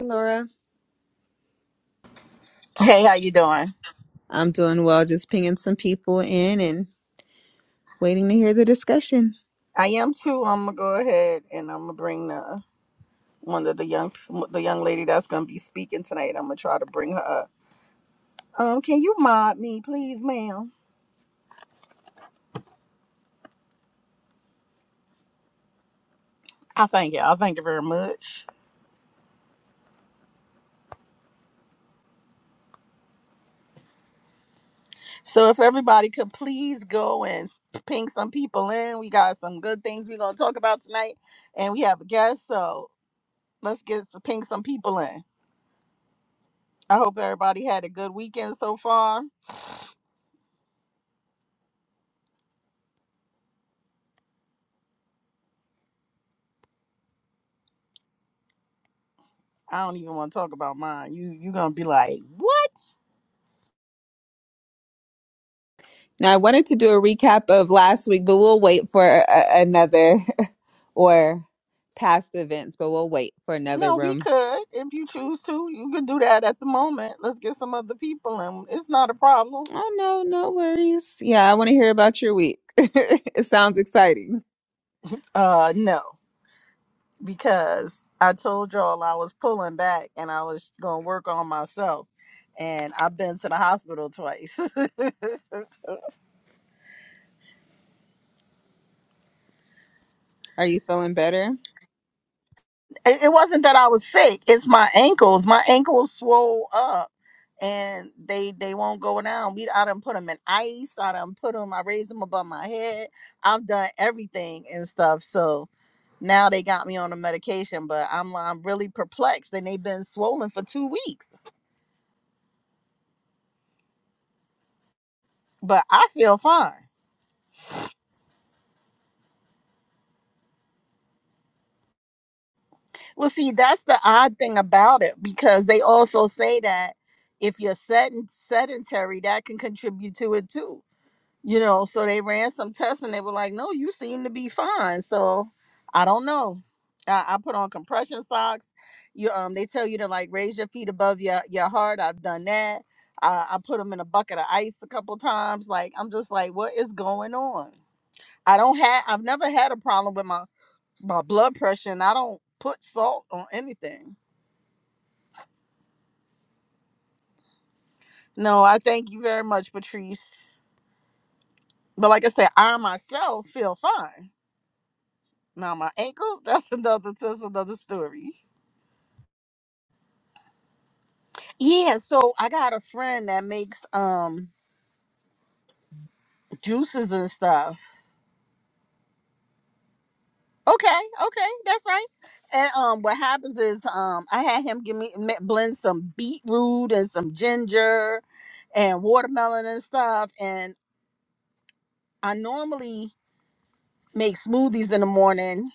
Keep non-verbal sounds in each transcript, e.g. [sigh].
Laura. Hey, how you doing? I'm doing well, just pinging some people in and waiting to hear the discussion. I am too. I'm gonna go ahead and I'm gonna bring the one of the young the young lady that's gonna be speaking tonight. I'm gonna try to bring her up. Um, can you mod me, please, ma'am? I thank you. I thank you very much. So if everybody could please go and ping some people in, we got some good things we're gonna talk about tonight, and we have a guest. So let's get to ping some people in. I hope everybody had a good weekend so far. I don't even want to talk about mine. You you gonna be like, what? Now, I wanted to do a recap of last week, but we'll wait for a- another [laughs] or past events, but we'll wait for another No, we room could if you choose to. You could do that at the moment. Let's get some other people in. It's not a problem. Oh, no, no worries. Yeah, I want to hear about your week. [laughs] It sounds exciting. Uh, no, because I told y'all I was pulling back and I was gonna work on myself. And I've been to the hospital twice. [laughs] it, Are you feeling better? it wasn't that I was sick. It's my ankles. My ankles swole up and they they won't go down. We I done put them in ice. I done put them. I raised them above my head. I've done everything and stuff. So Now they got me on a medication, but I'm I'm really perplexed, and they've been swollen for two weeks. But I feel fine. Well, see, that's the odd thing about it because they also say that if you're sedent- sedentary, that can contribute to it too you know so they ran some tests and they were like no you seem to be fine so i don't know i, I put on compression socks you um they tell you to like raise your feet above your your heart i've done that i, I put them in a bucket of ice a couple times like i'm just like what is going on i don't have i've never had a problem with my my blood pressure and i don't put salt on anything no i thank you very much patrice but like i said i myself feel fine Now my ankles, [laughs] that's another that's another story. Yeah, so I got a friend that makes um juices and stuff. Okay, okay, that's right. And um what happens is um I had him give me mi- blend some beetroot and some ginger and watermelon and stuff and I normally make smoothies in the morning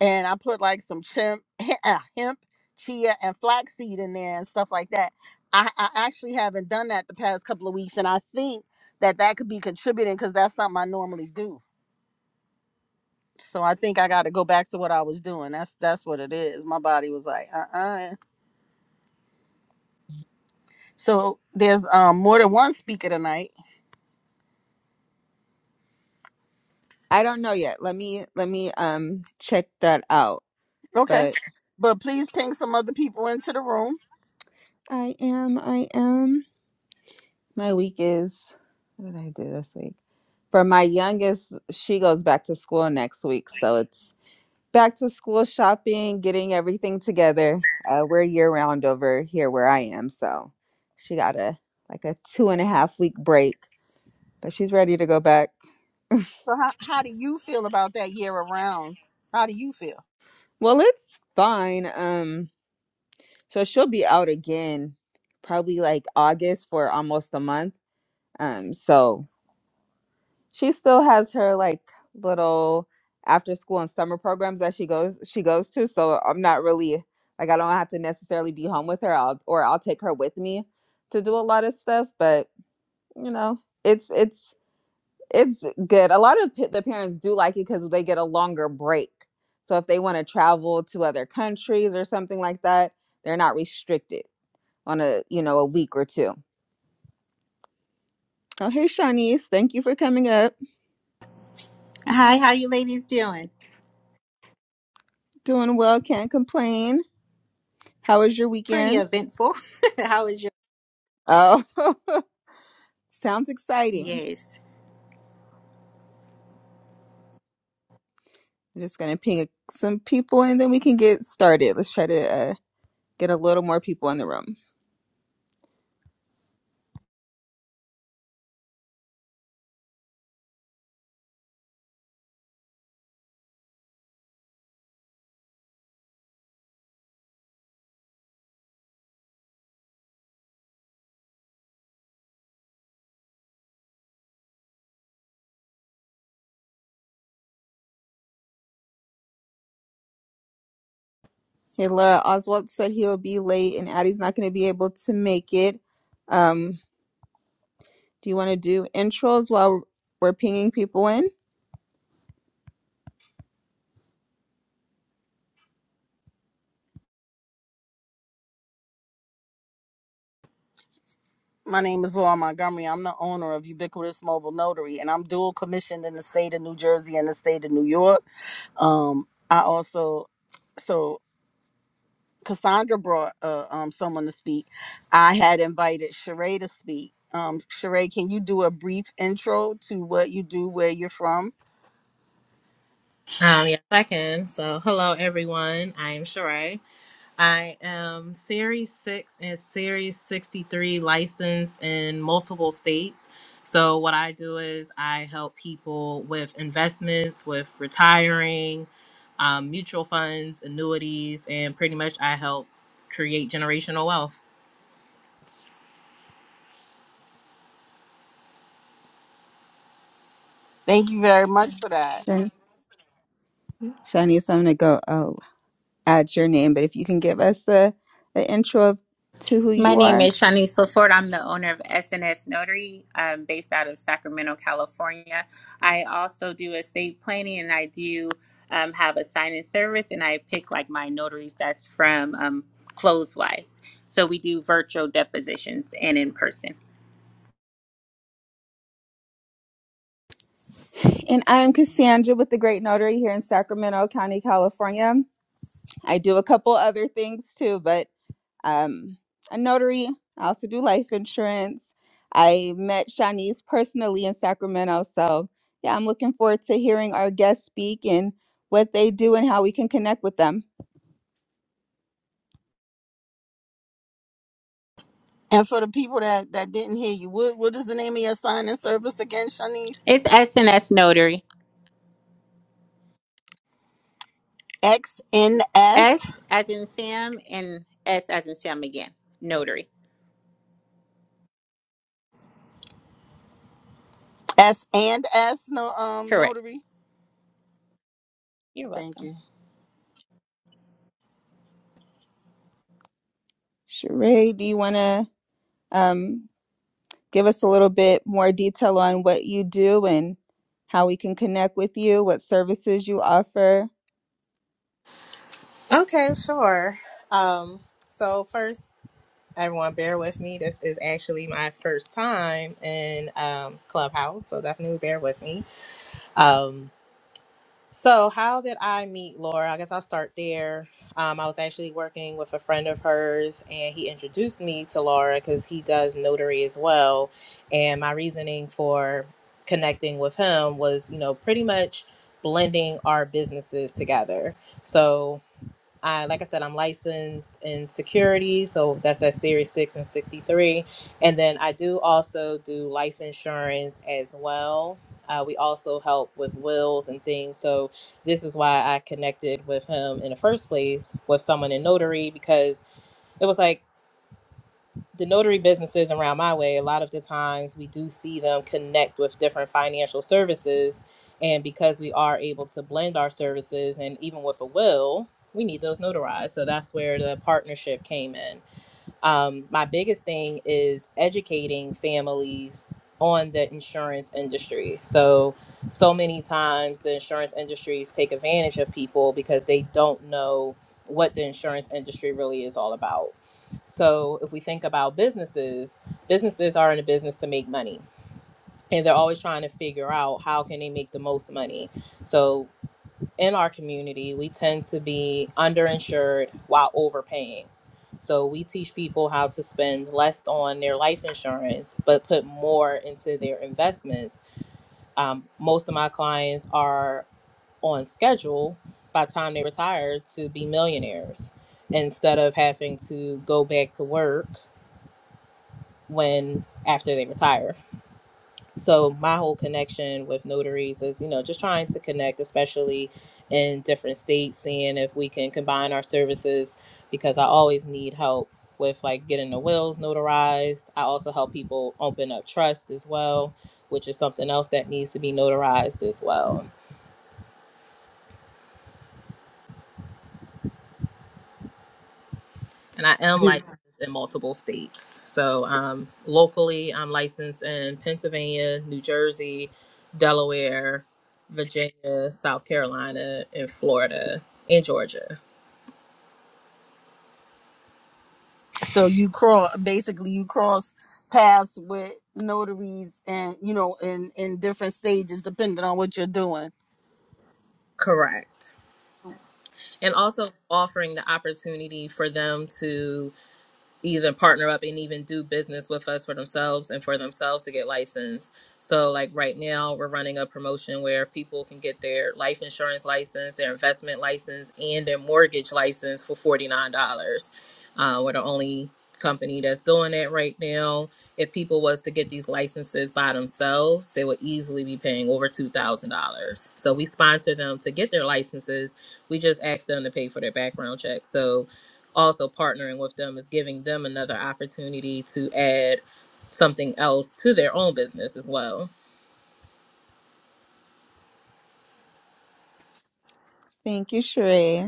and I put like some chimp, [laughs] uh, hemp, chia, and flaxseed in there and stuff like that. I, I actually haven't done that the past couple of weeks, and I think that that could be contributing because that's something I normally do. So I think I got to go back to what I was doing. That's that's what it is. My body was like, uh, uh So there's um more than one speaker tonight. I don't know yet. Let me let me um check that out. Okay, But but please ping some other people into the room. I am, I am. My week is what did I do this week? For my youngest, she goes back to school next week, so it's back to school shopping, getting everything together. Uh, we're year round over here where I am, so she got a like a two and a half week break, but she's ready to go back. So how how do you feel about that year around? How do you feel? Well, it's fine. Um, so she'll be out again, probably like August for almost a month. Um, so she still has her like little after school and summer programs that she goes she goes to so i'm not really like i don't have to necessarily be home with her I'll, or i'll take her with me to do a lot of stuff but you know it's it's it's good a lot of p- the parents do like it because they get a longer break so if they want to travel to other countries or something like that they're not restricted on a you know a week or two. Oh hey shanice thank you for coming up Hi, how you ladies doing? doing well can't complain How was your Pretty weekend? eventful. [laughs] how is your Oh, [laughs] sounds exciting. Yes. I'm just going to ping some people and then we can get started. Let's try to uh, get a little more people in the room. Hila Oswald said he'll be late and Addie's not going to be able to make it. Um, do you want to do intros while we're pinging people in? My name is Laura Montgomery. I'm the owner of Ubiquitous Mobile Notary, and I'm dual commissioned in the state of New Jersey and the state of New York. Um, I also, so Cassandra brought uh, um, someone to speak. I had invited Sheree to speak. Um, Sheree, can you do a brief intro to what you do, where you're from? Um, yes, I can. So, hello, everyone. I am Sheree. I am Series 6 and Series 63 licensed in multiple states. So, what I do is I help people with investments, with retiring, um, mutual funds, annuities, and pretty much I help create generational wealth. Thank you very much for that. Sure. Shanice, I'm going to go oh, add your name, but if you can give us the, the intro of to who My you name are. is Shanice LaFord. I'm the owner of SNS Notary, um, based out of Sacramento, California. I also do estate planning and I do um, have a sign in service and I pick like my notaries that's from um, Closewise. So we do virtual depositions and in person. And I'm Cassandra with the Great Notary here in Sacramento County, California. I do a couple other things too, but um, a notary. I also do life insurance. I met Shanice personally in Sacramento. So, yeah, I'm looking forward to hearing our guests speak and what they do and how we can connect with them. And for the people that, that didn't hear you, what, what is the name of your sign and service again, Shanice? It's SNS Notary. X N S S as in Sam and S as in Sam again. Notary. S and S no um Correct. notary. You're Thank welcome. you. Sheree, do you want to um, give us a little bit more detail on what you do and how we can connect with you, what services you offer? Okay, sure. Um, so first Everyone, bear with me. This is actually my first time in um, Clubhouse, so definitely bear with me. Um, so, how did I meet Laura? I guess I'll start there. Um, I was actually working with a friend of hers, and he introduced me to Laura because he does notary as well. And my reasoning for connecting with him was, you know, pretty much blending our businesses together. So, I, like I said, I'm licensed in security, so that's that Series 6 and 63. And then I do also do life insurance as well. Uh, we also help with wills and things. So this is why I connected with him in the first place with someone in notary because it was like, the notary businesses around my way, a lot of the times we do see them connect with different financial services. And because we are able to blend our services and even with a will, we need those notarized. So that's where the partnership came in um, my biggest thing is educating families on the insurance industry. So, so many times the insurance industries take advantage of people because they don't know what the insurance industry really is all about. So, if we think about businesses, businesses are in a business to make money and they're always trying to figure out how can they make the most money. So, in our community, we tend to be underinsured while overpaying. So we teach people how to spend less on their life insurance, but put more into their investments. Um, most of my clients are on schedule by the time they retire to be millionaires instead of having to go back to work when after they retire so my whole connection with notaries is you know just trying to connect especially in different states seeing if we can combine our services because i always need help with like getting the wills notarized i also help people open up trust as well which is something else that needs to be notarized as well and I am Yeah. licensed in multiple states. So um, locally, I'm licensed in Pennsylvania, New Jersey, Delaware, Virginia, South Carolina, and Florida, and Georgia. So you cross basically you cross paths with notaries and you know in in different stages depending on what you're doing. Correct. And also offering the opportunity for them to even partner up and even do business with us for themselves and for themselves to get licensed. So like right now we're running a promotion where people can get their life insurance license, their investment license, and their mortgage license for forty nine dollars. Uh, we're the only company that's doing that right now. If people was to get these licenses by themselves, they would easily be paying over two thousand dollars. So we sponsor them to get their licenses. We just ask them to pay for their background check. So also partnering with them is giving them another opportunity to add something else to their own business as well. Thank you, Sheree.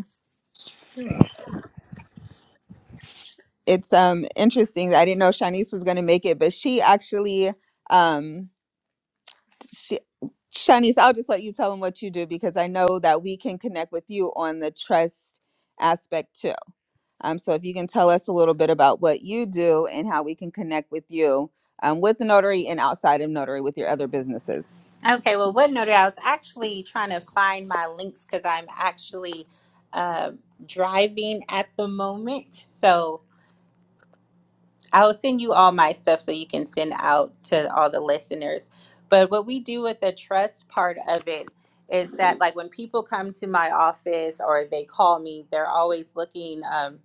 it's um interesting. I didn't know Shanice was gonna make it, but she actually um she Shanice, I'll just let you tell them what you do because I know that we can connect with you on the trust aspect too. Um, so if you can tell us a little bit about what you do and how we can connect with you um, with the notary and outside of notary with your other businesses. Okay, well, WoodNoter, I was actually trying to find my links because I'm actually um driving at the moment. So I'll send you all my stuff so you can send out to all the listeners. But what we do with the trust part of it is that, like, when people come to my office or they call me, they're always looking um,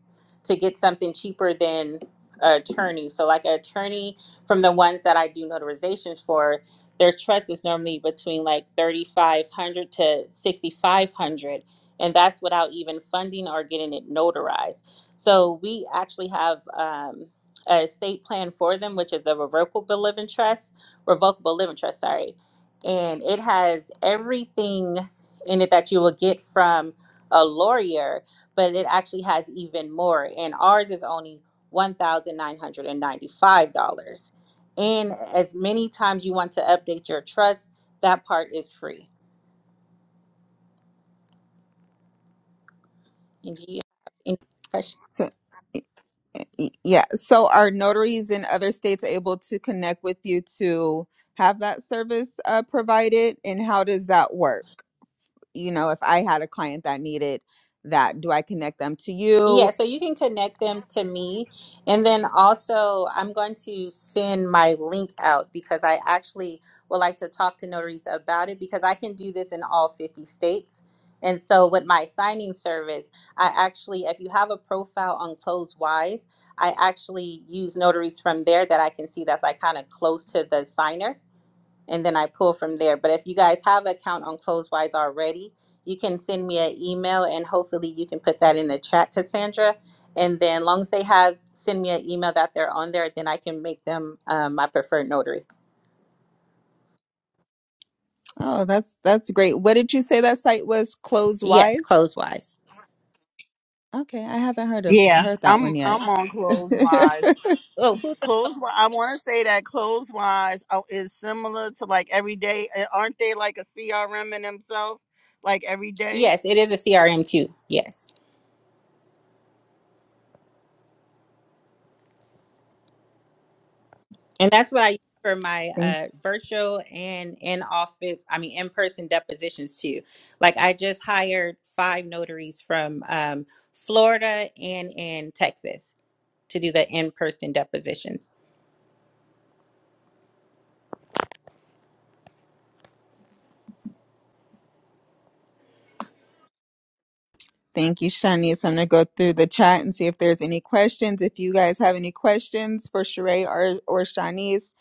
to get something cheaper than an attorney. So, like, an attorney from the ones that I do notarizations for, their trust is normally between like thirty five hundred to sixty five hundred, and that's without even funding or getting it notarized. So we actually have. Um, a estate plan for them, which is a revocable living trust, revocable living trust, sorry. And it has everything in it that you will get from a lawyer, but it actually has even more. And ours is only $1,995. And ninety-five dollars. And as many times you want to update your trust, that part is free. And do you have any questions? So y- y- yeah, so are notaries in other states able to connect with you to have that service uh, provided, and how does that work? you know if i had a client that needed that do i connect them to you Yeah, so you can connect them to me. And then also, I'm going to send my link out because I actually would like to talk to notaries about it because I can do this in all 50 states. And so, with my signing service, I actually, if you have a profile on CloseWise, I actually use notaries from there that I can see that's like kind of close to the signer and then I pull from there. But if you guys have an account on Closewise already, you can send me an email and hopefully you can put that in the chat, Cassandra. And then, long as they have send me an email that they're on there, then I can make them um, my preferred notary. oh that's that's great what did you say that site was close Yes, wise Closewise. okay i haven't heard of Yeah, heard that I'm one yet I'm on [laughs] Clothes thank, Wise. Oh, who? Clothes Wi- I want to say that Clothes Wise uh, is similar to like every day. eh, Aren't they like a CRM in themselves? Like every day. Yes, it is a CRM too. Yes, and that's what I use for my uh, virtual and in office. I mean, in person depositions too. Like I just hired five notaries from um, Florida and in Texas to do the in-person depositions. thank you shani so i'm going to go through the chat and see if there's any questions if you guys have any questions for Sheree or or shanice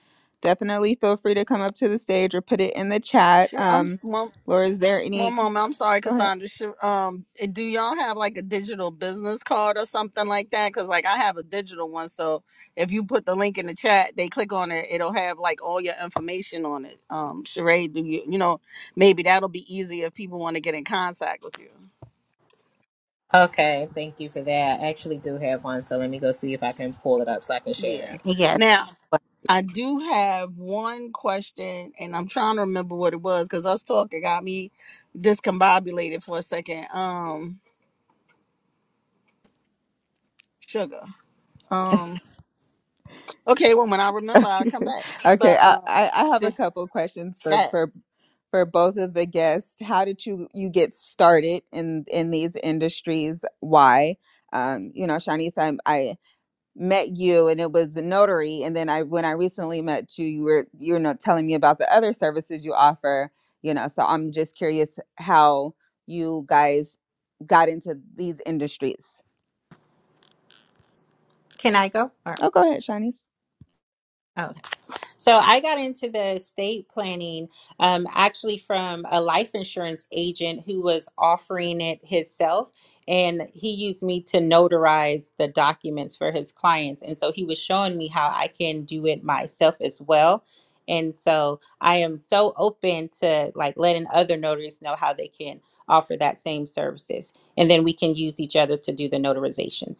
definitely feel free to come up to the stage or put it in the chat Sure, um I'm. laura is there any One moment, I'm sorry, go ahead Cassandra. Should, um, eh, do y'all have like a digital business card or something like that? Because like I have a digital one, so if you put the link in the chat, they click on it, it'll have like all your information on it. Um, Sheree, do you you know maybe that'll be easy if people want to get in contact with you. Okay, thank you for that. I actually do have one, so let me go see if I can pull it up so I can share it. Yeah. Yes. Now I do have one question, and I'm trying to remember what it was because us talking got me discombobulated for a second. Um, sugar. Um. Okay, well, when I remember, I'll come back. [laughs] okay, But I, um, I I have a this, couple questions for that for for both of the guests. How did you you get started in in these industries? Why? Um, you know, Shanice, I, I met you and it was a notary, and then I when I recently met you, you were you were not telling me about the other services you offer. You know, so I'm just curious how you guys got into these industries. Can I go? Or Oh, go ahead, Shanice. oh, So I got into the estate planning um, actually from a life insurance agent who was offering it himself. And he used me to notarize the documents for his clients. And so he was showing me how I can do it myself as well. And so I am so open to like letting other notaries know how they can offer that same services. And then we can use each other to do the notarizations.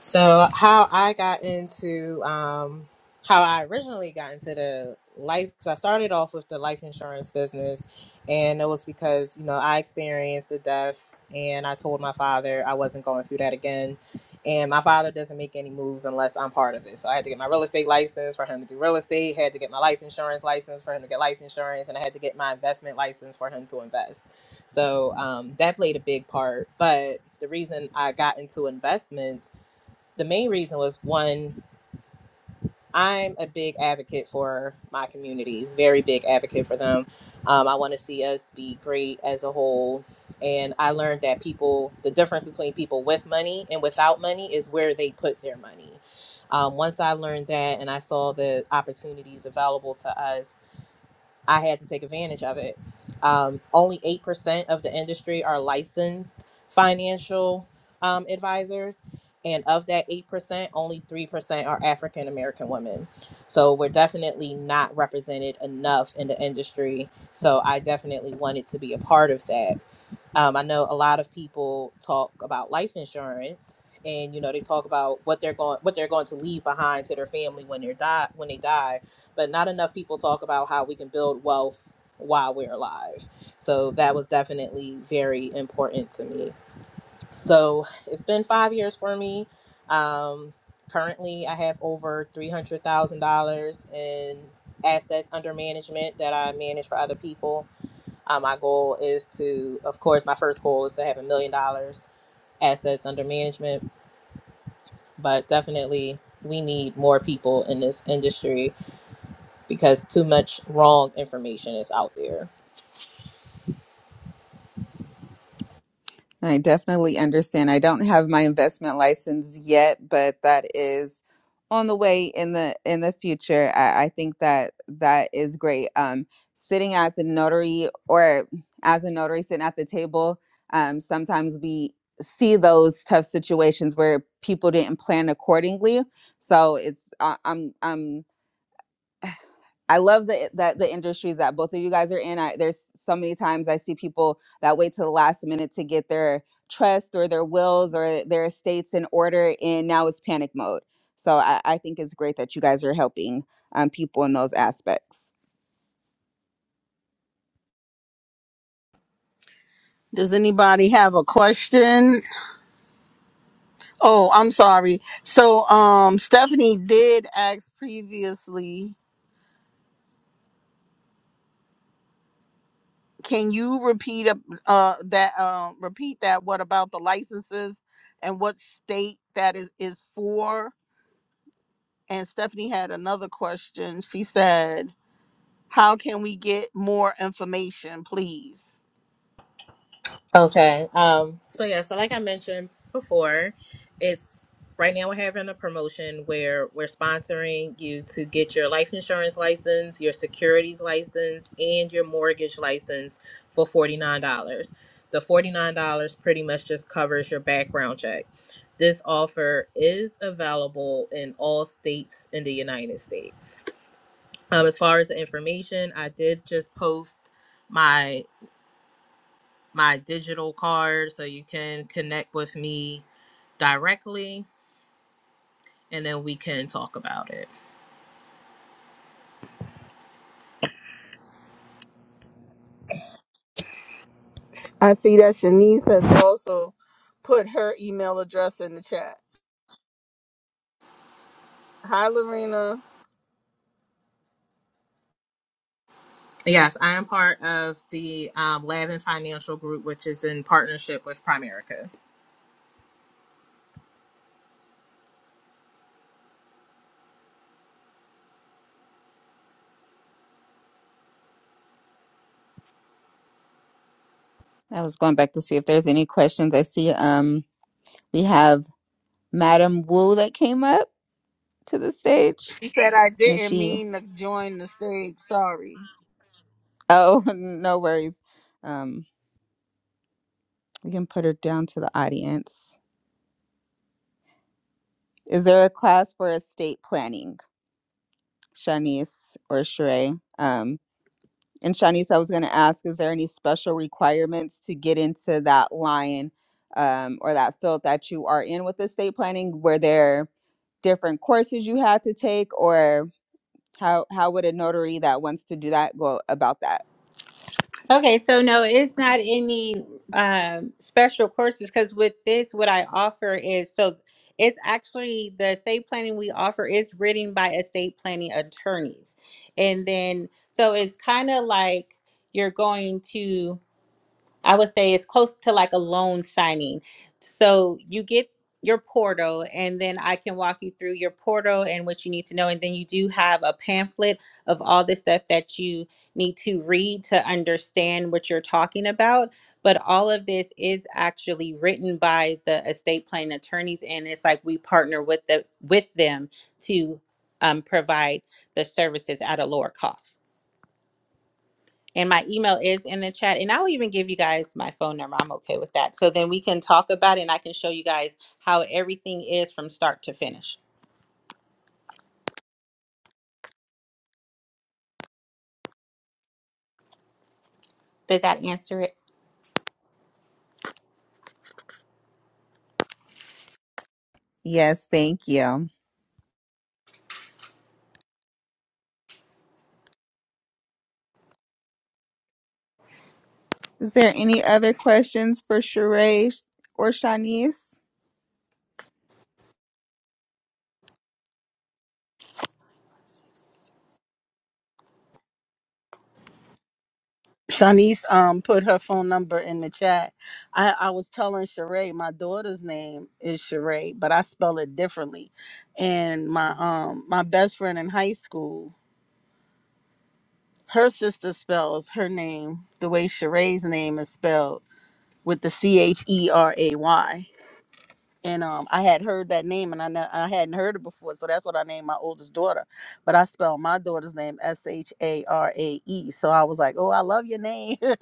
So how I got into um how I originally got into the life cuz I started off with the life insurance business and it was because, you know, I experienced the death and I told my father I wasn't going through that again. And my father doesn't make any moves unless I'm part of it. So I had to get my real estate license for him to do real estate, had to get my life insurance license for him to get life insurance, and I had to get my investment license for him to invest. So um, that played a big part. But the reason I got into investments the main reason was one i'm a big advocate for my community very big advocate for them um, i want to see us be great as a whole and i learned that people the difference between people with money and without money is where they put their money um, once i learned that and i saw the opportunities available to us I had to take advantage of it. Um, only 8% of the industry are licensed financial um, advisors. And of that 8%, only 3% are African American women. So we're definitely not represented enough in the industry. So I definitely wanted to be a part of that. Um, I know a lot of people talk about life insurance, and you know they talk about what they're going what they're going to leave behind to their family when they're die when they die, but not enough people talk about how we can build wealth while we're alive. So that was definitely very important to me. So it's been five years for me. Um, currently, I have over three hundred thousand dollars in assets under management that I manage for other people uh, my goal is to, of course, my first goal is to have a million dollars assets under management, but definitely we need more people in this industry because too much wrong information is out there. I definitely understand. I don't have my investment license yet, but that is on the way in the in the future. I, I think that that is great. Um, sitting at the notary or as a notary sitting at the table, um, sometimes we see those tough situations where people didn't plan accordingly. So it's I, I'm I'm I love the, that the industries that both of you guys are in. I, there's so many times I see people that wait to the last minute to get their trust or their wills or their estates in order, and now it's panic mode. So I, I think it's great that you guys are helping um, people in those aspects. does anybody have a question? Oh, I'm sorry. So um, Stephanie did ask previously. Can you repeat up uh that um repeat that? What about the licenses and what state that is is for? And Stephanie had another question. She said, "How can we get more information, please?" Okay. Um, so yeah, so like I mentioned before, it's right now we're having a promotion where we're sponsoring you to get your life insurance license, your securities license, and your mortgage license for $49. The $49 pretty much just covers your background check. This offer is available in all states in the United States. Um, as far as the information, I did just post my my digital card so you can connect with me directly and then we can talk about it. I see that Shanice has also put her email address in the chat. Hi, Lorena. Yes, I am part of the um, Lab and Financial Group, which is in partnership with Primerica. I was going back to see if there's any questions. I see um, we have Madam Wu that came up to the stage, She said I and is didn't she. mean to join the stage. Sorry. Oh, [laughs] no worries. Um, we can put her down to the audience. Is there a class for estate planning, Shanice or Sheree? Um, and Shanice, I was going to ask, is there any special requirements to get into that line um, or that field that you are in with estate planning? Were there different courses you had to take, or how how would a notary that wants to do that go about that? Okay, so no, it's not any um, special courses because with this, what I offer is so it's actually the estate planning we offer is written by estate planning attorneys. And then, so it's kind of like you're going to. I would say it's close to like a loan signing. So you get your portal, and then I can walk you through your portal and what you need to know. And then you do have a pamphlet of all the stuff that you need to read to understand what you're talking about. But all of this is actually written by the estate planning attorneys, and it's like we partner with the with them to um, provide the services at a lower cost. And my email is in the chat. And I'll even give you guys my phone number. I'm okay with that. So then we can talk about it and I can show you guys how everything is from start to finish. Did that answer it? Yes, thank you. Is there any other questions for Sheree or Shanice? Shanice um put her phone number in the chat. I, I was telling Sheree, my daughter's name is Sheree, but I spell it differently. And my um my best friend in high school, her sister spells her name the way Sheree's name is spelled with the C H E R A Y. and um, I had heard that name, and I ne- I hadn't heard it before, so that's what I named my oldest daughter. But I spelled my daughter's name S H A R A E, so I was like, "Oh, I love your name." [laughs] it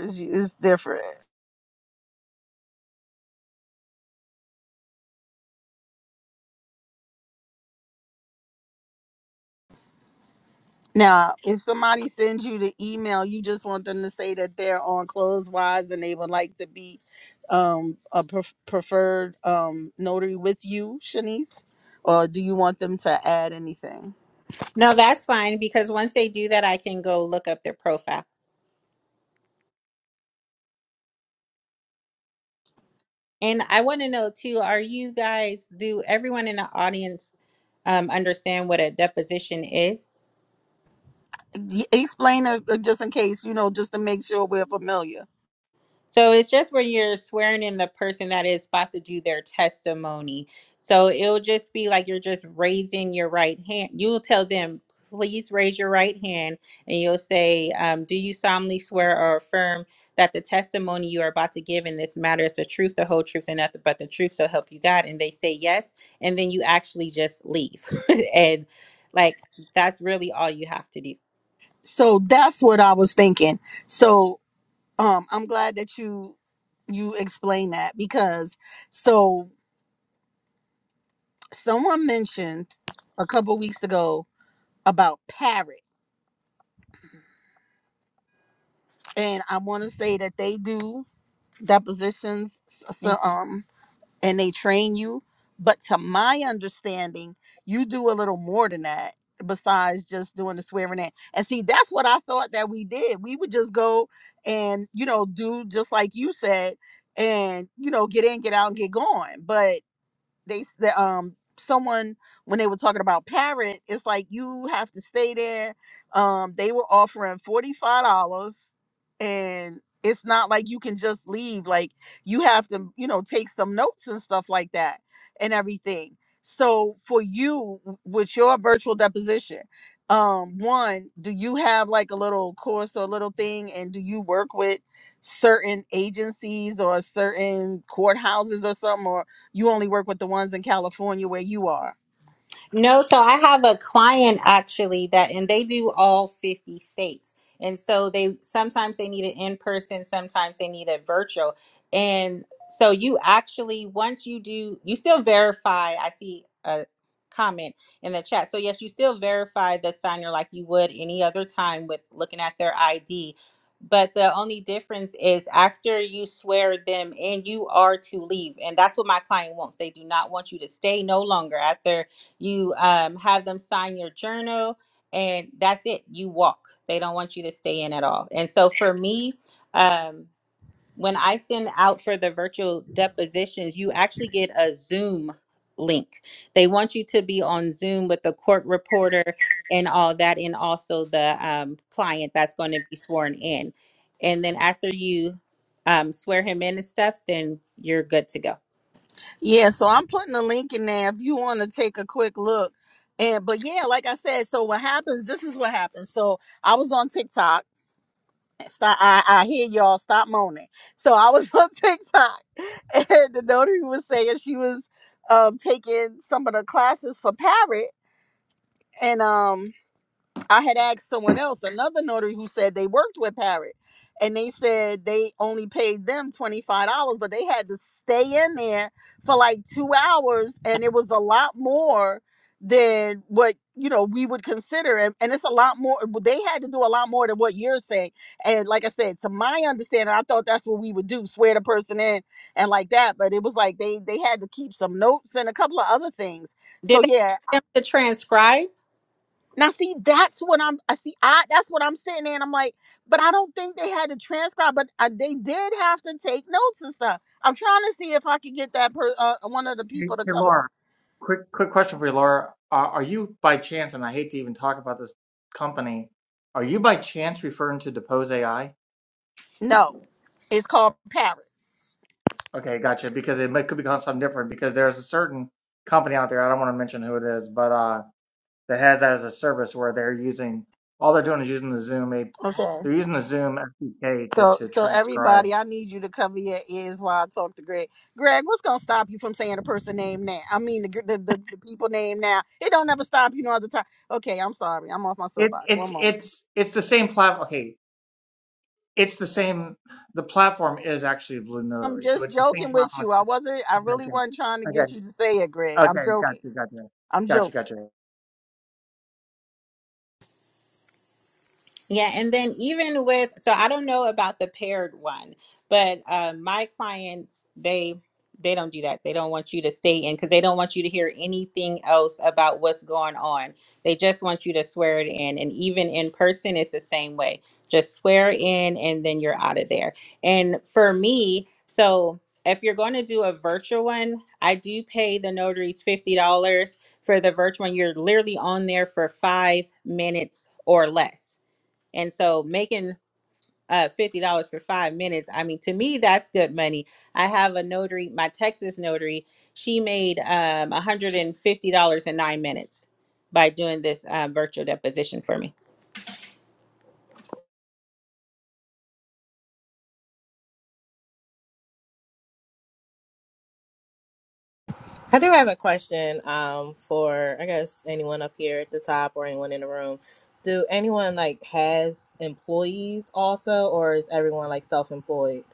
was it's different. Now, if somebody sends you the email, you just want them to say that they're on Clothes Wise and they would like to be um, a pref preferred um, notary with you, Shanice, or do you want them to add anything? No, that's fine because once they do that, I can go look up their profile. And I want to know too are you guys, do everyone in the audience um, understand what a deposition is? Y- Explain it uh, just in case, you know, just to make sure we're familiar. So it's just where you're swearing in the person that is about to do their testimony. So it'll just be like you're just raising your right hand. You'll tell them, please raise your right hand, and you'll say, um, Do you solemnly swear or affirm that the testimony you are about to give in this matter is the truth, the whole truth, and nothing but the truth? So help you God. And they say yes. And then you actually just leave. [laughs] and like that's really all you have to do. So that's what I was thinking. So um I'm glad that you you explained that because so someone mentioned a couple weeks ago about parrot and I want to say that they do depositions Mm. so, um and they train you. But to my understanding, you do a little more than that besides just doing the swearing in. And see, that's what I thought that we did. We would just go and, you know, do just like you said and, you know, get in, get out, and get gone. But they s- the um someone when they were talking about parrot it's like you have to stay there um they were offering $45 and it's not like you can just leave like you have to you know take some notes and stuff like that and everything so for you w- with your virtual deposition um one do you have like a little course or a little thing and do you work with certain agencies or certain courthouses or something or you only work with the ones in California where you are. No, so I have a client actually that, and they do all 50 states. And so they sometimes they need it in person, sometimes they need it virtual. And so you actually, once you do, you still verify. I see a comment in the chat. So, yes, you still verify the signer like you would any other time with looking at their ID. But the only difference is after you swear them in, you are to leave. And that's what my client wants. They do not want you to stay no longer after you um, have them sign your journal and that's it you walk they don't want you to stay in at all and so for me um, when i send out for the virtual depositions you actually get a zoom link they want you to be on zoom with the court reporter and all that and also the um, client that's going to be sworn in and then after you um, swear him in and stuff then you're good to go Yeah, so I'm putting a link in there if you want to take a quick look. And but yeah, like I said, so what happens? This is what happens. So I was on TikTok. Stop! I, I hear y'all stop moaning. So I was [laughs] on TikTok, and the notary was saying she was um, taking some of the classes for Parrot, and um I had asked someone else, another notary who said they worked with Parrot, and they said they only paid them twenty five dollars, but they had to stay in there for like two hours, and it was a lot more than what you know we would consider, and, and it's a lot more. They had to do a lot more than what you're saying, and like I said, to my understanding, I thought that's what we would do, swear the person in and like that, but it was like they they had to keep some notes and a couple of other things. So Did yeah, they want them to transcribe? now, see, that's what I'm. I see. I that's what I'm sitting there, and I'm like, but I don't think they had to transcribe, but uh, they did have to take notes and stuff. I'm trying to see if I could get that per, uh, one of the Hey, people to hey, come. Laura, quick quick question for you, Laura. Are, are you by chance, and I hate to even talk about this company, are you by chance referring to Depose AI? No, it's called parrot. Okay, gotcha. Because it might, could be called something different. Because there's a certain company out there, I don't want to mention who it is, but uh, that has that as a service where they're using all they're doing is using the Zoom. A, Okay. they're using the Zoom SDK to So, to so transcribe. everybody, I need you to cover your ears while I talk to Greg. Greg, what's gonna stop you from saying the person name now? I mean, the gr- the, the, the people name now. It don't ever stop you no other time. Okay, I'm sorry. I'm off my It's soapbox. it's One moment. it's it's the same platform. Okay, It's the same. The platform is actually Blue I'm Notary, so just it's the same joking with platform. you. I wasn't. I really Okay, wasn't trying to get okay, you to say it, Greg. I'm okay, joking. gotcha, gotcha, I'm gotcha, joking. gotcha. Yeah, and then even with, so I don't know about the paired one, but uh, my clients they they don't do that. They don't want you to stay in because they don't want you to hear anything else about what's going on. They just want you to swear it in, and even in person, it's the same way. Just swear in, and then you're out of there. And for me, so if you're going to do a virtual one, I do pay the notaries fifty dollars for the virtual one. You're literally on there for five minutes or less. And so making uh fifty dollars for five minutes, I mean to me that's good money. I have a notary, my Texas notary, she made um one hundred and fifty dollars in nine minutes by doing this uh, virtual deposition for me. I do have a question um, for, I guess, anyone up here at the top or anyone in the room. Do anyone like has employees also, or is everyone like self employed?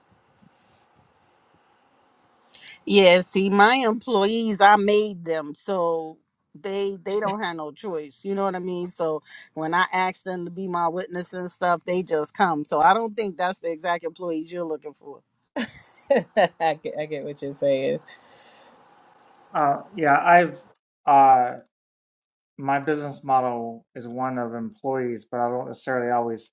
Yeah. See, my employees, I made them, so they they don't have no choice. You know what I mean? So when I ask them to be my witness and stuff, they just come. So I don't think that's the exact employees you're looking for. [laughs] I, get, I get what you're saying. Uh, yeah, I've uh, my business model is one of employees, but I don't necessarily always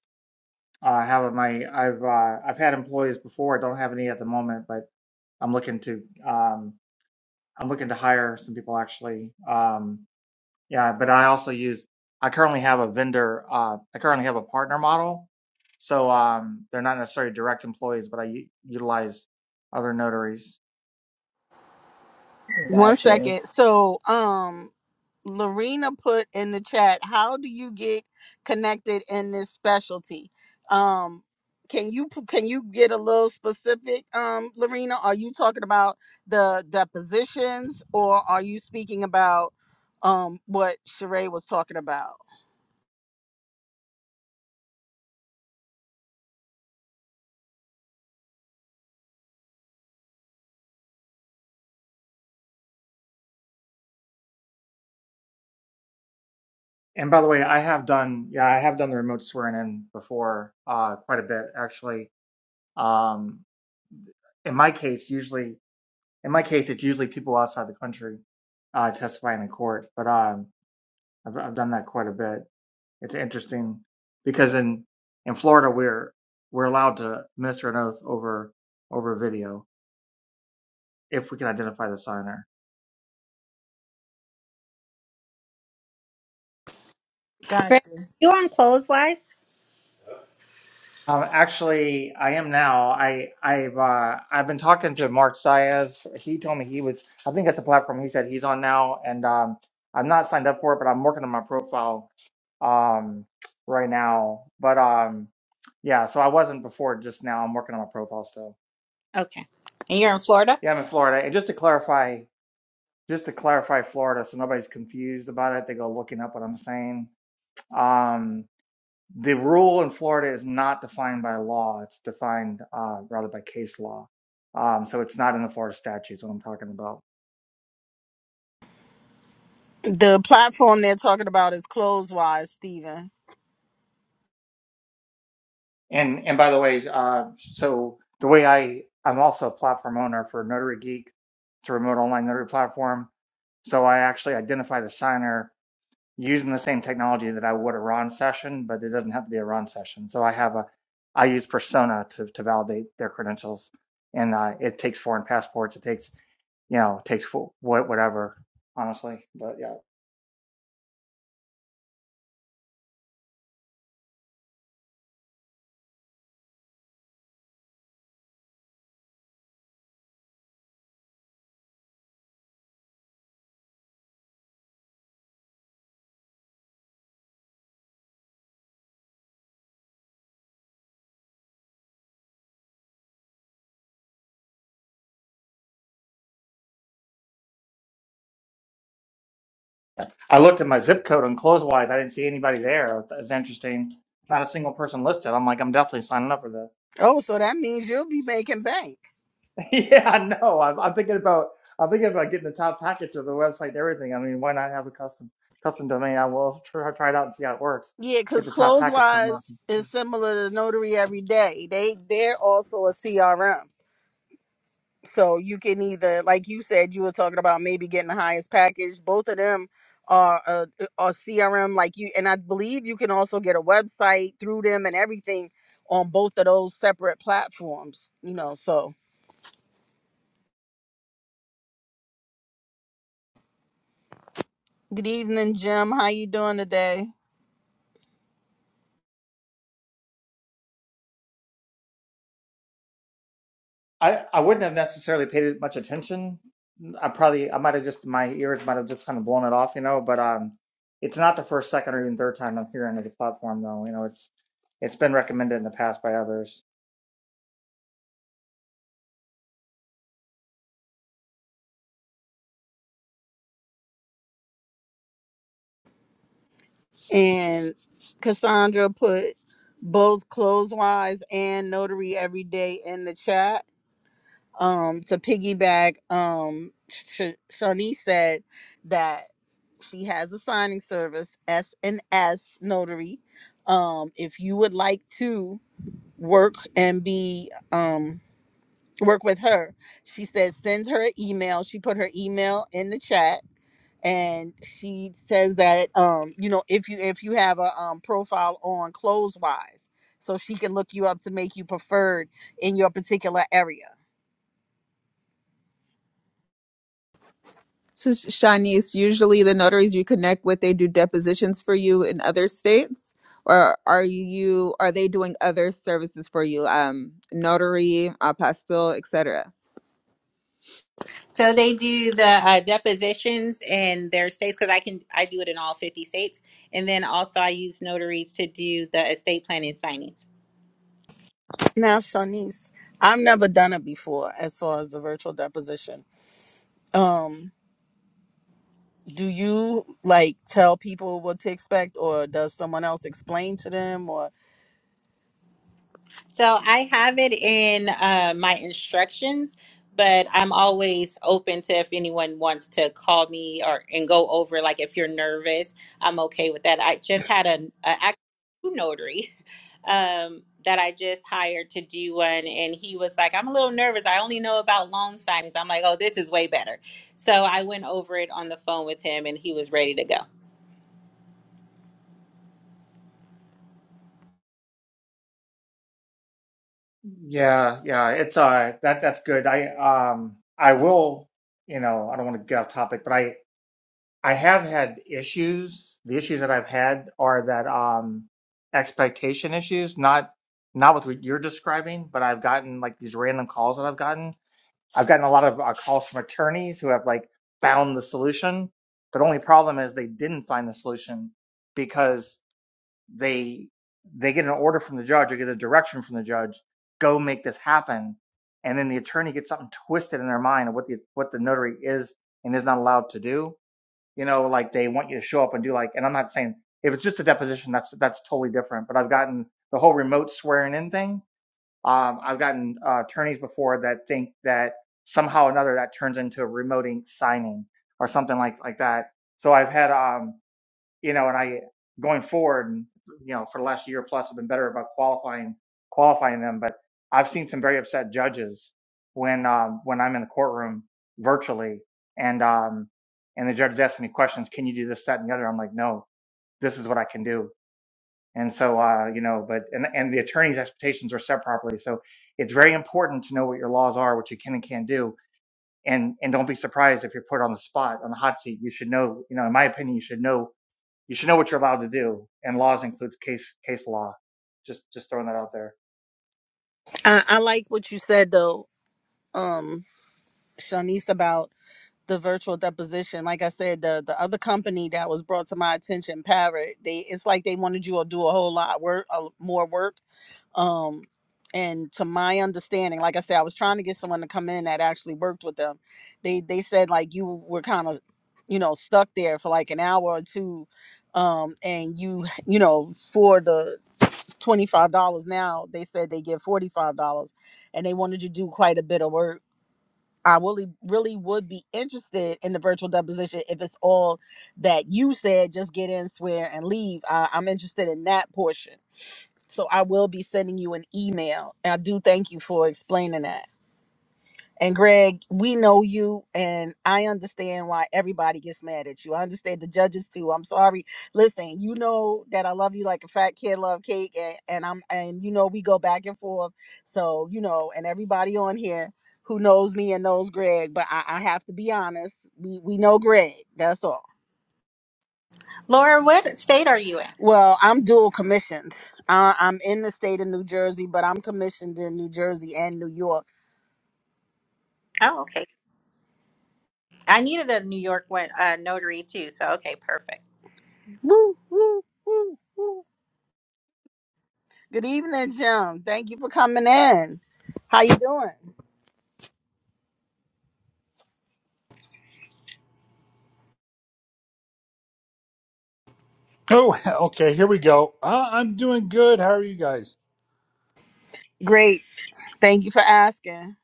uh, have my. I've uh, I've had employees before. I don't have any at the moment, but I'm looking to um, I'm looking to hire some people actually. Um, Yeah, but I also use, I currently have a vendor, uh, I currently have a partner model. So um, they're not necessarily direct employees, but I u- utilize other notaries. One Got you. second. So, um. Lorena put in the chat, how do you get connected in this specialty? Um, can you p- can you get a little specific, um, Lorena? Are you talking about the depositions, or are you speaking about um, what Sheree was talking about? And by the way, I have done, yeah, I have done the remote swearing in before, uh, quite a bit actually. Um, in my case, usually, in my case, it's usually people outside the country uh, testifying in court, but um, I've, I've done that quite a bit. It's interesting because in in Florida we're we're allowed to administer an oath over over video if we can identify the signer. Chris, Gotcha. you on Clotheswise? Um, actually, I am now. I I've uh, I've been talking to Mark Saez. He told me he was. I think that's a platform he said he's on now, and um, I'm not signed up for it, but I'm working on my profile um, right now. But um, yeah, so I wasn't before. Just now, I'm working on my profile still. Okay. And you're in Florida, Yeah, I'm in Florida, and just to clarify, just to clarify Florida, so nobody's confused about it, they go looking up what I'm saying. Um, the rule in Florida is not defined by law; it's defined uh, rather by case law. Um, so it's not in the Florida statutes. What I'm talking about. The platform they're talking about is Closewise, Stephen. And and by the way, uh, so the way I I'm also a platform owner for Notary Geek, it's a remote online notary platform. So I actually identify the signer using the same technology that I would a Ron session, but it doesn't have to be a Ron session. So I have a, I use Persona to, to validate their credentials, and uh, it takes foreign passports. It takes, you know, it takes fo- whatever, honestly. But yeah, I looked at my zip code and Closewise. I didn't see anybody there. It was interesting. Not a single person listed. I'm like, I'm definitely signing up for this. Oh, so that means you'll be making bank. [laughs] Yeah, no, I'm, I'm thinking about I'm thinking about getting the top package of the website and everything. I mean, why not have a custom custom domain? I will try, try it out and see how it works. Yeah, Get because the top package from Closewise Malcolm. is similar to Notary Every Day. They they're also a CRM. So you can either, like you said, you were talking about maybe getting the highest package. Both of them are a are CRM, like you, and I believe you can also get a website through them and everything on both of those separate platforms. You know, so good evening, Jim. How you doing today? I I wouldn't have necessarily paid it much attention. I probably I might have just my ears might have just kind of blown it off, you know. But um, it's not the first, second, or even third time I'm hearing of the platform, though. You know, it's it's been recommended in the past by others. And Cassandra put both clothes wise and notary every day in the chat. um to piggyback um Sh- Shawnee said that she has a signing service S and S notary um if you would like to work and be um work with her she says send her an email she put her email in the chat and she says that um you know if you if you have a um, profile on clothes wise so she can look you up to make you preferred in your particular area So, Shanice, usually the notaries you connect with, they do depositions for you in other states, or are you are they doing other services for you, um, notary, apostille, etc. so they do the uh, depositions in their states because I can I do it in all fifty states, and then also I use notaries to do the estate planning signings. Now, Shanice, I've never done it before as far as the virtual deposition. Um, do you like tell people what to expect or does someone else explain to them or So I have it in uh, my instructions, but I'm always open to if anyone wants to call me or and go over. Like if you're nervous, I'm okay with that. I just had a, a actual new notary [laughs] um, that I just hired to do one, and he was like, "I'm a little nervous. I only know about loan signings." I'm like, "Oh, this is way better." So I went over it on the phone with him, and he was ready to go. Yeah, yeah, it's uh that that's good. I um I will, you know, I don't want to get off topic, but I. I have had issues. The issues that I've had are that um expectation issues, not not with what you're describing, but I've gotten like these random calls that I've gotten. I've gotten a lot of uh, calls from attorneys who have like found the solution, but only problem is they didn't find the solution because they they get an order from the judge or get a direction from the judge, go make this happen, and then the attorney gets something twisted in their mind of what the what the notary is and is not allowed to do you know, like they want you to show up and do like, and I'm not saying if it's just a deposition, that's that's totally different. But I've gotten the whole remote swearing in thing. Um, I've gotten uh, attorneys before that think that somehow or another that turns into a remoting signing or something like like that. So I've had um, you know, and I going forward, and you know, for the last year plus, I've been better about qualifying qualifying them. But I've seen some very upset judges when um, when I'm in the courtroom virtually, and um, and the judge is asking me questions. Can you do this, that, and the other? I'm like, no, this is what I can do. And so, uh, you know, but and and the attorney's expectations are set properly. So it's very important to know what your laws are, what you can and can't do. And, and don't be surprised if you're put on the spot on the hot seat. You should know, you know, in my opinion, you should know you should know what you're allowed to do, and laws includes case case law. Just just throwing that out there. I, I like what you said though, um, Shanice about the virtual deposition. Like I said, the the other company that was brought to my attention, Parrot, they it's like they wanted you to do a whole lot work, uh, more work Um, and to my understanding, like I said, I was trying to get someone to come in that actually worked with them. They they said like you were kind of, you know, stuck there for like an hour or two, um, and you you know for the twenty five dollars now they said they give forty five dollars, and they wanted you to do quite a bit of work. I really really would be interested in the virtual deposition if it's all that you said. Just get in, swear, and leave. I, I'm interested in that portion so I will be sending you an email. And I do thank you for explaining that. And Greg, we know you, and I understand why everybody gets mad at you. I understand the judges too. I'm sorry. Listen, you know that I love you like a fat kid love cake, and, and I'm and you know we go back and forth. So you know, and everybody on here who knows me and knows Greg, but I, I have to be honest. We we know Greg. That's all. Laura, what state are you in? Well, I'm dual commissioned. Uh, I'm in the state of New Jersey, but I'm commissioned in New Jersey and New York. Oh, okay. I needed a New York one, uh, notary too. So okay, perfect. Woo, woo, woo, woo. Good evening, Jim. Thank you for coming in. How you doing? Oh, [laughs] okay. Here we go. Uh, I'm doing good. How are you guys? Great. Thank you for asking.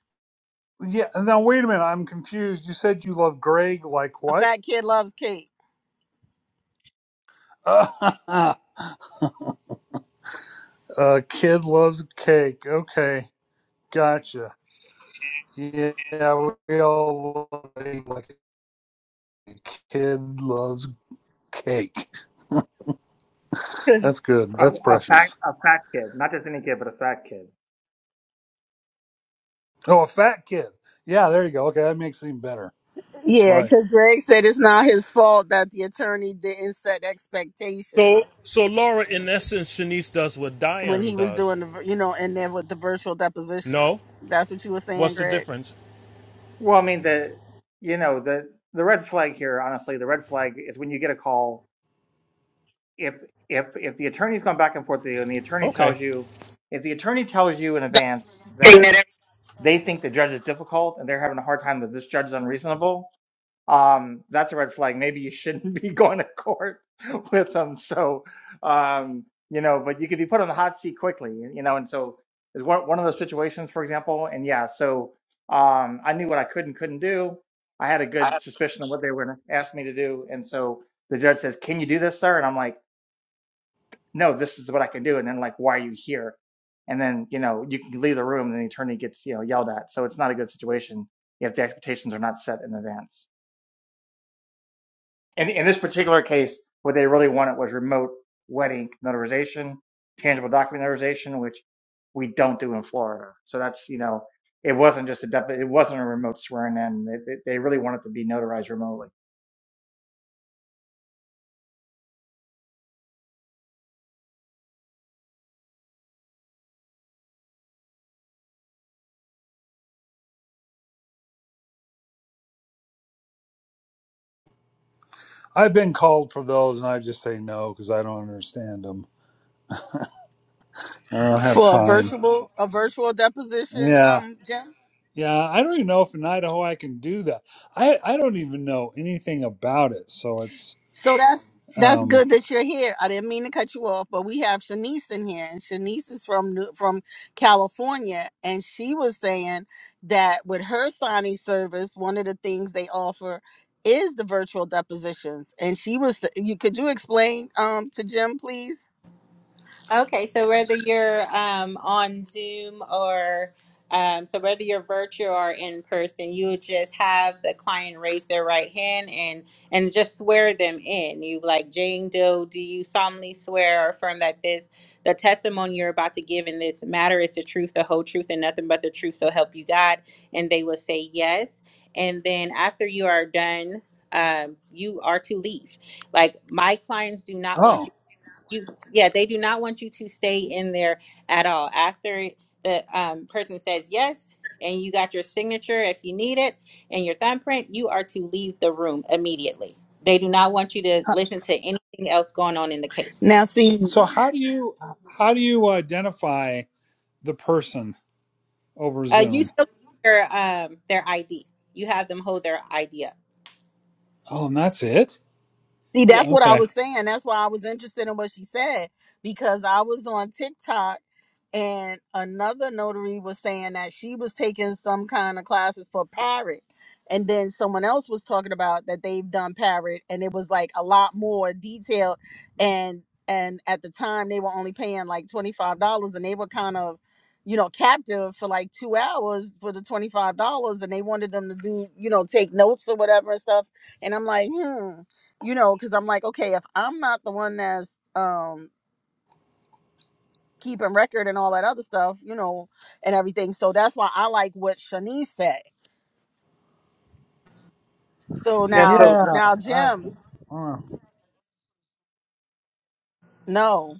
Yeah. Now wait a minute. I'm confused. You said you love Greg. Like A what? fat kid loves cake. [laughs] Uh, kid loves cake. Okay. Gotcha. Yeah. We all love it like a kid loves cake. That's good. A, That's a fact, precious. a fact kid, not just any kid, but a fact kid. Oh, a fat kid. Yeah. There you go. Okay. That makes it even better. That's Yeah, right. because Greg said it's not his fault that the attorney didn't set So, expectations so Laura, in essence, Shanice does what when Diane he was does. doing the, vir- you know, in there with the virtual depositions. No, That's what you were saying, what's the Greg. difference? Well, I mean the you know the the red flag here, honestly, the red flag is when you get a call if if if the attorney's gone back and forth with you, and the attorney Okay, tells you if the attorney tells you in advance that they think the judge is difficult and they're having a hard time that this judge is unreasonable, um, that's a red flag. Maybe you shouldn't [laughs] be going to court [laughs] with them. So, um, you know, but you could be put on the hot seat quickly, you know, and so it's one, one of those situations, for example. And yeah, so um, I knew what I could and couldn't do. I had a I- good suspicion of what they were going to ask me to do. And so the judge says, Can you do this, sir? And I'm like, No, this is what I can do. And then, like, why are you here? And then, you know, you can leave the room and the attorney gets, you know, yelled at. So it's not a good situation if the expectations are not set in advance. in, in this particular case, what they really wanted was remote wedding notarization, tangible document notarization, which we don't do in Florida. So that's, you know, it wasn't just a, dep- it wasn't a remote swearing in. It, it, they really wanted to be notarized remotely. I've been called for those, and I just say no because I don't understand them. I don't have For a time. virtual, a virtual deposition, Yeah. um, Jim. Yeah, I don't even know if in Idaho I can do that. I I don't even know anything about it. So it's So that's that's um good that you're here. I didn't mean to cut you off, but we have Shanice in here, and Shanice is from New- from California, and she was saying that with her signing service, one of the things they offer is the virtual depositions. And she was you could you explain um to Jim, please? Okay, so whether you're um, on Zoom or um, so whether you're virtual or in person, you would just have the client raise their right hand and and just swear them in. You like Jane Doe, do you solemnly swear or affirm that this the testimony you're about to give in this matter is the truth, the whole truth, and nothing but the truth? So help you God. And they will say yes. And then after you are done, um, you are to leave. Like my clients do not want you oh. you yeah they do not want you to stay in there at all after the um, person says yes and you got your signature if you need it and your thumbprint you are to leave the room immediately they do not want you to listen to anything else going on in the case Now see So how do you how do you identify the person over uh, you Zoom? still have their um, their id you have them hold their id up Oh, and that's it. see that's what yes I Okay. was saying. That's why I was interested in what she said because I was on TikTok and another notary was saying that she was taking some kind of classes for parrot and then someone else was talking about that they've done parrot and it was like a lot more detailed and and at the time they were only paying like $25 and they were kind of you know captive for like two hours for the $25 and they wanted them to do you know take notes or whatever and stuff and i'm like hmm you know because i'm like okay if i'm not the one that's um keeping record and all that other stuff, you know, and everything. So that's why I like what Shanice said. So Yeah, so now, Yeah, now that's. Jim, oh. no,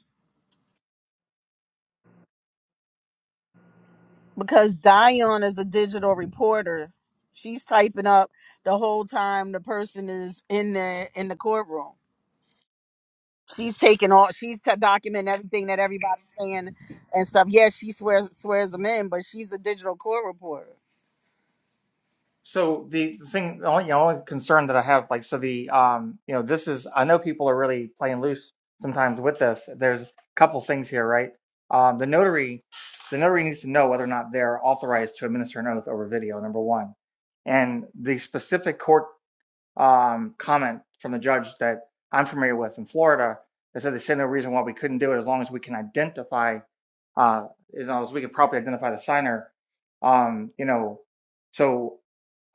because Dion is a digital reporter. She's typing up the whole time the person is in the in the courtroom. She's taking all. She's t- documenting everything that everybody's saying and stuff. Yes, she swears swears them in, but she's a digital court reporter. So the thing, the only, you know, only concern that I have, like, so the, um, you know, this is, I know people are really playing loose sometimes with this. There's a couple things here, right? Um, the notary, the notary needs to know whether or not they're authorized to administer an oath over video, number one. And the specific court um, comment from the judge that I'm familiar with in Florida that said they said no reason why we couldn't do it as long as we can identify, uh, as long as we could properly identify the signer. Um, you know, so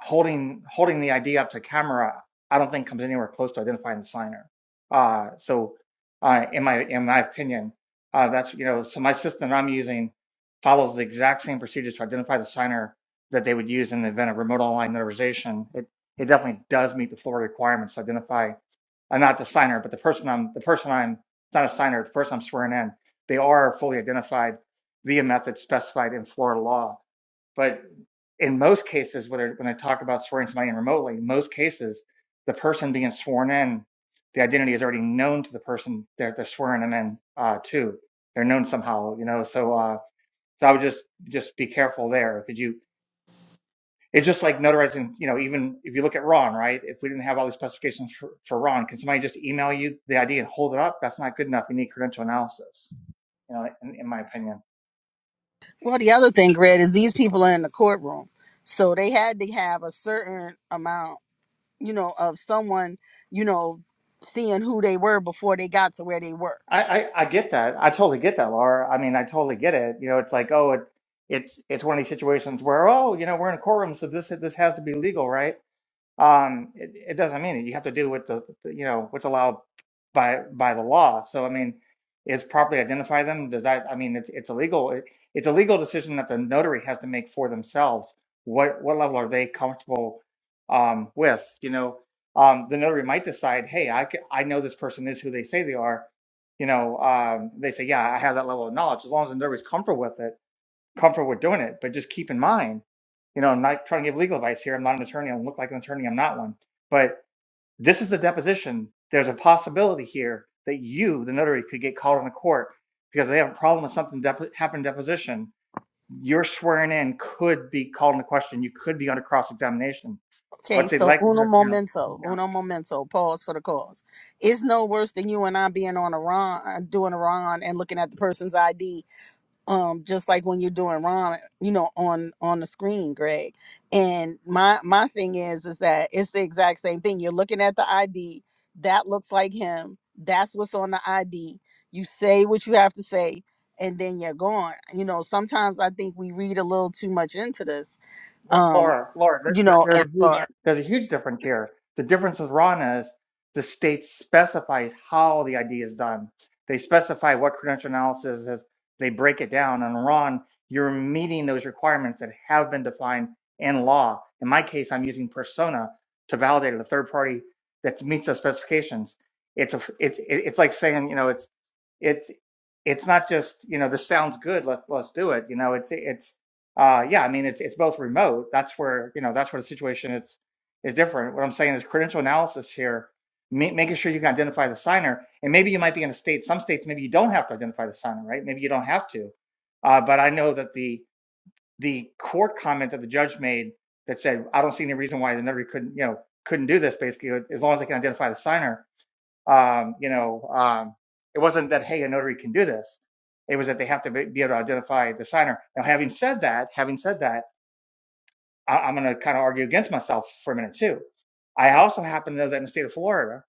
holding holding the ID up to camera, I don't think comes anywhere close to identifying the signer. Uh, so, uh, in my in my opinion, uh, that's you know, so my system that I'm using follows the exact same procedures to identify the signer that they would use in the event of remote online notarization. It it definitely does meet the Florida requirements to identify. I'm not the signer, but the person I'm the person I'm not a signer. The person I'm swearing in, they are fully identified via method specified in Florida law. But in most cases, whether when I talk about swearing somebody in remotely, in most cases, the person being sworn in, the identity is already known to the person that they're swearing them in uh, to. They're known somehow, you know. So, uh, so I would just just be careful there. Could you? It's just like notarizing, you know, even if you look at Ron, right? If we didn't have all these specifications for, for Ron, can somebody just email you the ID and hold it up? That's not good enough. You need credential analysis, you know, in, in my opinion. Well, the other thing, Greg, is these people are in the courtroom, so they had to have a certain amount. you know, of someone, you know, seeing who they were before they got to where they were. I, I, I get that. I totally get that, Laura. I mean, I totally get it. You know, it's like, oh, it, it's, it's one of these situations where, oh, you know, we're in a courtroom, so this, this has to be legal, right? um, it, it doesn't mean it. You have to do what the, the- you know what's allowed by by the law. So I mean, is properly identify them? Does that I mean it's it's illegal. It, it's a legal decision that the notary has to make for themselves. What what level are they comfortable um, with? You know, um, the notary might decide, hey, I c- I know this person is who they say they are. You know, um, they say, yeah, I have that level of knowledge. As long as the notary's comfortable with it comfortable with doing it, but just keep in mind, you know, I'm not trying to give legal advice here. I'm not an attorney. I don't look like an attorney. I'm not one. But this is a deposition. There's a possibility here that you, the notary, could get called in the court because they have a problem with something dep- happened in deposition. Your swearing in could be called into question. You could be under cross examination. I Okay, would say so uno likelihood, you know. momento, yeah. uno momento, pause for the cause. It's no worse than you and I being on a run, doing a run and looking at the person's ID um just like when you're doing ron you know on on the screen greg and my my thing is is that it's the exact same thing you're looking at the id that looks like him that's what's on the id you say what you have to say and then you're gone you know sometimes i think we read a little too much into this um Laura, Laura, there, you there- know there's, as a huge, far there's a huge difference here. The difference with RANA is the state specifies how the ID is done. They specify what credential analysis is. They break it down. And RON, you're meeting those requirements that have been defined in law. In my case, I'm using Persona to validate a third party that meets those specifications. It's a, it's it- it's like saying you know it's it's it's not just you know this sounds good let let's do it you know it's it's uh, yeah, I mean it's it's both remote. That's where you know that's where the situation is is different. What I'm saying is credential analysis here, ma- making sure you can identify the signer, and maybe you might be in a state. Some states maybe you don't have to identify the signer, right? Maybe you don't have to. Uh, but I know that the the court comment that the judge made that said I don't see any reason why the notary couldn't you know couldn't do this basically uh, as long as they can identify the signer. Um, you know, um, it wasn't that hey a notary can do this. It was that they have to be be able to identify the signer. Now, having said that, having said that I, I'm going to kind of argue against myself for a minute too. I also happen to know that in the state of Florida,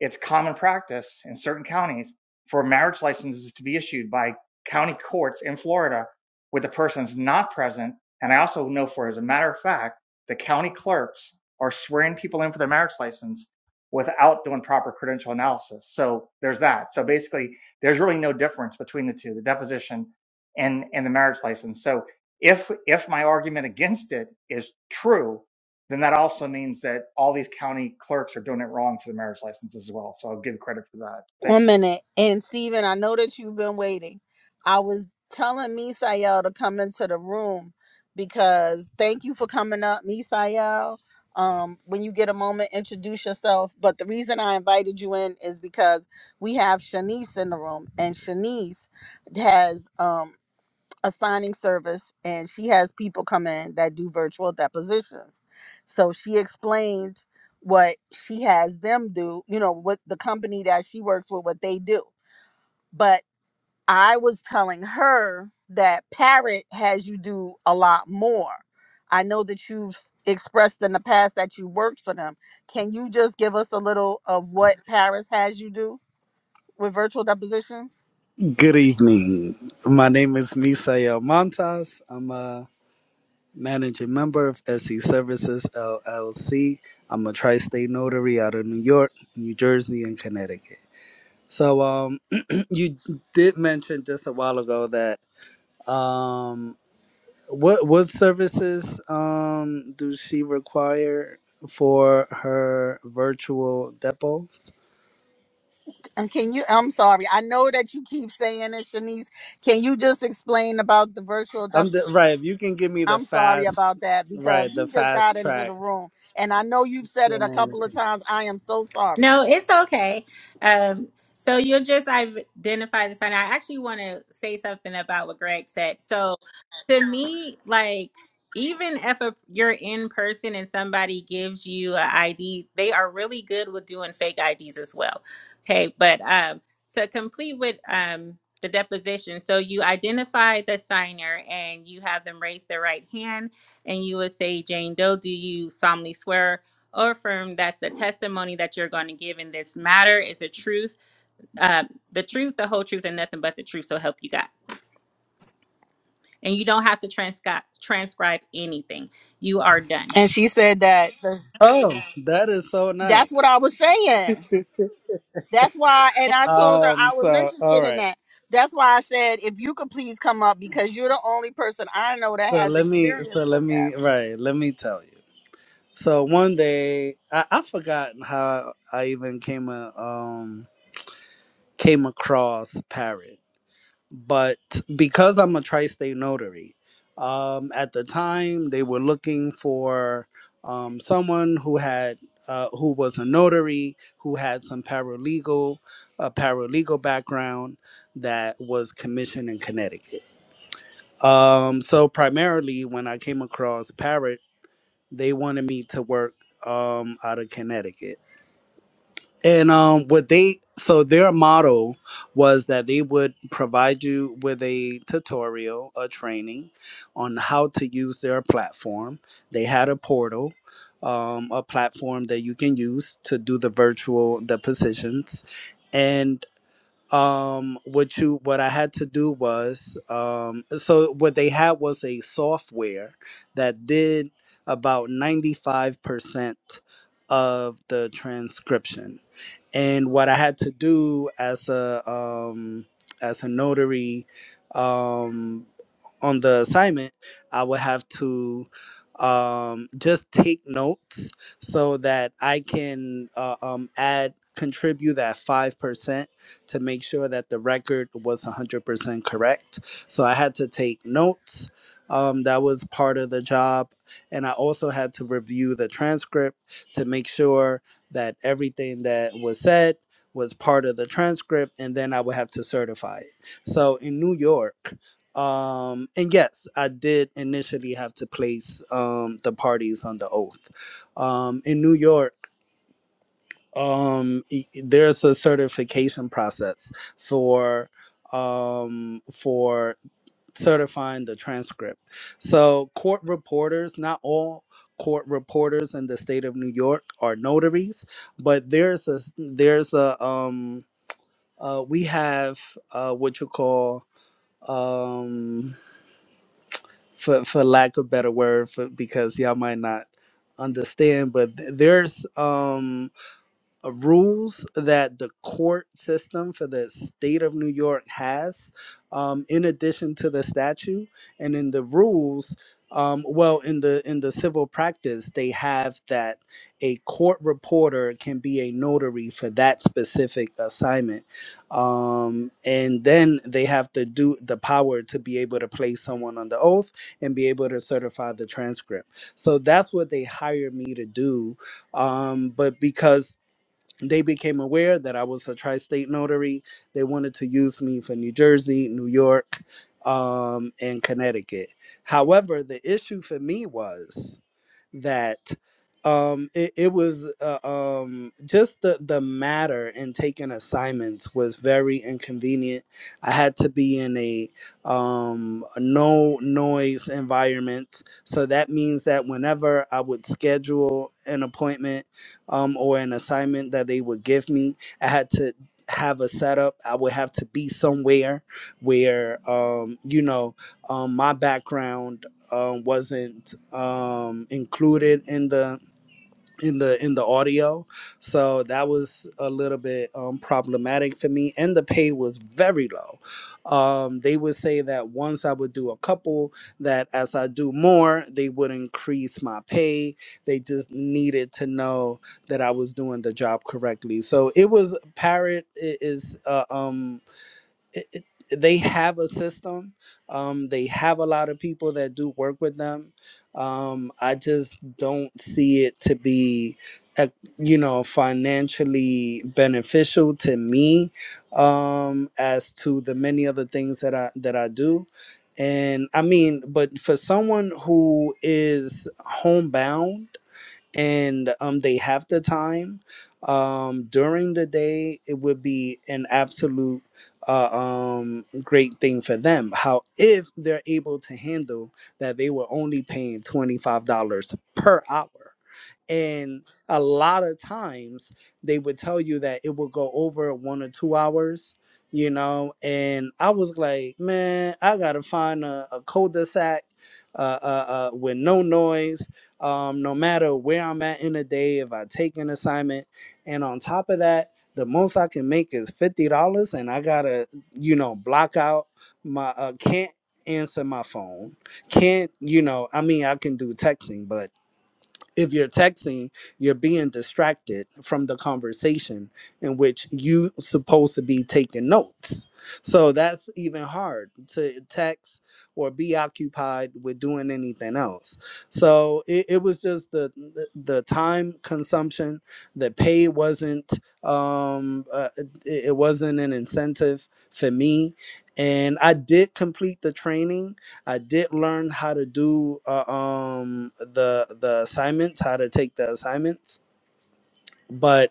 it's common practice in certain counties for marriage licenses to be issued by county courts in Florida with the persons not present. And I also know for as a matter of fact, the county clerks are swearing people in for their marriage license without doing proper credential analysis. So there's that. So basically, there's really no difference between the two, the deposition and and the marriage license. So if if my argument against it is true, then that also means that all these county clerks are doing it wrong for the marriage license as well. So I'll give credit for that. One Thanks. minute. And Steven, I know that you've been waiting. I was telling Misael to come into the room because thank you for coming up, Misael. Um, when you get a moment, introduce yourself. But the reason I invited you in is because we have Shanice in the room, and Shanice has um a signing service and she has people come in that do virtual depositions. So she explained what she has them do, you know, what the company that she works with, what they do. But I was telling her that Parrot has you do a lot more. I know that you've s- expressed in the past that you worked for them. Can you just give us a little of what Paris has you do with virtual depositions? Good evening. My name is Misael Montas. I'm a managing member of SE Services LLC. I'm a tri-state notary out of New York, New Jersey, and Connecticut. So, um, [clears throat] you did mention just a while ago that um, what what services um do she require for her virtual depots? And can you, I'm sorry, I know that you keep saying it, Shanice. Can you just explain about the virtual? dep- I'm the, right. If you can give me the I'm sorry fast, about that right, because the he just fast got into the track. room. And I know you've said it a couple of times. I am so sorry. No, it's okay. Um, so you'll just identify the sign. I actually want to say something about what Greg said. So to me, like even if a, you're in person and somebody gives you an ID, they are really good with doing fake IDs as well. Okay, but um, to complete with um, the deposition, so you identify the signer and you have them raise their right hand, and you would say, "Jane Doe, do you solemnly swear?" or affirm that the testimony that you're going to give in this matter is the truth, uh, the truth, the whole truth, and nothing but the truth. So help you God. And you don't have to transcribe transcribe anything. You are done. And she said that the, Oh, that is so that's what I nice. was saying. That's why, and And- I told her Um, I was so all interested in right. that. That's why I said, if you could please come up because you're the only person I know that So has let me so experience let with that. me right, let me tell you. So one day I, I forgot how I even came a, um came across Parrot. but because I'm a tri-state notary, um, at the time they were looking for um, someone who had uh, who was a notary who had some paralegal a paralegal background that was commissioned in Connecticut. Um, so primarily, when I came across Parrot, they wanted me to work um, out of Connecticut. And um, what they so their model was that they would provide you with a tutorial, a training on how to use their platform. They had a portal, um, a platform that you can use to do the virtual the positions, um what you what i had to do was um so what they had was a software that did about 95% of the transcription and what i had to do as a um as a notary um on the assignment i would have to um just take notes so that i can uh, um add contribute that 5% to make sure that the record was 100% correct. So I had to take notes. Um, that was part of the job. And I also had to review the transcript to make sure that everything that was said was part of the transcript. And then I would have to certify it. So in New York, um, and yes, I did initially have to place um, the parties on the oath. Um, in New York, um e- there's a certification process for um for certifying the transcript so court reporters not all court reporters in the state of new york are notaries but there's a there's a um uh we have uh what you call um for for lack of better word for, because y'all might not understand but th- there's um uh, rules that the court system for the state of New York has, um, in addition to the statute, and in the rules, um, well, in the in the civil practice, they have that a court reporter can be a notary for that specific assignment, um, and then they have to do the power to be able to place someone under oath and be able to certify the transcript. So that's what they hired me to do um, but because they became aware that I was a tri state notary. They wanted to use me for New Jersey, New York, um, and Connecticut. However, the issue for me was that um it, it was uh, um just the the matter in taking assignments was very inconvenient i had to be in a um no noise environment so that means that whenever i would schedule an appointment um or an assignment that they would give me i had to have a setup i would have to be somewhere where um you know um my background um, wasn't um, included in the in the in the audio, so that was a little bit um, problematic for me. And the pay was very low. Um, they would say that once I would do a couple, that as I do more, they would increase my pay. They just needed to know that I was doing the job correctly. So it was Parrot i- is uh, um it, it, they have a system. Um, they have a lot of people that do work with them. Um, I just don't see it to be, ec- you know, financially beneficial to me um, as to the many other things that I that I do. And I mean, but for someone who is homebound and um, they have the time um, during the day it would be an absolute uh, um, great thing for them how if they're able to handle that they were only paying $25 per hour and a lot of times they would tell you that it would go over one or two hours, you know. And I was like, man, I gotta find a, a cul-de-sac uh, uh, uh, with no noise, um, no matter where I'm at in the day, if I take an assignment. And on top of that, the most I can make is $50, and I gotta, you know, block out my, uh, can't answer my phone can't you know i mean i can do texting but if you're texting, you're being distracted from the conversation in which you supposed to be taking notes. So that's even hard to text or be occupied with doing anything else. So it, it was just the, the the time consumption. The pay wasn't um uh, it, it wasn't an incentive for me, and I did complete the training I did learn how to do uh, um the the assignments, how to take the assignments, but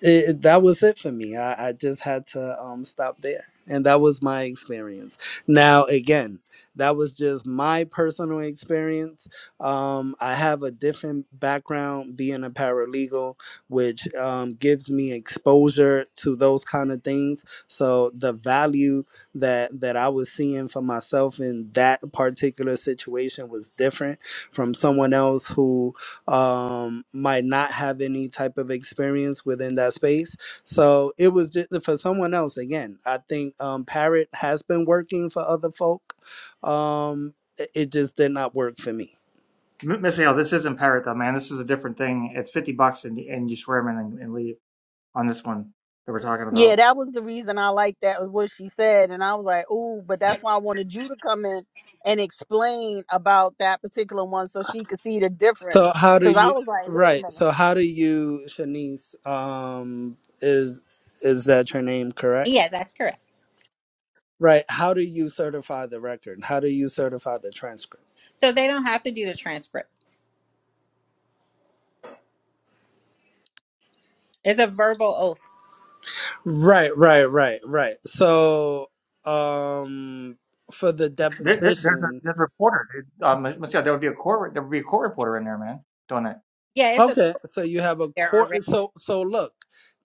it, that was it for me. I, I just had to um, stop there. And that was my experience. Now, again, that was just my personal experience. Um, I have a different background being a paralegal, which um, gives me exposure to those kind of things. So the value that that I was seeing for myself in that particular situation was different from someone else who um might not have any type of experience within that space so it was just uh, for someone else again i think um parrot has been working for other folk um it it just did not work for me M- Miss Hale, this isn't parrot though, man. This is a different thing. It's 50 bucks and, and you swear them in and, and leave on this one that we're talking Yeah, about. that was the reason I liked that was what she said, and I was like, "Ooh," but that's why I wanted you to come in and explain about that particular one so she could see the so difference. how do Because I you was like, "Wait a right minute." so how do you shanice um is is that your name correct yeah, that's correct. right how do you certify the record how do you certify the transcript So they don't have to do the transcript. It's a verbal oath. Right, right, right, right. So, um, for the There, there, there's, a, deposition, there's a reporter, dude. Um, Miss Hale, there would be a court, there would be a court reporter in there, man, doing it. Yeah, it's okay Okay, so you have a there already. core. So so look,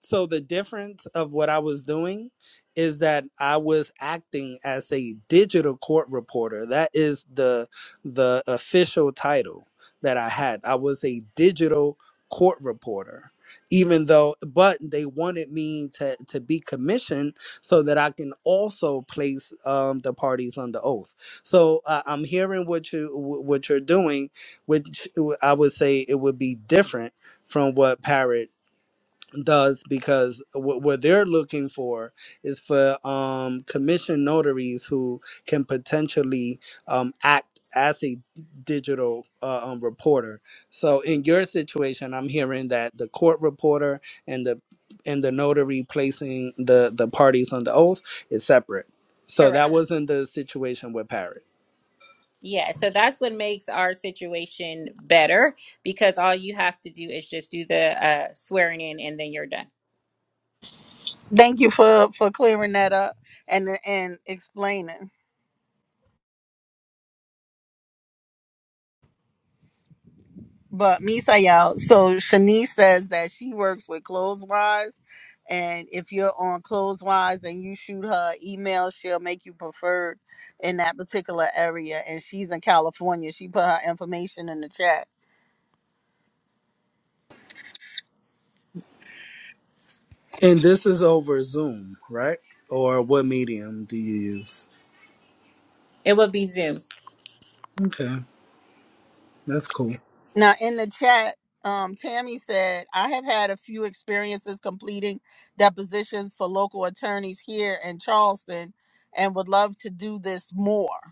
so the difference of what I was doing is that I was acting as a digital court reporter. That is the the official title that I had. I was a digital court reporter. Even though, but they wanted me to, to be commissioned so that I can also place um, the parties under oath. So uh, I'm hearing what you wh- what you're doing, which I would say it would be different from what Parrot does because what, what they're looking for is for um, commission notaries who can potentially um, act as a digital uh, um, reporter. So in your situation, I'm hearing that the court reporter and the and the notary placing the the parties on the oath is separate. So Correct. that wasn't the situation with Parrot. Yeah, so that's what makes our situation better because all you have to do is just do the uh, swearing in and then you're done. Thank you for for clearing that up and and explaining. But Misa y'all, so Shanice says that she works with Clotheswise, and if you're on Clotheswise and you shoot her email, she'll make you preferred in that particular area. And she's in California. She put her information in the chat And this is over Zoom, right? Or what medium do you use? It will be Zoom. Okay, that's cool. Now, in the chat, um, Tammy said, I have had a few experiences completing depositions for local attorneys here in Charleston and would love to do this more.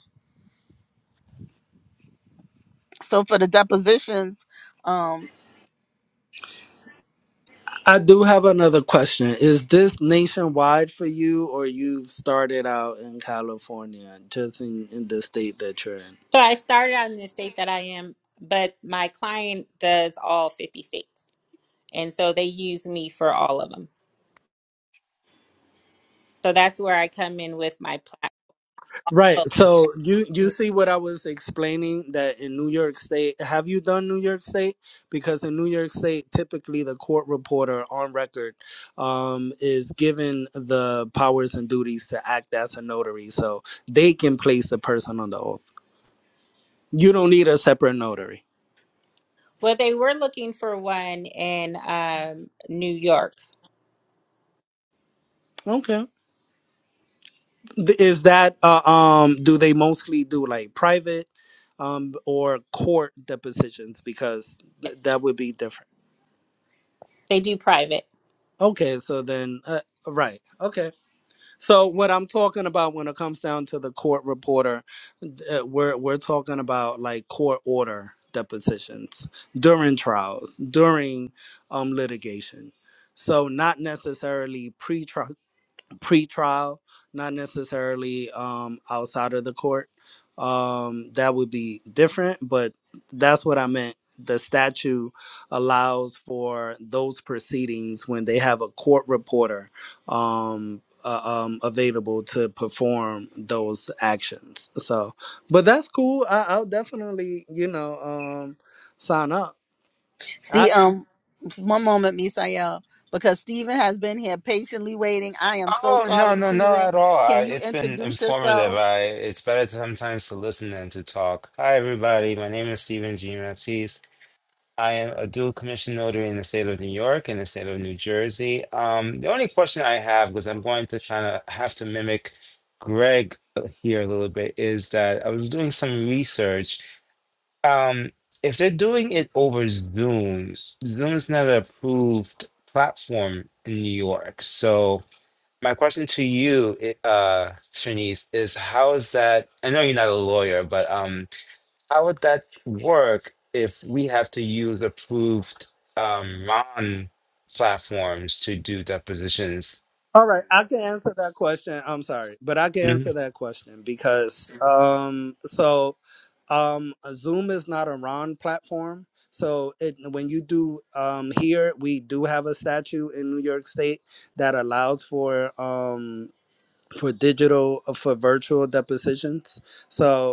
So, for the depositions, um, I do have another question. Is this nationwide for you, or you've started out in California, just in, in the state that you're in? So I started out in the state that I am, but my client does all 50 states. And so they use me for all of them. So that's where I come in with my platform. Right. Well, So you [laughs] you see what I was explaining that in New York State, have you done New York State? Because in New York State, typically the court reporter on record um, is given the powers and duties to act as a notary, so they can place the person on the oath. You don't need a separate notary. well, they were looking for one in um, New York. Okay. Th- Is that uh, um? Do they mostly do like private, um, or court depositions? Because th- that would be different. They do private. Okay. So then, uh, right. Okay. So what I'm talking about when it comes down to the court reporter, uh, we're we're talking about like court order depositions during trials, during um litigation. So not necessarily pre-trial pre-trial, not necessarily um, outside of the court. Um, that would be different, but that's what I meant. The statute allows for those proceedings when they have a court reporter um, uh, um, available to perform those actions. So, but that's cool. I, I'll definitely, you know, um, sign up. I. see, um, one moment, Misael, because Stephen has been here patiently waiting. I am so Oh no, sorry, no, no, Stephen. at all. I, Can you it's been introduce informative. yourself? I it's better sometimes to listen than to talk. Hi, everybody. My name is Stephen G. Maptise. I am a dual commission notary in the state of New York and the state of New Jersey. Um, the only question I have, because I'm going to kind of have to mimic Greg here a little bit, is that I was doing some research. Um, if they're doing it over Zoom, Zoom is not an approved platform in New York, so. My question to you, i- uh, Shanice, is how is that? I know you're not a lawyer, but um, how would that work if we have to use approved um, RON platforms to do depositions? All right, I can answer that question. I'm sorry, but I can answer Mhm. that question because um so um Zoom is not a RON platform. So it when you do um here we do have a statute in New York State that allows for um for digital uh, for virtual depositions. So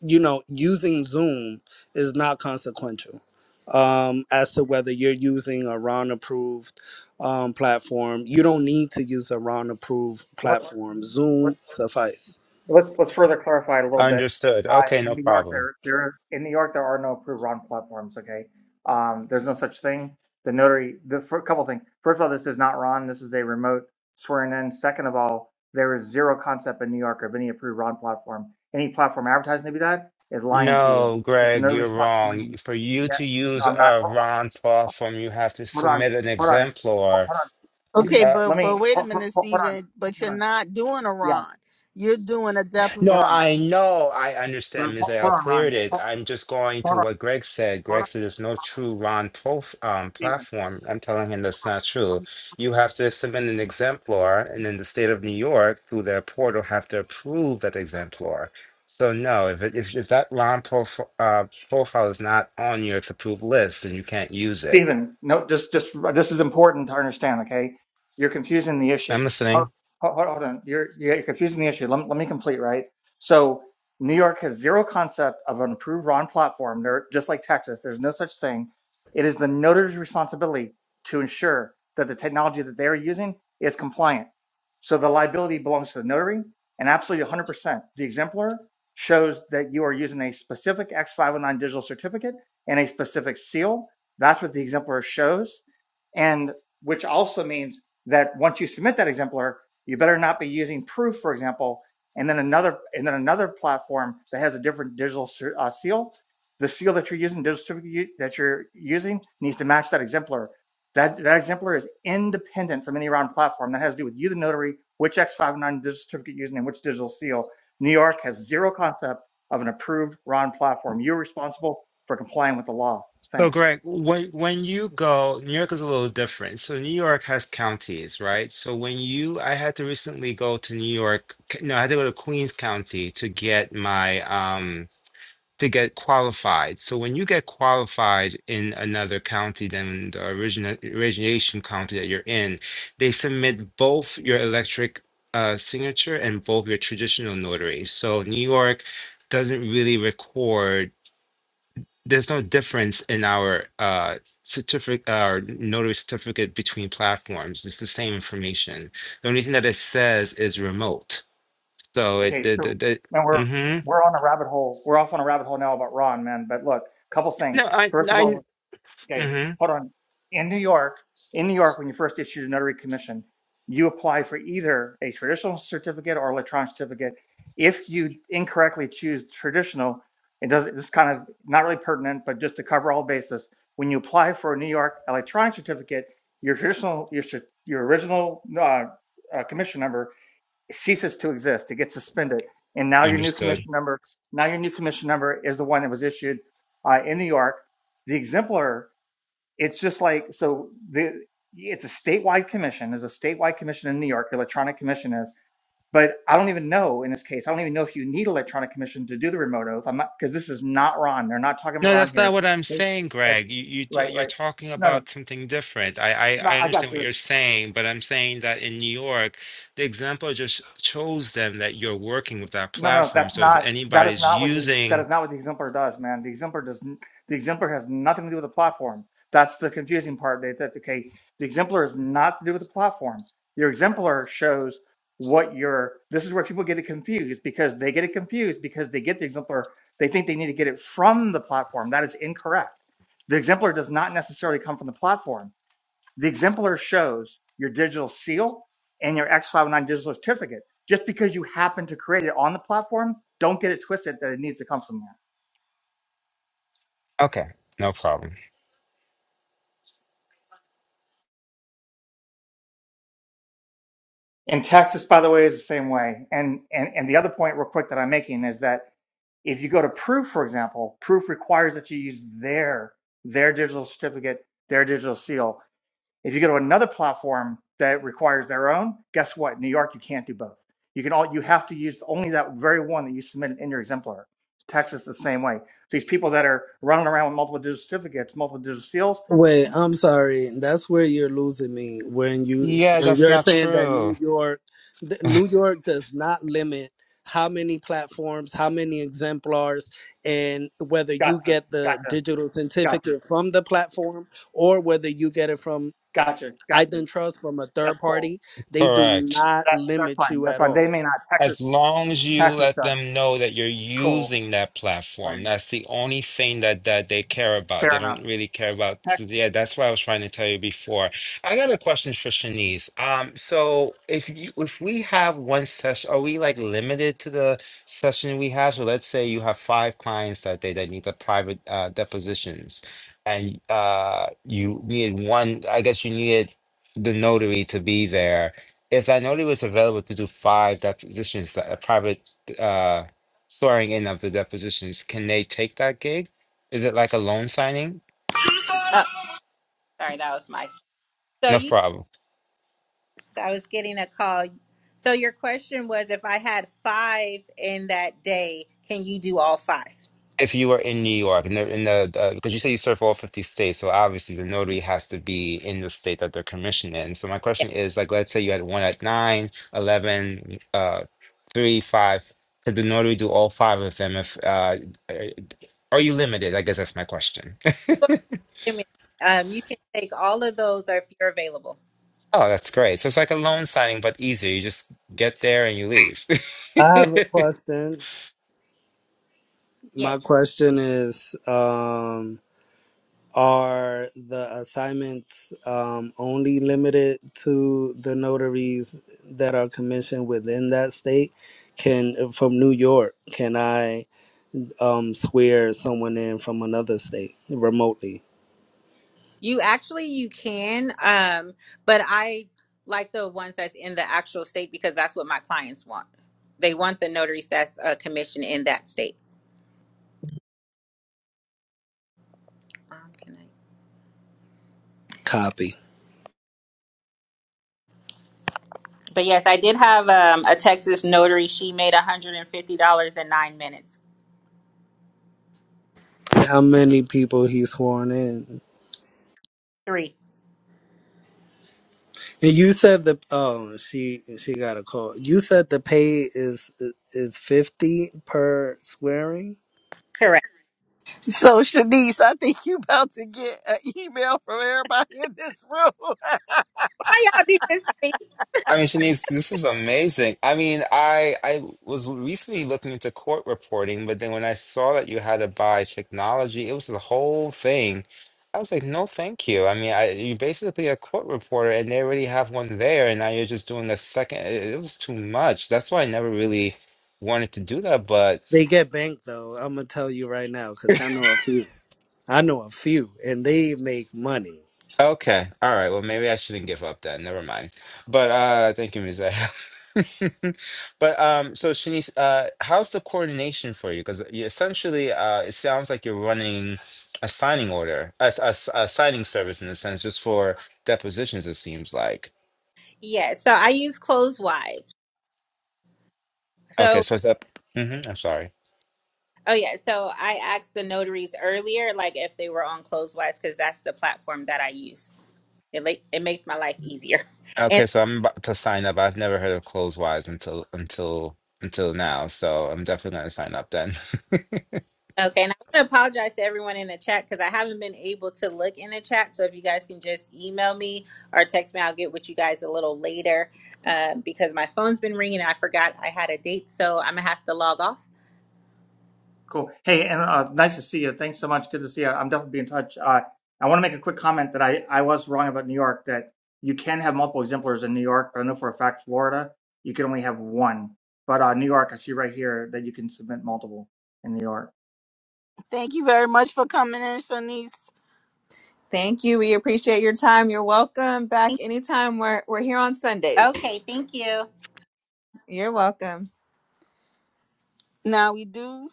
you know, using Zoom is not consequential um, as to whether you're using a RON approved um, platform. You don't need to use a RON approved What? platform. Zoom suffice. Let's let's further clarify it a little bit. Understood. Uh, Okay, in no New York, problem. there there in New York there are no approved RON platforms. Okay, um, there's no such thing. The notary, the for a couple things. First of all, this is not RON. This is a remote swearing in. Second of all, there is zero concept in New York of any approved RON platform. Any platform advertising to be that is lying to you. No, It's a Greg, notary's you're responsibility. wrong. For you Yeah, to no, use I'm not. a Ho- ho- RON platform, you have to Hold on, submit an hold on, ho- exemplar. hold on. Let Okay, me Uh, but let but me wait a ho- ho- minute, ho- hold on, Stephen. But hold you're on. not doing a Yeah, Ron. You're doing a dep. hold No, on, I know. I hold understand Ms. L hold on, Ron. cleared it. Ho- I'm just going to Hold what Greg said. on. Greg said there's no true Ron prof um, Stephen, platform. I'm telling him that's not true. You have to submit an exemplar, and in the state of New York, through their portal, have to approve that exemplar. So no, if it, if, if that Ron prof uh, profile is not on your approved list, then you can't use it. Stephen, no, just, just, this is important to understand. Okay, you're confusing the issue. I'm listening. Hold, hold, hold on, you're, you're confusing the issue. Let, me- let me complete. Right. So New York has zero concept of an approved RON platform. They're just like Texas. There's no such thing. It is the notary's responsibility to ensure that the technology that they are using is compliant. So the liability belongs to the notary, and absolutely 100%. The exemplar shows that you are using a specific X509 digital certificate and a specific seal That's what the exemplar shows. And which also means that once you submit that exemplar, you better not be using proof, for example, and then another and then another platform that has a different digital uh, seal. The seal that you're using, digital certificate that you're using, needs to match that exemplar. That that exemplar is independent from any round platform. That has to do with you, the notary, which X59 digital certificate you're using, and which digital seal. New York has zero concept of an approved RON platform. You're responsible for complying with the law. So, Thanks. Greg, when when you go, New York is a little different. So, New York has counties, right? So, when you, I had to recently go to New York. c- No, I had to go to Queens County to get my um to get qualified. So, when you get qualified in another county than the origina origination county that you're in, they submit both your electric uh, signature and both your traditional notary. So, New York doesn't really record there's no difference in our uh, certificate, our notary certificate between platforms. It's the same information. The only thing that it says is remote. So it Okay, the the, so the man, we're mm-hmm. we're on a rabbit hole. We're off on a rabbit hole now about Ron, man. But look, couple things. No, I First of I all, okay, mm-hmm. hold on. In New York, in New York, when you first issued a notary commission, you apply for either a traditional certificate or electronic certificate. If you incorrectly choose traditional, it does this is kind of not really pertinent, but just to cover all bases. When you apply for a New York electronic certificate, your traditional your cer- your original uh, uh, commission number it Ceases to exist. It gets suspended, and now your new understood. commission number. Now your new commission number is the one that was issued uh, in New York. The exemplar. It's just like so. The it's a statewide commission. Is a statewide commission in New York. Electronic commission is. But I don't even know. In this case, I don't even know if you need electronic commission to do the remote oath. I'm not, Because this is not Ron. They're not talking about No, Ron that's not here. what I'm saying, Right. Greg. You you Right. you're Right. talking No. No. about something different. I, I no, I I got understand this. what you're saying, but I'm saying that in New York, the example just shows them that you're working with that No, no, platform. that's So if not. That is anybody's not what the that using, is not what the exemplar does, man. The exemplar does n- the exemplar has nothing to do with the platform. That's the confusing part. They said, okay, the exemplar is not to do with the platform. Your exemplar shows what your. This is where people get it confused because they get it confused because they get the exemplar. They think they need to get it from the platform. That is incorrect. The exemplar does not necessarily come from the platform. The exemplar shows your digital seal and your X509 digital certificate. Just because you happen to create it on the platform, don't get it twisted that it needs to come from there. okay, no problem. And Texas, by the way, is the same way. And, and, and the other point, real quick, that I'm making is that if you go to Proof, for example, Proof requires that you use their, their digital certificate, their digital seal If you go to another platform that requires their own, guess what? In New York, you can't do both. You can all you have to use only that very one that you submitted in your exemplar. Texas the same way. These people that are running around with multiple digital certificates, multiple digital seals, Wait, I'm sorry. That's where you're losing me when you Yeah, when that's you're not saying that New true. York, th- [laughs] New York does not limit how many platforms, how many exemplars, and whether you gotcha, get the gotcha, digital gotcha, certificate from the platform or whether you get it from gotcha, I gotcha. done trust from a That's third cool. party. They do Correct. not That, that's limit fine. you That's at fine. They all. may not. Texas, As long as you Texas let does. them know that you're Cool. using that I platform, mean, that's the only thing that that they care about. fair They don't enough. really care about. So yeah, that's what I was trying to tell you before. I got a question for Shanice. Um, so if you, if we have one session, are we like limited to the session we have? So let's say you have five clients that day that need the private uh, depositions, and uh, you need one. I guess you needed the notary to be there if Anoli was available to do five depositions, that a private uh, swearing in of the depositions, can they take that gig? Is it like a loan signing? Oh, sorry, that was my. So No you, problem. I was getting a call. So your question was if I had five in that day, can you do all five? If you were in New York, in the, in the uh, because you say you serve all 50 states, so obviously the notary has to be in the state that they're commissioned in. So my Yeah. question is, like, let's say you had one at 9, eleven, uh, 3, 5. Could the notary do all five of them? If uh, uh, Are you limited? I guess that's my question. Um, you can take all of those or if you're available. Oh, that's great. So it's like a loan signing, but easier. You just get there and you leave. [laughs] I have a I question. Yes. My question is um, Are the assignments um, only limited to the notaries that are commissioned within that state? Can from New York, can I um, swear someone in from another state remotely? You actually you can, um, but I like the ones that's in the actual state because that's what my clients want. They want the notary that's uh, commissioned in that state. Um, can I- Copy. But yes, I did have um, a Texas notary. She made one hundred and fifty dollars in nine minutes. How many people he's sworn in? Three, And you said the oh she she got a call. You said the pay is is fifty per swearing. correct. So Shanice, I think you about to get an email from everybody in this room. [laughs] Why y'all do this to me? mean, Shanice, this is amazing. I mean, I I was recently looking into court reporting, but then when I saw that you had to buy technology, it was the whole thing. I was like, no, thank you. I mean, I, you're basically a court reporter, and they already have one there, and now you're just doing a second. It, it was too much. That's why I never really wanted to do that. but. They get banked though. I'm gonna tell you right now because I know a few. I know a few, and they make money. Okay. All right. Well, maybe I shouldn't give up then. Never mind. But uh thank you, Ms. [laughs] But um so Shanice, uh how's the coordination for you? Because you essentially uh it sounds like you're running a signing order, a, s- a s- a signing service in a sense, just for depositions, it seems like. Yeah, so I use Closewise. Okay, So so it's up. hmm I'm sorry. oh yeah, so I asked the notaries earlier, like if they were on Closewise, because that's the platform that I use. It like it makes my life easier Okay, so I'm about to sign up. I've never heard of Closewise until until until now, so I'm definitely gonna sign up then. [laughs] Okay, and I want to apologize to everyone in the chat because I haven't been able to look in the chat. So if you guys can just email me or text me, I'll get with you guys a little later uh, because my phone's been ringing and I forgot I had a date. So I'm going to have to log off. Cool. Hey, and uh, nice to see you. Thanks so much. Good to see you. I'm definitely be in touch. Uh, I want to make a quick comment that I, I was wrong about New York, that you can have multiple exemplars in New York, but I know for a fact Florida, you can only have one. But uh, New York, I see right here that you can submit multiple in New York. Thank you very much for coming in, Shanice. Thank you. We appreciate your time. You're welcome back anytime. We're we're here on Sundays. Okay, thank you. You're welcome. Now we do.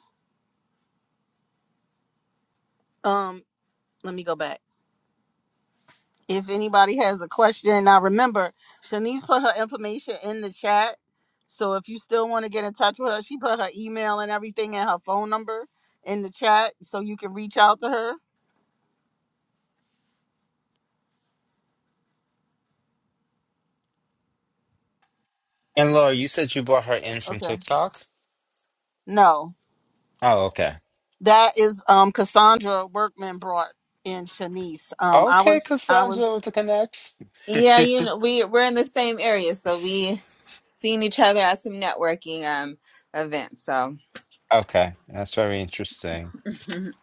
Um, let me go back. If anybody has a question, now remember, Shanice put her information in the chat. So if you still want to get in touch with her, she put her email and everything and her phone number in the chat so you can reach out to her. And Laura, you said you brought her in from Okay. TikTok? No. Oh, okay. That is um Cassandra Workman brought in Shanice. Um I Okay, was I Cassandra was with the connects. Yeah, you know we we're in the same area, so we seen each other at some networking um events. So. Okay, that's very interesting.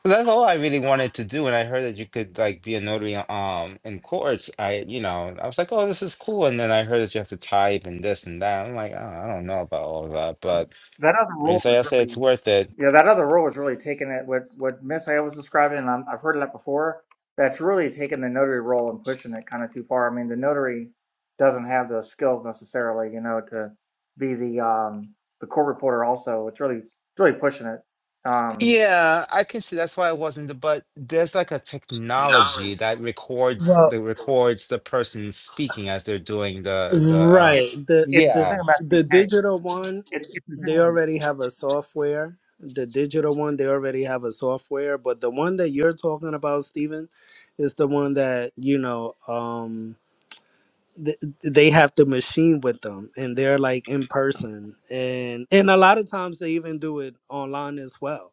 That's all I really wanted to do, and I heard that you could like be a notary um in courts. I, you know, I was like, oh, this is cool, and then I heard that you have to type and this and that. I'm like, oh, I don't know about all of that, but That other I mean, rule is so I say really it's worth it. Yeah, that other rule is really taking it what what Miss I was describing, and I'm, I've heard of that before. That's really taking the notary role and pushing it kind of too far. I mean, the notary doesn't have those skills necessarily, you know, to be the um the court reporter. Also, it's really it's really pushing it. Um, Yeah, I can see that's why it wasn't. But there's like a technology Knowledge. that records Well, the records the person speaking as they're doing the the. uh it, right. The it's a the Yeah, Zoom the SDK. digital one, It's it's a they Zoom already have a software. The digital one, they already have a software. But the one that you're talking about, Steven, is the one that you know. um th- they have the machine with them and they're like in person and and a lot of times they even do it online as well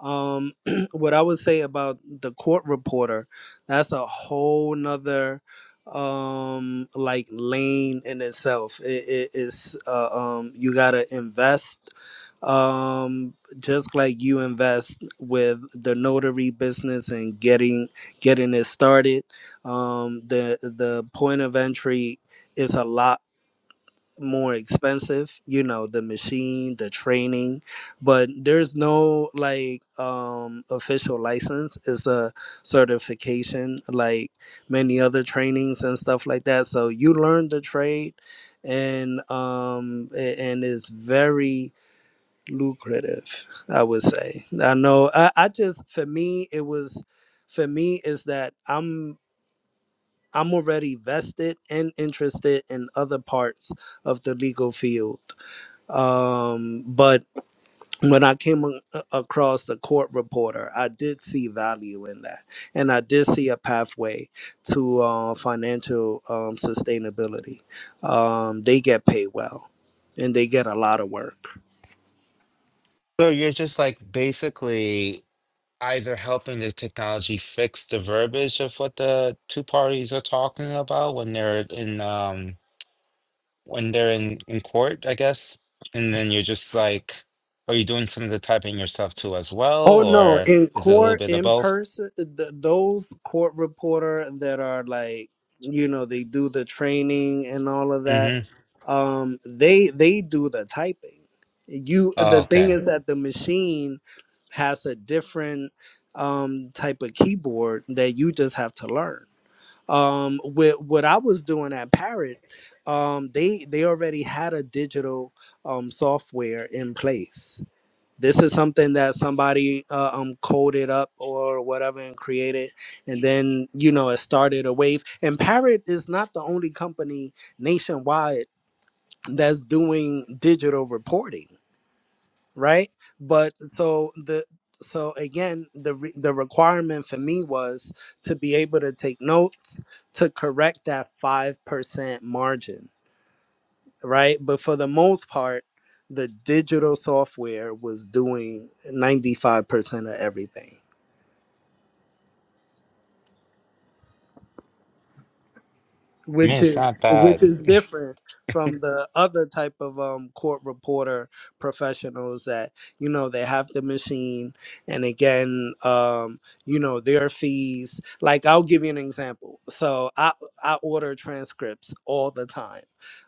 um [clears throat] what i would say about the court reporter that's a whole nother um like lane in itself it is uh, um you gotta invest um just like you invest with the notary business and getting getting it started um the the point of entry is a lot more expensive you know the machine the training but there's no like um official license it's a certification like many other trainings and stuff like that so you learn the trade and um a- and it's very lucrative i would say i know i, I just for me it was for me is that i'm I'm already vested and interested in other parts of the legal field. Um, but when I came a- across the court reporter, I did see value in that. And I did see a pathway to uh, financial um, sustainability. Um, they get paid well and they get a lot of work. so you're just like basically either helping the technology fix the verbiage of what the two parties are talking about when they're in um when they're in in court, I guess. And then you're just like, are you doing some of the typing yourself too as well, Oh no, or in is it a little court, bit of in both? person, th- those court reporter that are like, you know, they do the training and all of that. Mm-hmm. Um, they they do the typing. You, Oh, the thing okay. is that the machine has a different um type of keyboard that you just have to learn. Um, with what I was doing at Parrot, um, they they already had a digital um software in place this is something that somebody uh, um coded up or whatever and created and then you know it started a wave and parrot is not the only company nationwide that's doing digital reporting right but so the so again the re- the requirement for me was to be able to take notes to correct that 5% margin right? But for the most part, the digital software was doing 95% of everything. I mean, which it's is not which bad. is different from the other type of um, court reporter professionals that you know they have the machine and again um, you know their fees like i'll give you an example so i i order transcripts all the time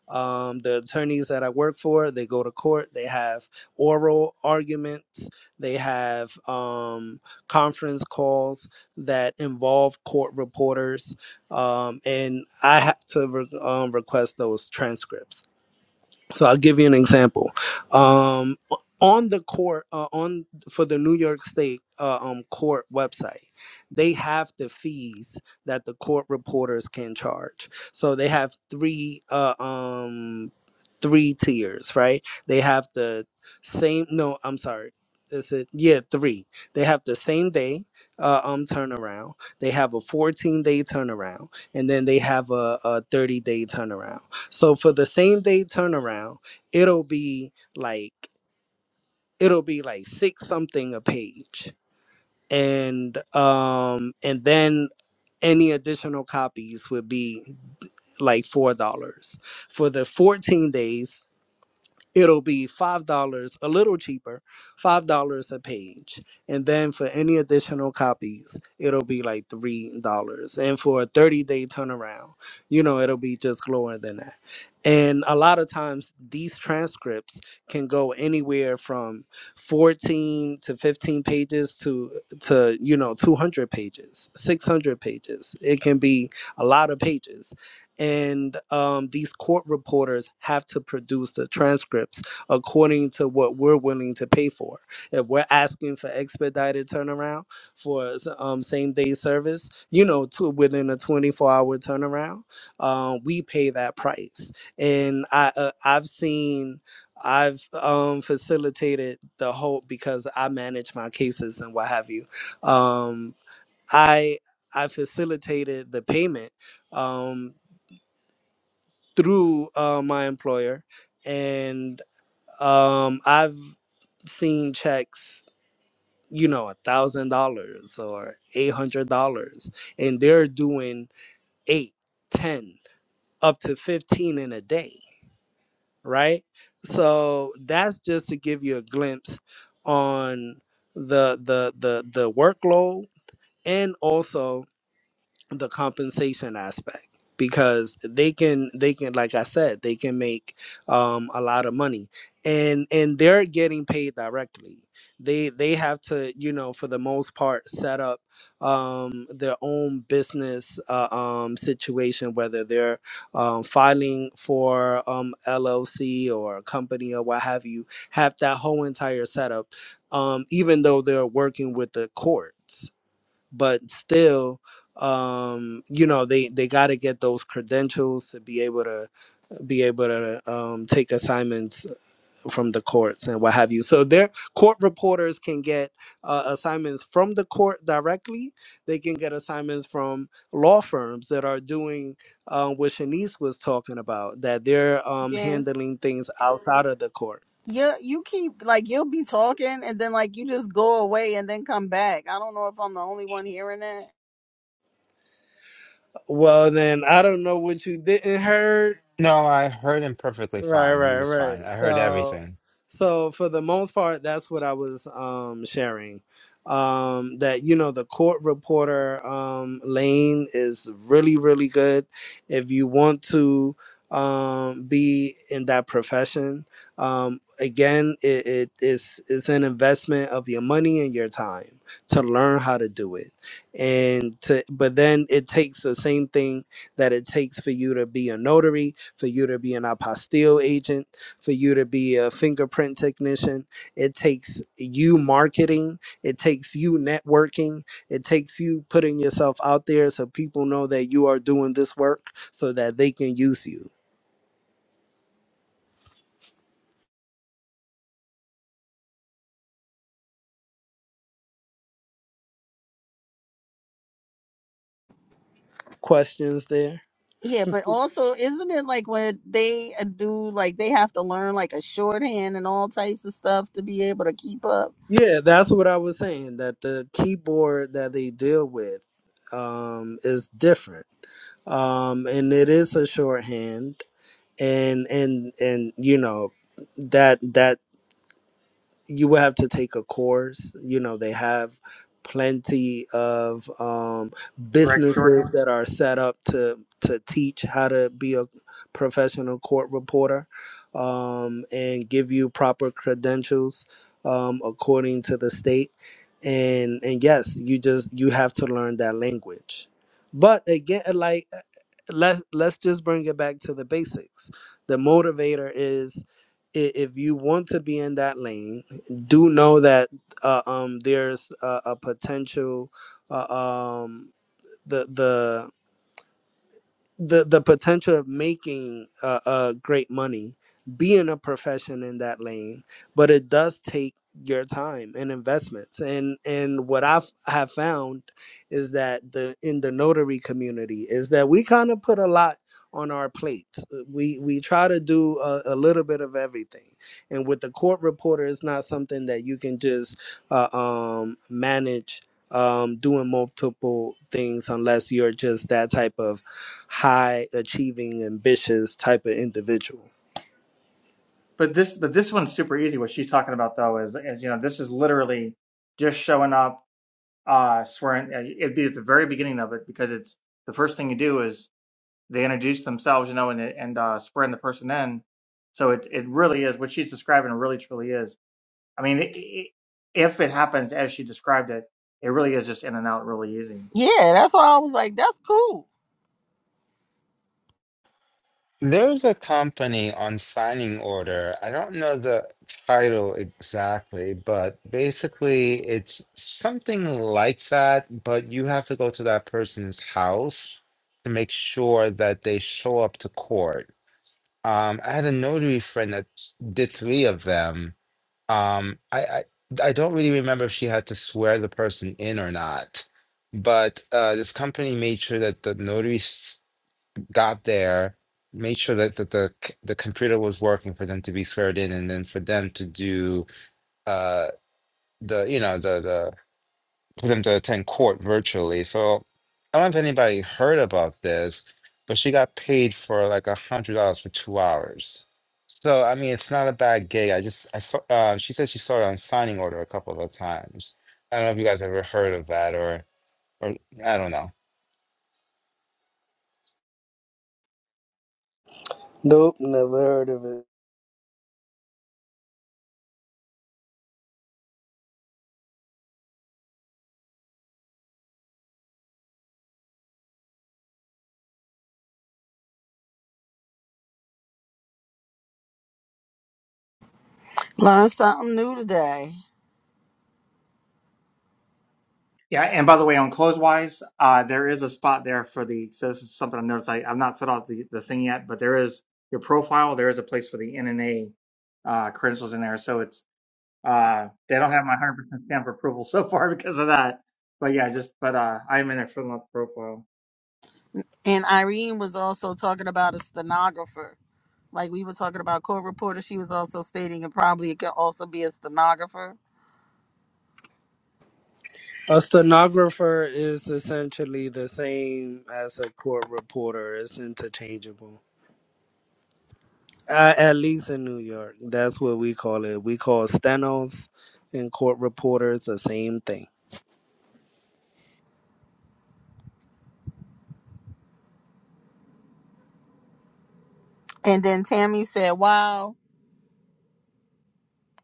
um, the attorneys that i work for they go to court they have oral arguments they have um, conference calls that involve court reporters um, and I had to re- um, request those transcripts. So I'll give you an example. Um, on the court, uh, on for the New York State uh, um, court website, they have the fees that the court reporters can charge. So they have three uh, um, three tiers, right? They have the same. No, I'm sorry. Is it yeah three? They have the same day. Uh, um turnaround they have a 14 day turnaround and then they have a, a 30 day turnaround so for the same day turnaround, it'll be like it'll be like six something a page. And um and then any additional copies would be like four dollars. For the 14 days, it'll be five dollars a little cheaper five dollars a page and then for any additional copies it'll be like three dollars and for a 30 day turnaround you know it'll be just lower than that and a lot of times these transcripts can go anywhere from 14 to 15 pages to to you know 200 pages 600 pages it can be a lot of pages and um, these court reporters have to produce the transcripts according to what we're willing to pay for. If we're asking for expedited turnaround for um, same day service, you know, to within a 24 hour turnaround, um, we pay that price. And I, uh, I've seen. I've um, facilitated the whole because I manage my cases and what have you. Um, I I facilitated the payment um, through uh, my employer, and um, I've seen checks, you know, a thousand dollars or eight hundred dollars, and they're doing eight, ten, up to fifteen in a day, right? So that's just to give you a glimpse on the the the the workload and also the compensation aspect because they can they can like i said they can make um a lot of money and and they're getting paid directly they they have to you know for the most part set up um their own business uh, um situation whether they're um filing for um llc or a company or what have you have that whole entire setup um even though they're working with the courts but still um you know they they got to get those credentials to be able to be able to um take assignments from the courts and what have you so their court reporters can get uh, assignments from the court directly they can get assignments from law firms that are doing um, what shanice was talking about that they're um again. handling things outside of the court Yeah, you keep like you'll be talking and then like you just go away and then come back. I don't know if I'm the only one hearing that. well then i don't know what you didn't heard No, I heard him perfectly Right, fine. He right, was right. fine. I heard So, everything. so for the most part, that's what I was um, sharing. Um, that you know, the court reporter um, lane is really, really good if you want to um, be in that profession. Um, again, it, it is it's an investment of your money and your time to learn how to do it, and to but then it takes the same thing that it takes for you to be a notary for you to be an apostille agent, for you to be a fingerprint technician. It takes you marketing, it takes you networking, it takes you putting yourself out there so people know that you are doing this work so that they can use you. Questions there? Yeah, but also isn't it like when they uh, do like they have to learn like a shorthand and all types of stuff to be able to keep up? Yeah, that's what I was saying. That the keyboard that they deal with um, is different, um, and it is a shorthand, and and and you know that that you would have to take a course. You know, they have plenty of um, direct shorthand. businesses that are set up to to teach how to be a professional court reporter um, and give you proper credentials um, according to the state. And and yes, you just you have to learn that language. But again, like let's let's just bring it back to the basics. The motivator is i- if you want to be in that lane do know that uh, um, there's a, a potential uh, um, the the the the potential of making uh, uh great money being a profession in that lane but it does take your time and investments and and what i have found is that the in the notary community is that we kind of put a lot on our plates Uh, we we try to do a, a little bit of everything and with the court reporter it's not something that you can just uh, um manage um, doing multiple things unless you're just that type of high achieving, ambitious type of individual. But this but this one's super easy. What she's talking about though is is you know this is literally just showing up uh, swearing. uh, It'd be at the very beginning of it because it's the first thing you do is they introduce themselves, you know, and and uh, swearing the person in. So it it really is what she's describing. Really, truly is. I mean, it, it, if it happens as she described it, it really is just in and out, really easy. Yeah, that's why I was like, that's cool. There's a company on signing order. I don't know the title exactly, but basically it's something like that, but you have to go to that person's house to make sure that they show up to court. Um, I had a notary friend that did three of them. Um, I, I I don't really remember if she had to swear the person in or not, but uh, this company made sure that the notary s- got there, made sure that, that the c- the computer was working for them to be squared in, and then for them to do uh the you know the the for them to attend court virtually. So I don't know if anybody heard about this, but she got paid for like a hundred dollars for two hours. So I mean, it's not a bad gig. I just I saw uh, she said she saw it on signing order a couple of times. I don't know if you guys ever heard of that or or I don't know. Nope, never heard of it. Learn something new today. Yeah, and by the way, on clothes wise, uh, there is a spot there for the. So this is something I noticed. I, I've not filled out the, the thing yet, but there is your profile. There is a place for the NNA uh, credentials in there. So it's Uh, they don't have my 100% stamp of approval so far [laughs] because of that. But yeah, just but uh, I'm in their for the profile. And Irene was also talking about a stenographer. Like we were talking about court reporter, she was also stating it probably could also be a stenographer. A stenographer is essentially the same as a court reporter, it's interchangeable. Uh, at least in New York, that's what we call it. We call stenos and court reporters the same thing. And then Tammy said, "Wow."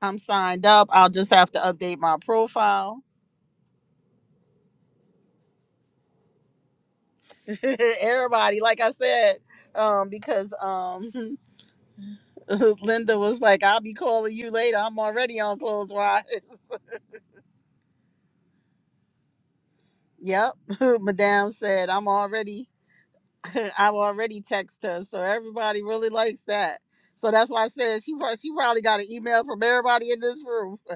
I'm signed up. I'll just have to update my profile. [laughs] Everybody, like I said, um, because um, [laughs] Linda was like, "I'll be calling you later. I'm already on close wise." [laughs] yep, [laughs] Madame said, "I'm already. [laughs] I've already texted her." So everybody really likes that. So that's why I said she prob- she probably got an email from everybody in this room. [laughs]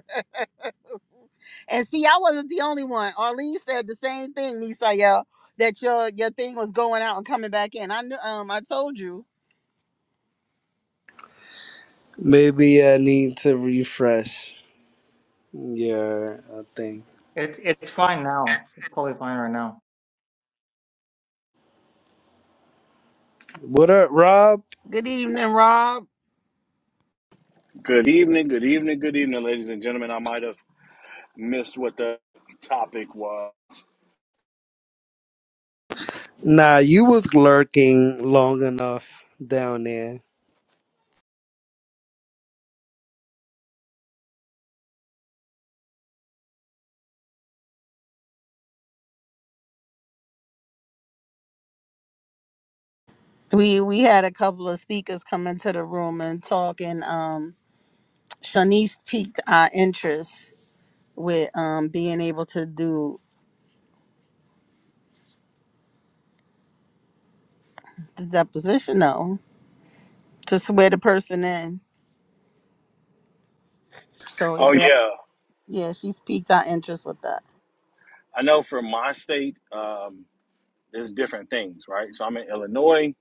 And see, I wasn't the only one. Arlene said the same thing, Misael, that your your thing was going out and coming back in. I knew. Um, I told you. Maybe I need to refresh. Yeah, I think. It's it's fine now. It's totally fine right now. What up, Rob? Good evening, Rob. Good evening, good evening, good evening, ladies and gentlemen. I might have missed what the topic was. Nah, you was lurking long enough down there. We we had a couple of speakers come into the room and talk, and um, Shanice piqued our interest with um being able to do the deposition, though, to swear the person in. So Oh, it, that, yeah. yeah, she's piqued our interest with that. I know for my state, um, there's different things, right? So I'm in Illinois,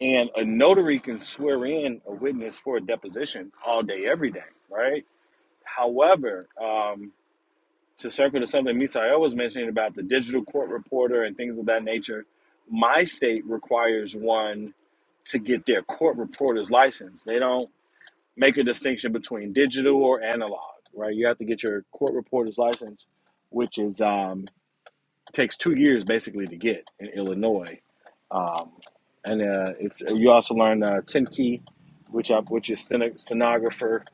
and a notary can swear in a witness for a deposition all day, every day, right? However, um, to circle to something Misael was mentioning about the digital court reporter and things of that nature, my state requires one to get their court reporter's license. They don't make a distinction between digital or analog, right? You have to get your court reporter's license, which is um, takes two years basically to get in Illinois, um, and uh, it's you also learn uh, ten key, which I, which is steno- stenographer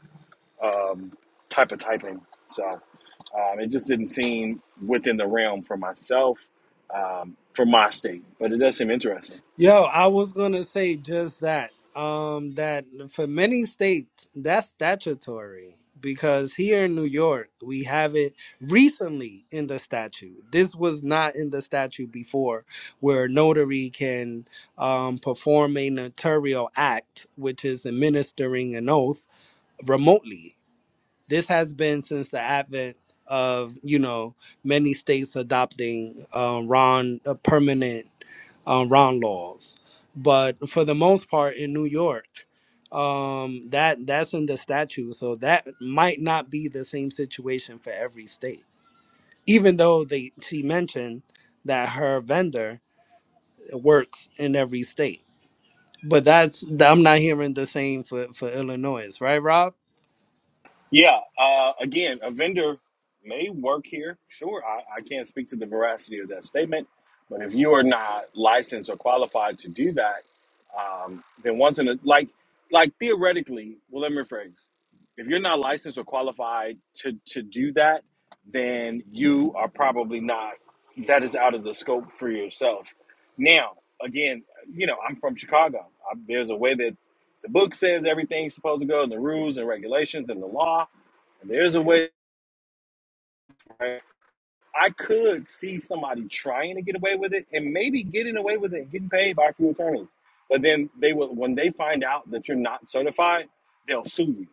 um, type of typing. So um, it just didn't seem within the realm for myself, um, for my state, but it does seem interesting. Yo, I was gonna say just that. Um, that for many states that's statutory because here in New York we have it recently in the statute. This was not in the statute before, where a notary can um, perform a notarial act, which is administering an oath remotely. This has been since the advent of you know many states adopting um, Ron uh, permanent um, Ron laws, but for the most part in New York, um, that that's in the statute. So that might not be the same situation for every state, even though they she mentioned that her vendor works in every state. But that's I'm not hearing the same for for Illinois, right, Rob? Yeah. Uh, again, a vendor may work here. Sure, I, I can't speak to the veracity of that statement, but if you are not licensed or qualified to do that, um, then once in a like, like theoretically, well, let me rephrase. If you're not licensed or qualified to to do that, then you are probably not. That is out of the scope for yourself. Now, again, you know, I'm from Chicago. I, there's a way that the book says everything's supposed to go, and the rules and regulations and the law and There's a way right? I could see somebody trying to get away with it and maybe getting away with it and getting paid by a few attorneys. But then they will when they find out that you're not certified, they'll sue you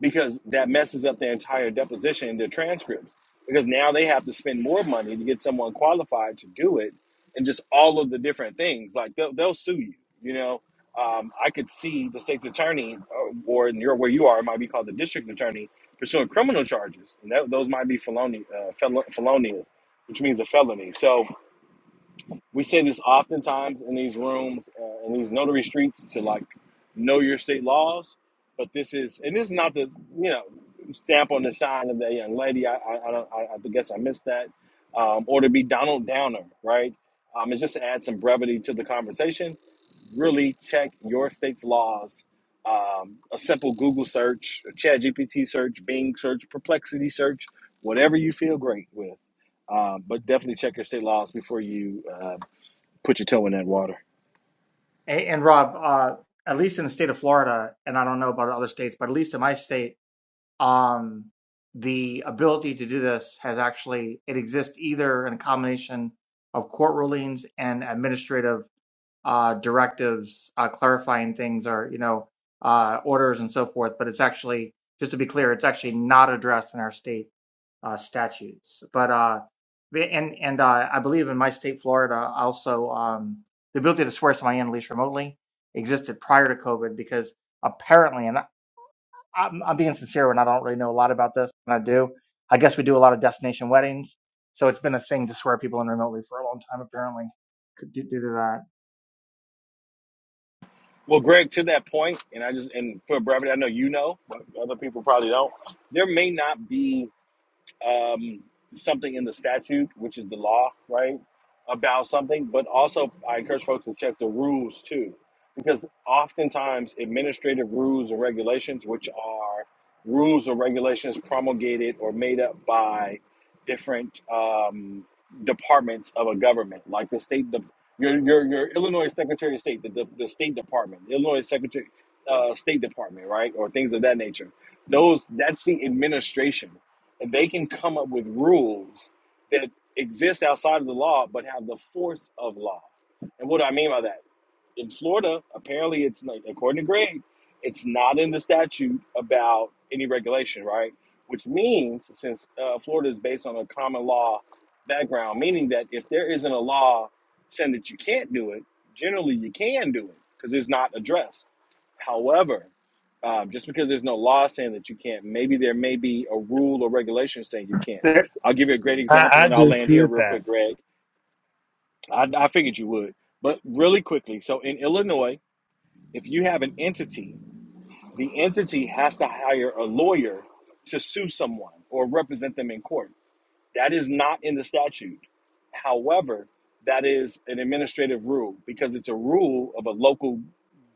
because that messes up their entire deposition and their transcripts. Because now they have to spend more money to get someone qualified to do it, and just all of the different things. Like they'll, they'll sue you. You know, um, I could see the state's attorney, uh, or in your where you are, it might be called the district attorney, pursuing criminal charges, and that, those might be felony, uh, fel- felonious, which means a felony. So we say this oftentimes in these rooms, uh, in these notary streets, to like know your state laws. But this is, and this is not the you know stamp on the shine of that young lady. I I, I, don't, I, I guess I missed that, um, or to be Donald Downer, right? Um, it's just to add some brevity to the conversation. Really check your state's laws. Um, a simple Google search, a Chat search, Bing search, Perplexity search, whatever you feel great with. Um, but definitely check your state laws before you uh, put your toe in that water. And, and Rob, uh, at least in the state of Florida, and I don't know about other states, but at least in my state, um, the ability to do this has actually it exists either in a combination of court rulings and administrative uh, directives, uh, clarifying things, or you know, uh, orders and so forth. But it's actually, just to be clear, it's actually not addressed in our state uh, statutes. But uh, and and uh, I believe in my state, Florida, also um, the ability to swear somebody in at least remotely existed prior to COVID because apparently, and I, I'm, I'm being sincere when I don't really know a lot about this, and I do. I guess we do a lot of destination weddings, so it's been a thing to swear people in remotely for a long time. Apparently, due due to that. Well, Greg, to that point, and I just and for brevity, I know you know, but other people probably don't. There may not be um, something in the statute, which is the law, right, about something. But also, I encourage folks to check the rules too, because oftentimes administrative rules or regulations, which are rules or regulations promulgated or made up by different um, departments of a government, like the state, the your, your, your Illinois Secretary of State, the, the, the State Department, the Illinois Secretary, uh, State Department, right, or things of that nature. Those that's the administration, and they can come up with rules that exist outside of the law but have the force of law. And what do I mean by that? in Florida, apparently it's not, according to Greg, it's not in the statute about any regulation, right? Which means, since uh, Florida is based on a common law background, meaning that if there isn't a law saying that you can't do it, generally you can do it because it's not addressed. However, um, just because there's no law saying that you can't, maybe there may be a rule or regulation saying you can't. There, I'll give you a great I, example I and I'll land here dispute real that. quick, Greg. I, I figured you would. But really quickly, so in Illinois, if you have an entity, the entity has to hire a lawyer to sue someone or represent them in court. That is not in the statute. However, that is an administrative rule because it's a rule of a local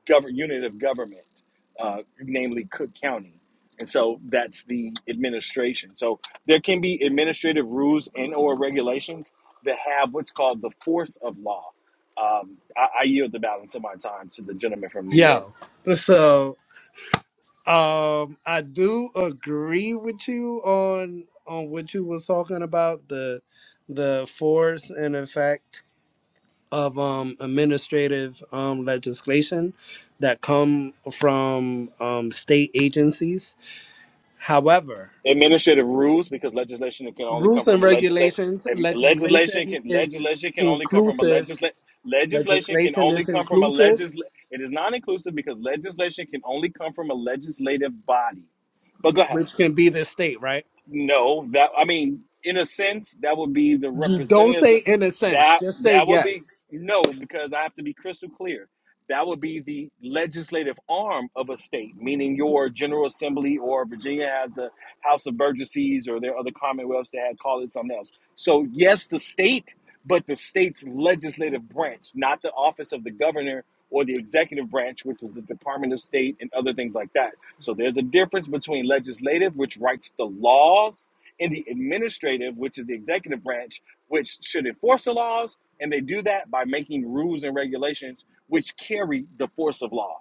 govern unit of government, uh, namely Cook County. And so that's the administration. So there can be administrative rules and or regulations that have what's called the force of law. Um, I, I yield the balance of my time to the gentleman from New York. Yo, so um, I do agree with you on on what you was talking about the the force and effect of um administrative um legislation that come from um state agencies. However, administrative rules because legislation can only come rules and from a legislate regulations and legislation legislation can is legislation can only come from a inclusive. legislate legislation can Legislation only is come from a inclusive, legis it is is inclusive because legislation can only come from a legislative body but go ahead which can be the state, right? no, that I mean, in a sense, that would be the You don't representatives. say in a sense, That just say that would yes. be no, because I have to be crystal clear. That would be the legislative arm of a state, meaning your General Assembly or Virginia has a House of Burgesses or there are other commonwealths that had called it something else. So yes, the state, but the state's legislative branch, not the office of the governor or the executive branch, which is the Department of State and other things like that. So there's a difference between legislative, which writes the laws, and the administrative, which is the executive branch, which should enforce the laws. And they do that by making rules and regulations which carry the force of law.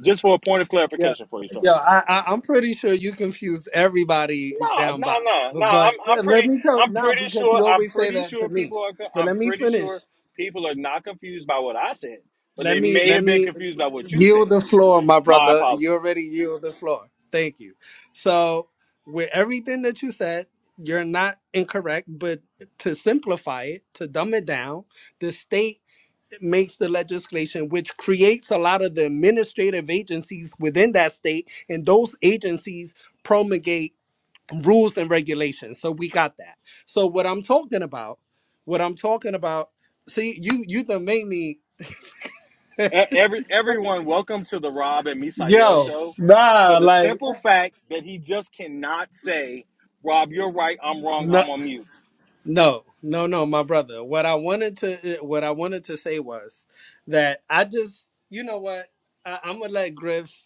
Just for a point of Yeah, clarification for you, sir. yeah. I, I I'm pretty sure you confused everybody No, down no, bottom. no, But, no. I'm, but I'm yeah, let pretty, me tell I'm now pretty because sure, you I'm always say pretty that to sure me. people are, co- But I'm let me pretty finish. sure people are not confused by what I said, but Let they me may let have been me confused by what you yield said. the floor, my My brother. apologies. You already yield the floor. Thank you. So with everything that you said, you're not incorrect. But to simplify it, to dumb it down, the state makes the legislation, which creates a lot of the administrative agencies within that state, and those agencies promulgate rules and regulations. So we got that. So what I'm talking about, what I'm talking about, see, you you done made me E- Every everyone, welcome to the Rob and Misael yo show. nah For the like simple fact that he just cannot say, "Rob, you're right. I'm [laughs] wrong. no I'm on mute." no no no my brother. What I wanted to eh, what I wanted to say was that I just you know what I, I'm gonna let Griff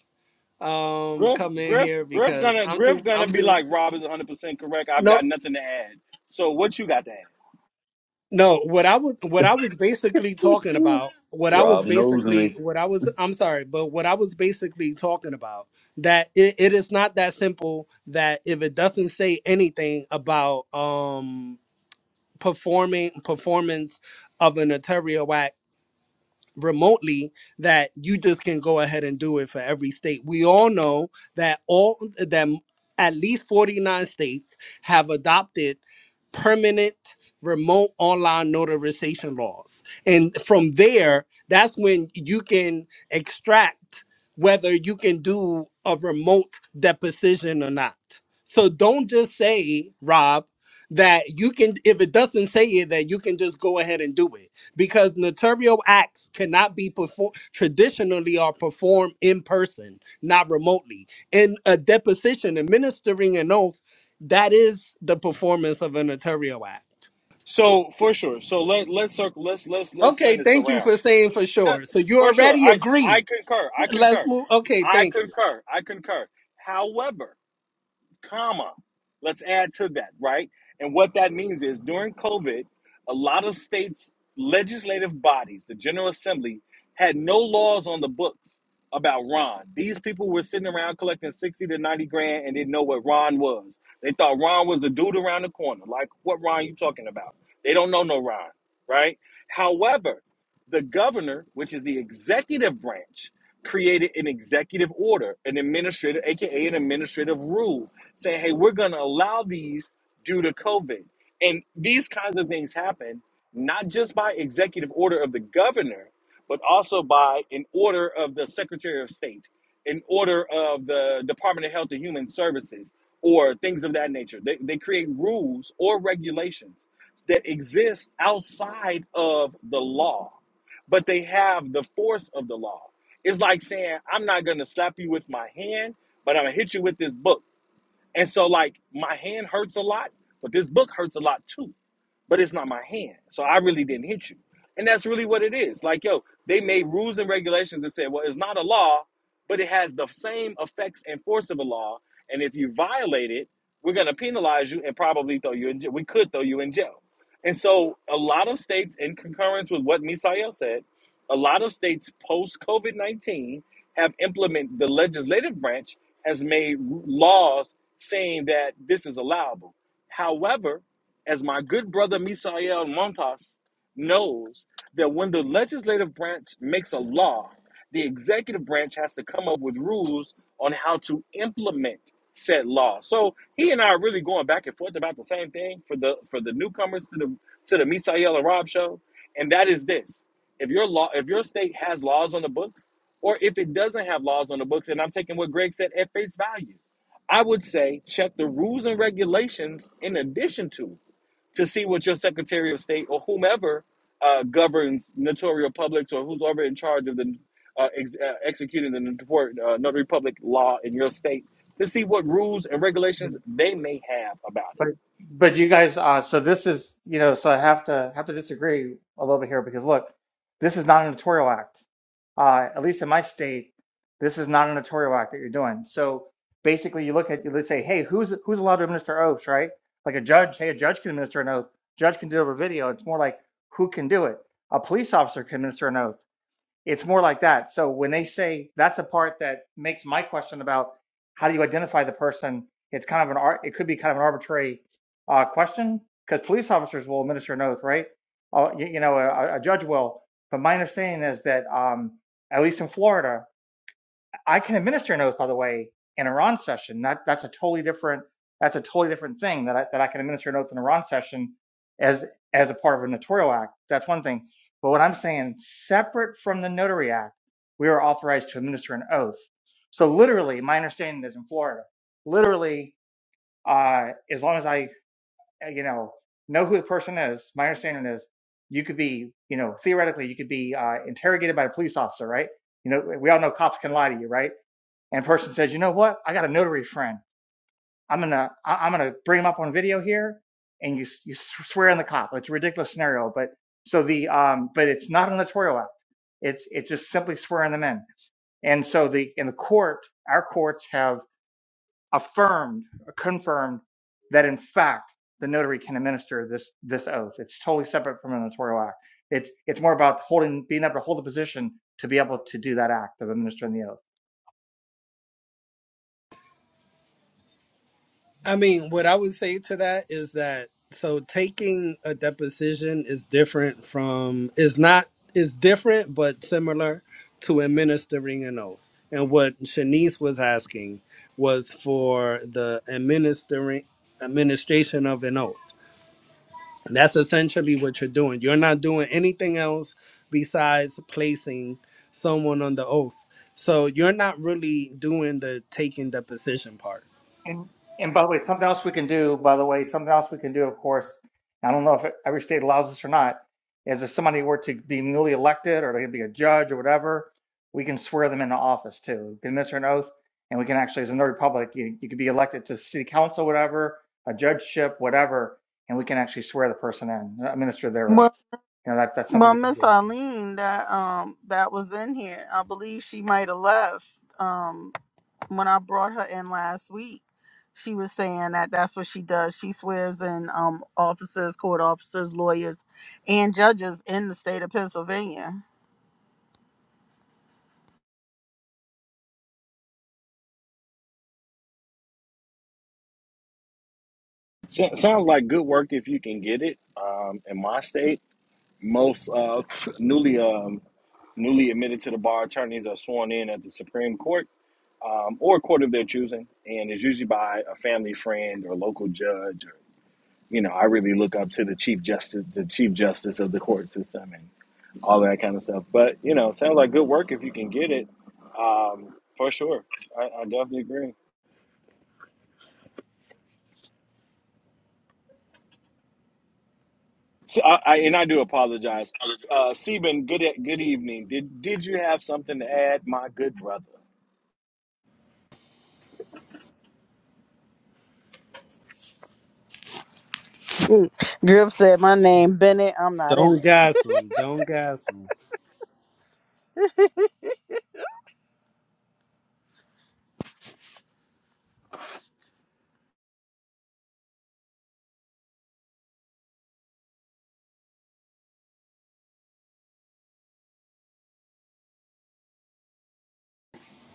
um Griff, come in Griff, here Griff because gonna I'm Griff just gonna I'm be just like, "Rob is 100 percent correct. I've got no nothing to add." So what you got to add? No, what I was what I was basically talking about, what I was Rob knows me basically what I was I'm sorry, but what I was basically talking about that it, it is not that simple that if it doesn't say anything about um performing performance of an notarial act remotely that you just can go ahead and do it for every state. We all know that all that at least 49 states have adopted permanent remote online notarization laws. And from there, that's when you can extract whether you can do a remote deposition or not. So don't just say, Rob, that you can if it doesn't say it that you can just go ahead and do it because notarial acts cannot be performed traditionally or performed in person, not remotely. In a deposition, administering an oath, that is the performance of a notarial act. So for sure. So let let's circle. Let's let's let's Okay, turn this thank you around. for saying for sure. Not So you for sure. already I I agreed. concur. I Let's concur. move. Okay, thank I you. concur. I concur. However. comma. Let's add to that, right? And what that means is during COVID, a lot of states' legislative bodies, the General Assembly, had no laws on the books about Ron. These people were sitting around collecting 60 to 90 grand and didn't know what Ron was. They thought Ron was a dude around the corner. Like, what Ron you talking about? They don't know no Ron, right? However, the governor, which is the executive branch, created an executive order, an administrative, aka an administrative rule saying, hey, we're going to allow these due to COVID. And these kinds of things happen not just by executive order of the governor, but also by an order of the Secretary of State, an order of the Department of Health and Human Services, or things of that nature. They, they create rules or regulations that exist outside of the law, but they have the force of the law. It's like saying, I'm not going to slap you with my hand, but I'm going to hit you with this book and so like my hand hurts a lot, but this book hurts a lot too but it's not my hand. So I really didn't hit you. And that's really what it is. Like, yo, they made rules and regulations that said, well, it's not a law, but it has the same effects and force of a law. And if you violate it, we're going to penalize you and probably throw you in jail. We could throw you in jail. And so a lot of states, in concurrence with what Misael said, a lot of states post COVID 19 have implemented the legislative branch has made laws saying that this is allowable. However, as my good brother Misael Montas knows, that when the legislative branch makes a law, the executive branch has to come up with rules on how to implement said law. So he and I are really going back and forth about the same thing for the for the newcomers to the to the Misael and Rob show, and that is this: if your law, if your state has laws on the books, or if it doesn't have laws on the books, and I'm taking what Greg said at face value, I would say check the rules and regulations in addition to to see what your Secretary of State or whomever uh, governs notarial publics or who's over in charge of the uh, ex- uh, executing the notary, uh, notary public law in your state to see what rules and regulations they may have about it. But but you guys, uh, so this is you know, so I have to have to disagree a little bit here because look, this is not a notarial act. Uh, at least in my state, this is not a notarial act that you're doing. So basically, you look at let's say, hey, who's who's allowed to administer oaths, right? Like a judge, hey, a judge can administer an oath. Judge can do it over video. It's more like who can do it. A police officer can administer an oath it's more like that. So when they say that's the part that makes my question about how do you identify the person, it's kind of an it could be kind of an arbitrary uh, question because police officers will administer an oath, right? Uh, you, you know, a, a judge will. But my understanding is that um, at least in Florida, I can administer an oath, by the way, in a Ron session. That that's a totally different that's a totally different thing that I, that I can administer an oath in a Ron session as as a part of a notarial act. That's one thing. But what I'm saying, separate from the notary act, we are authorized to administer an oath. So literally, my understanding is in Florida, literally, uh, as long as I uh, you know know who the person is, my understanding is you could be you know theoretically you could be uh, interrogated by a police officer, right? You know, we all know cops can lie to you, right? and a person says, you know what? I got a notary friend. I'm gonna I- I'm am going to bring him up on video here, and you you swear on the cop. It's a ridiculous scenario, but so the um but it's not a notarial act. It's it's just simply swearing them in. And so the in the court, our courts have affirmed, confirmed that in fact the notary can administer this this oath. It's totally separate from a notarial act. It's it's more about holding being able to hold the position to be able to do that act of administering the oath. I mean, what I would say to that is that so taking a deposition is different from is not is different but similar to administering an oath. And what Shanice was asking was for the administering administration of an oath. That's essentially what you're doing. You're not doing anything else besides placing someone on the oath. So you're not really doing the taking deposition part. And and by the way, it's something else we can do, by the way, it's something else we can do, of course, I don't know if every state allows this or not, is if somebody were to be newly elected or they could be a judge or whatever, we can swear them into office too. We can administer an oath and we can actually, as a Notary Public, you, you could be elected to city council, whatever, a judgeship, whatever, and we can actually swear the person in, administer their Well, oath. You know, that, that's something well, we can Miss do. Arlene, that um that was in here. I believe she might have left. Um, when I brought her in last week, she was saying that that's what she does. She swears in um, officers, court officers, lawyers, and judges in the state of Pennsylvania. So, sounds like good work if you can get it. Um, in my state, most uh, [laughs] newly um, newly admitted to the bar attorneys are sworn in at the Supreme Court um, or a court of their choosing, and it's usually by a family friend or local judge or you know, I really look up to the chief justice, the chief justice of the court system, and all that kind of stuff. But you know, sounds like good work if you can get it, um, for sure. I, I definitely agree. So, I, I, and I do apologize, uh, Seben. Good e- good evening. Did did you have something to add, my good brother? Griff said, "My name Bennett. I'm not in Don't it." gas them. Don't gas them.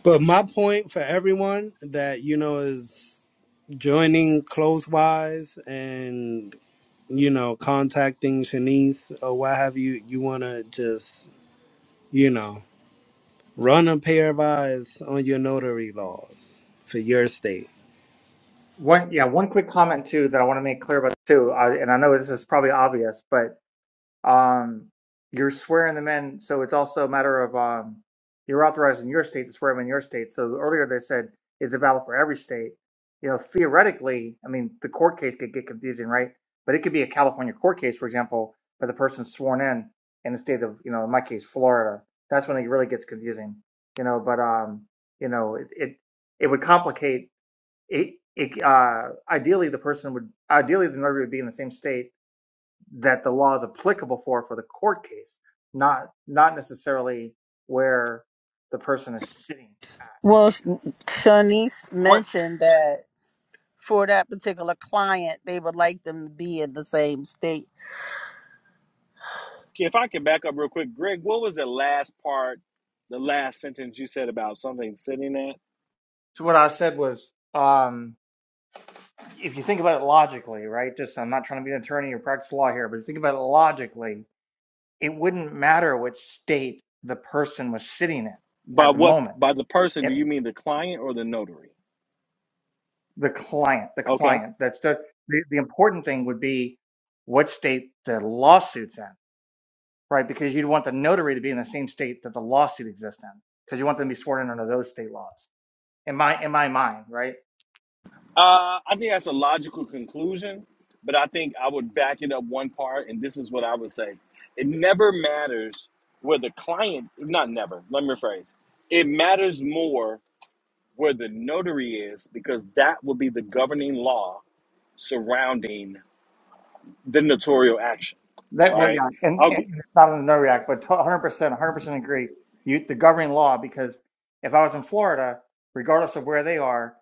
But my point for everyone that you know is joining close wise and you know contacting Shanice or what have you. You want to just you know run a pair of eyes on your notary laws for your state. One, yeah, one quick comment too that I want to make clear about too, I, and I know this is probably obvious, but um, you're swearing them in. So it's also a matter of um, you're authorized in your state to swear them in your state. So earlier they said, is it valid for every state? You know, theoretically, I mean, the court case could get confusing, right? But it could be a California court case, for example, where the person's sworn in in the state of, you know, in my case, Florida. That's when it really gets confusing, you know. But um, you know, it it, it would complicate it. It uh, ideally the person would ideally the notary would be in the same state that the law is applicable for for the court case, not not necessarily where the person is sitting at. Well, Sh- Shanice What mentioned that for that particular client, they would like them to be in the same state. if I can back up real quick, Greg? What was the last part, the last sentence you said about something sitting at? So what I said was, um, if you think about it logically, right? Just I'm not trying to be an attorney or practice law here, but if you think about it logically, it wouldn't matter which state the person was sitting in By at the what moment. by the person? Do It, you mean the client or the notary? the client, the Okay. client. That's the, the the important thing would be what state the lawsuit's in right? Because you'd want the notary to be in the same state that the lawsuit exists in, because you want them to be sworn in under those state laws. In my in my mind, right? Uh, I think that's a logical conclusion, but I think I would back it up one part, and this is what I would say. It never matters where the client, not never, let me rephrase. It matters more where the notary is because that will be the governing law surrounding the notarial action, That well, right? yeah, and, and it's not in the Notary Act, but 100 percent, 100 percent agree. You the governing law, because if I was in Florida, regardless of where they are,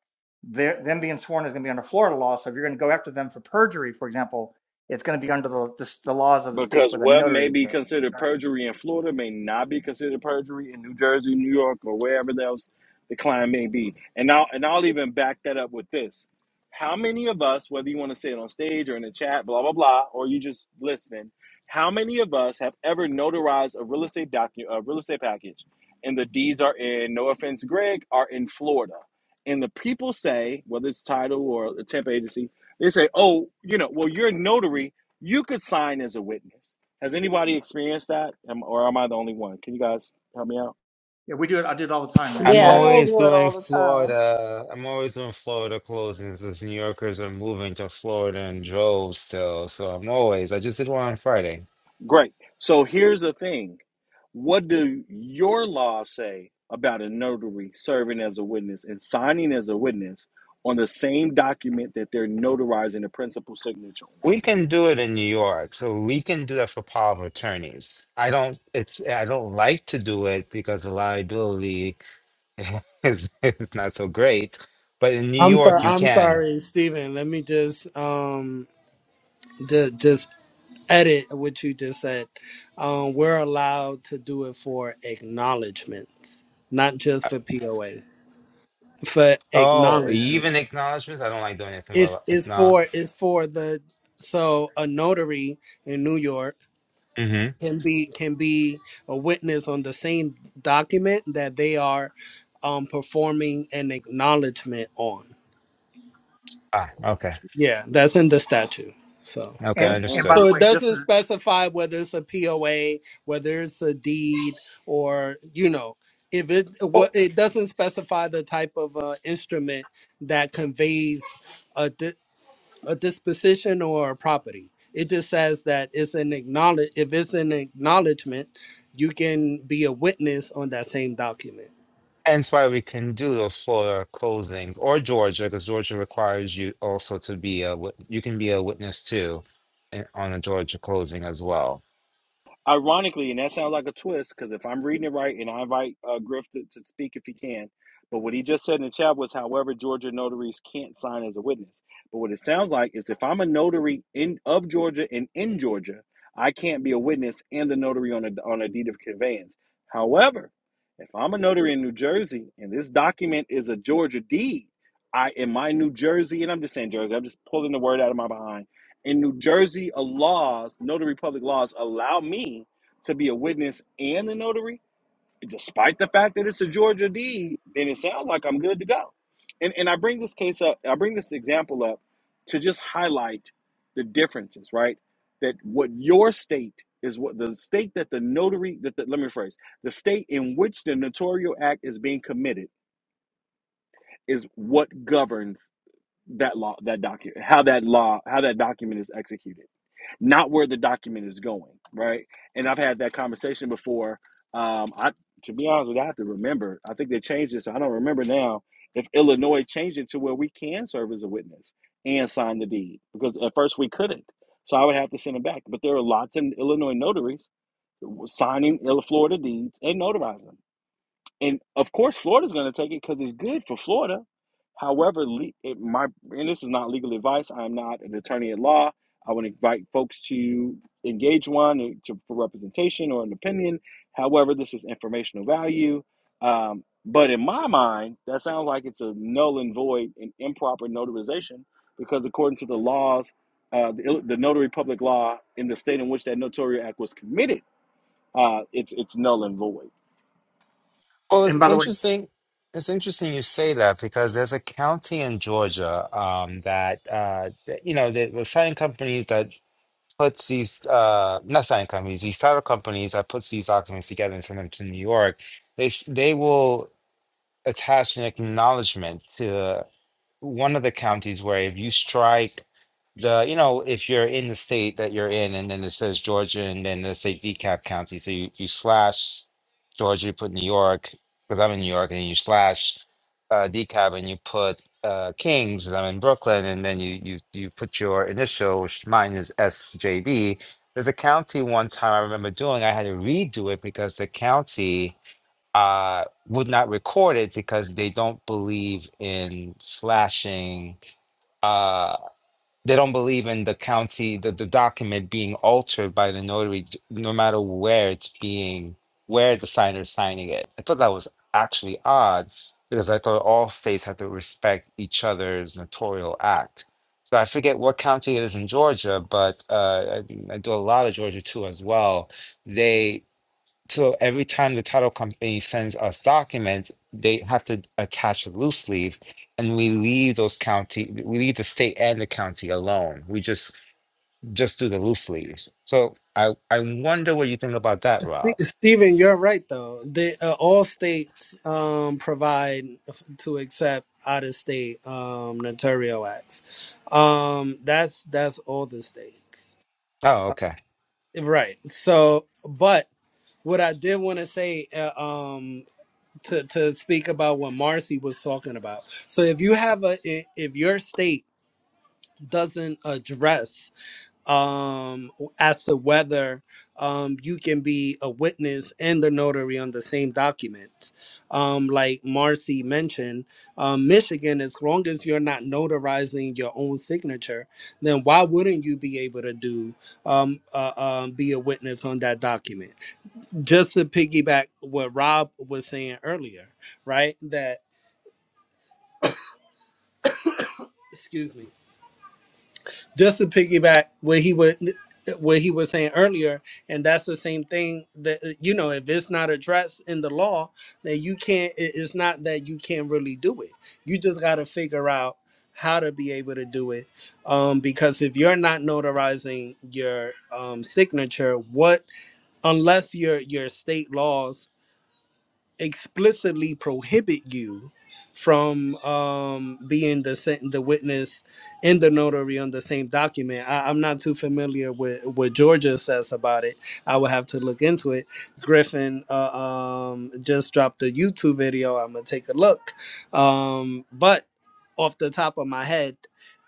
their- them being sworn is going to be under Florida law. So if you're going to go after them for perjury, for example, it's going to be under the, the the laws of the state Because where the what notary may be exists. considered Exactly. perjury in Florida may not be considered perjury in New Jersey, New York, or wherever else the client may be. And I'll and I'll even back that up with this. How many of us, whether you want to say it on stage or in the chat, blah blah blah, or you just listening, how many of us have ever notarized a real estate document, a real estate package, and the deeds are in, no offense, Greg, are in Florida, and the people say, whether it's title or a temp agency, they say, oh, you know, well, you're a notary you could sign as a witness. Has anybody experienced that? Am, or am I the only one? Can you guys help me out? Yeah, we do it. I do it all the time, man. I'm Yeah. Yeah, they Well, always do it doing all the time. Florida. I'm always doing Florida closings because New Yorkers are moving to Florida in droves still. So I'm always, I just did one on Friday. great. So here's the thing what do your laws say about a notary serving as a witness and signing as a witness on the same document that they're notarizing the principal signature on? We can do it in New York. So we can do that for power of attorneys. I don't, it's, I don't like to do it because the liability [laughs] is, is not so great. But in New I'm sorry. York, you I'm can. sorry, Stephen. Let me just um just. edit what you just said. Um, we're allowed to do it for acknowledgments, not just for POAs. For Oh, acknowledgement, even acknowledgments? I don't like doing anything it's about it's acknowledge. for it's for the so a notary in New York Mm-hmm. can be can be a witness on the same document that they are um, performing an acknowledgement on. Ah, okay. Yeah, that's in the statute. So. Okay, And, And and and by So understood. the it way, just doesn't specify whether it's a POA, whether it's a deed, or you know, if it Well, what it doesn't specify the type of uh, instrument that conveys a di- a disposition or a property. It just says that it's an acknowledge if it's an acknowledgement, you can be a witness on that same document. Hence why we can do those Florida closings or Georgia, because Georgia requires you also to be a, wit- you can be a witness too in- on a Georgia closing as well. Ironically, and that sounds like a twist, because if I'm reading it right, and I invite uh, Griff to, to speak if he can, but what he just said in the chat was, however, Georgia notaries can't sign as a witness. But what it sounds like is, if I'm a notary in of Georgia and in Georgia, I can't be a witness and the notary on a on a deed of conveyance. However, if I'm a notary in New Jersey and this document is a Georgia deed, I am my New Jersey, and I'm just saying Jersey, I'm just pulling the word out of my behind in New Jersey, a laws, notary public laws, allow me to be a witness and a notary, despite the fact that it's a Georgia deed, then it sounds like I'm good to go. And and I bring this case up, I bring this example up to just highlight the differences, right? That what your state is what the state that the notary that the, let me rephrase the state in which the notarial act is being committed is what governs that law that document how that law how that document is executed not where the document is going, right? And I've had that conversation before. Um, I, to be honest with you, I have to remember. I think they changed this. I don't remember now if Illinois changed it to where we can serve as a witness and sign the deed because at first we couldn't. So I would have to send them back. But there are lots of Illinois notaries signing Florida deeds and notarizing them and of course Florida's going to take it because it's good for Florida. However, le- it, my and this is not legal advice. I'm not an attorney at law. I would invite folks to engage one to, for representation or an opinion. However, this is informational value. Um, but in my mind, that sounds like it's a null and void and improper notarization because according to the laws, uh, the, the notary public law in the state in which that notarial act was committed, uh, it's it's null and void. Well, and it's by the way. interesting. It's interesting you say that because there's a county in Georgia um, that, uh, that, you know, there were signing companies that puts these, uh, not signing companies, these title companies that puts these documents together and send them to New York. They, s- they will attach an acknowledgement to. one of the counties where if you strike the, you know, if you're in the state that you're in and then it says Georgia and then let's say DeKalb County, so you, you slash Georgia, you put New York, because I'm in New York, and you slash uh, DeKalb and you put uh, Kings, 'cause I'm in Brooklyn, and then you you you put your initial, which mine is SJB. There's a county one time I remember doing, I had to redo it because the county uh, would not record it because they don't believe in slashing. Uh, they don't believe in the county, the, the document being altered by the notary, j- no matter where it's being, where the signer is signing it. I thought that was actually odd because I thought all states had to respect each other's notarial act. So I forget what county it is in Georgia, but uh, I, I do a lot of Georgia too as well. They so every time the title company sends us documents, they have to attach a loose sleeve, and we leave those county, we leave the state and the county alone. We just just do the loose leaves. So I I wonder what you think about that, Rob. Stephen, you're right though. They, uh, all states um, provide f- to accept out of state um, notarial acts. Um, that's that's all the states, Oh, uh, okay. right? So, but what I did want to say uh, um, to to speak about what Marcy was talking about. So, if you have a i- if your state doesn't address um as to whether um you can be a witness and the notary on the same document um like marcy mentioned um michigan as long as you're not notarizing your own signature then why wouldn't you be able to do um, uh, um be a witness on that document just to piggyback what rob was saying earlier right that excuse me just to piggyback what he would what he was saying earlier and that's the same thing that uh, you know if it's not addressed in the law then you can't it- it's not that you can't really do it you just got to figure out how to be able to do it um, because if you're not notarizing your um, signature what unless your your state laws explicitly prohibit you from um, being the sen- the witness and the notary on the same document. I, I'm not too familiar with what Georgia says about it. I would have to look into it. Griffin uh, um, just dropped a YouTube video. I'm gonna take a look. Um, but off the top of my head,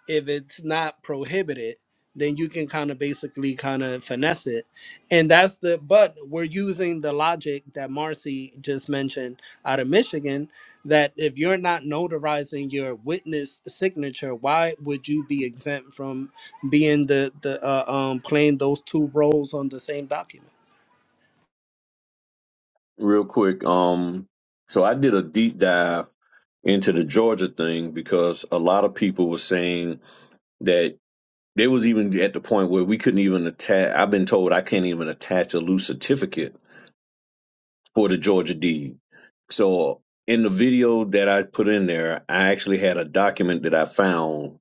if it's not prohibited, then you can kind of basically kind of finesse it and that's the but we're using the logic that Marcy just mentioned out of Michigan that if you're not notarizing your witness signature, why would you be exempt from being the the uh, um playing those two roles on the same document? real quick. Um, so I did a deep dive into the Georgia thing because a lot of people were saying that they was even at the point where we couldn't even attach. I've been told I can't even attach a loose certificate for the Georgia deed. So in the video that I put in there, I actually had a document that I found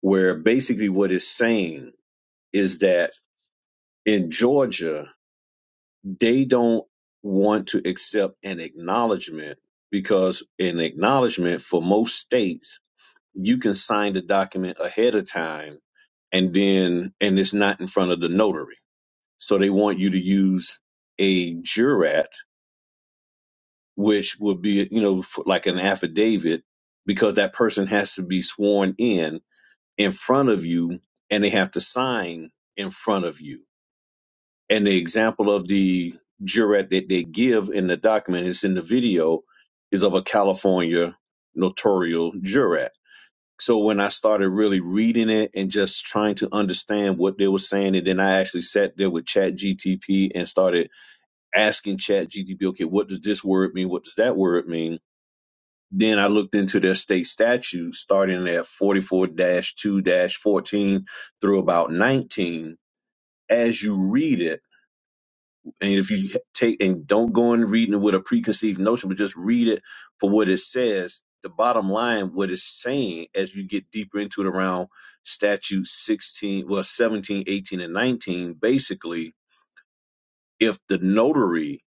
where basically what it's saying is that in Georgia they don't want to accept an acknowledgement because an acknowledgement for most states you can sign the document ahead of time and then and it's not in front of the notary so they want you to use a jurat which would be you know f- like an affidavit because that person has to be sworn in in front of you and they have to sign in front of you And the example of the jurat that they give in the document, it's in the video, is of a California notarial jurat. So when I started really reading it and just trying to understand what they were saying, and then I actually sat there with Chat GTP and started asking Chat GTP, okay, what does this word mean? What does that word mean? Then I looked into their state statutes starting at 44 2 14 through about 19. As you read it, And if you take and don't go in reading it with a preconceived notion, but just read it for what it says, the bottom line, what it's saying as you get deeper into it around statute 16, well, 17, 18, and 19, basically, if the notary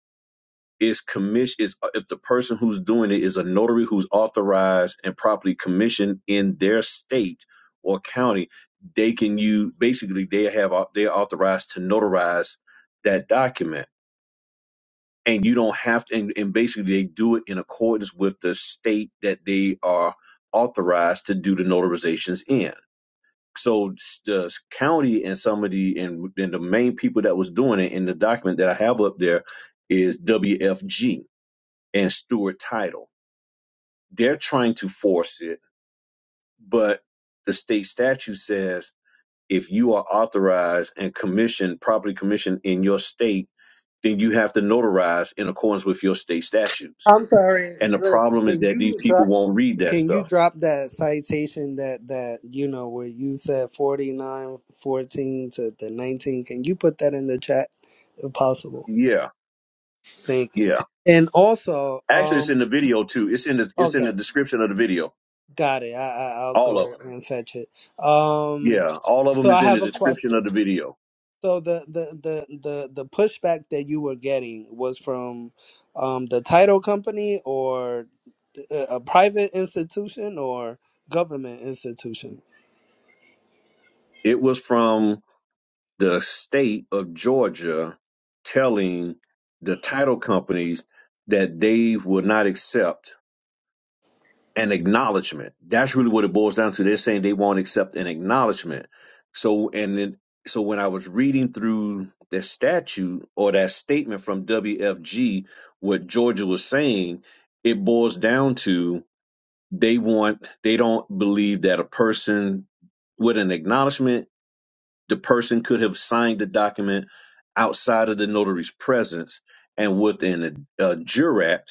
is commissioned, is if the person who's doing it is a notary who's authorized and properly commissioned in their state or county, they can use basically they have au- they're authorized to notarize that document and you don't have to and, and basically they do it in accordance with the state that they are authorized to do the notarizations in so s- the s- county and some of the and, and the main people that was doing it in the document that i have up there is wfg and stewart title they're trying to force it but the state statute says if you are authorized and commissioned properly commissioned in your state then you have to notarize in accordance with your state statutes I'm sorry, And the Griff. problem is Can that these you people drop? won't read that Can you stuff. drop that citation that that you know where you said forty nine fourteen to the nineteen? Can you put that in the chat if possible? Yeah, Thank you. yeah. And also, Actually, it's um, in the video too. It's in the it's in the okay, description of the video. got it. I, I I'll All of go them. and fetch it. Um, Yeah, all of them so I is in the have a description of question. the video. So the the the the the pushback that you were getting was from um the title company or a a private institution or government institution? It was from the state of Georgia telling the title companies that they would not accept an acknowledgement. That's really what it boils down to. They're saying they won't accept an acknowledgement. So and then so when I was reading through that statute or that statement from WFG, what Georgia was saying, it boils down to they want they don't believe that a person with an acknowledgement, the person could have signed the document outside of the notary's presence and within a, a jurat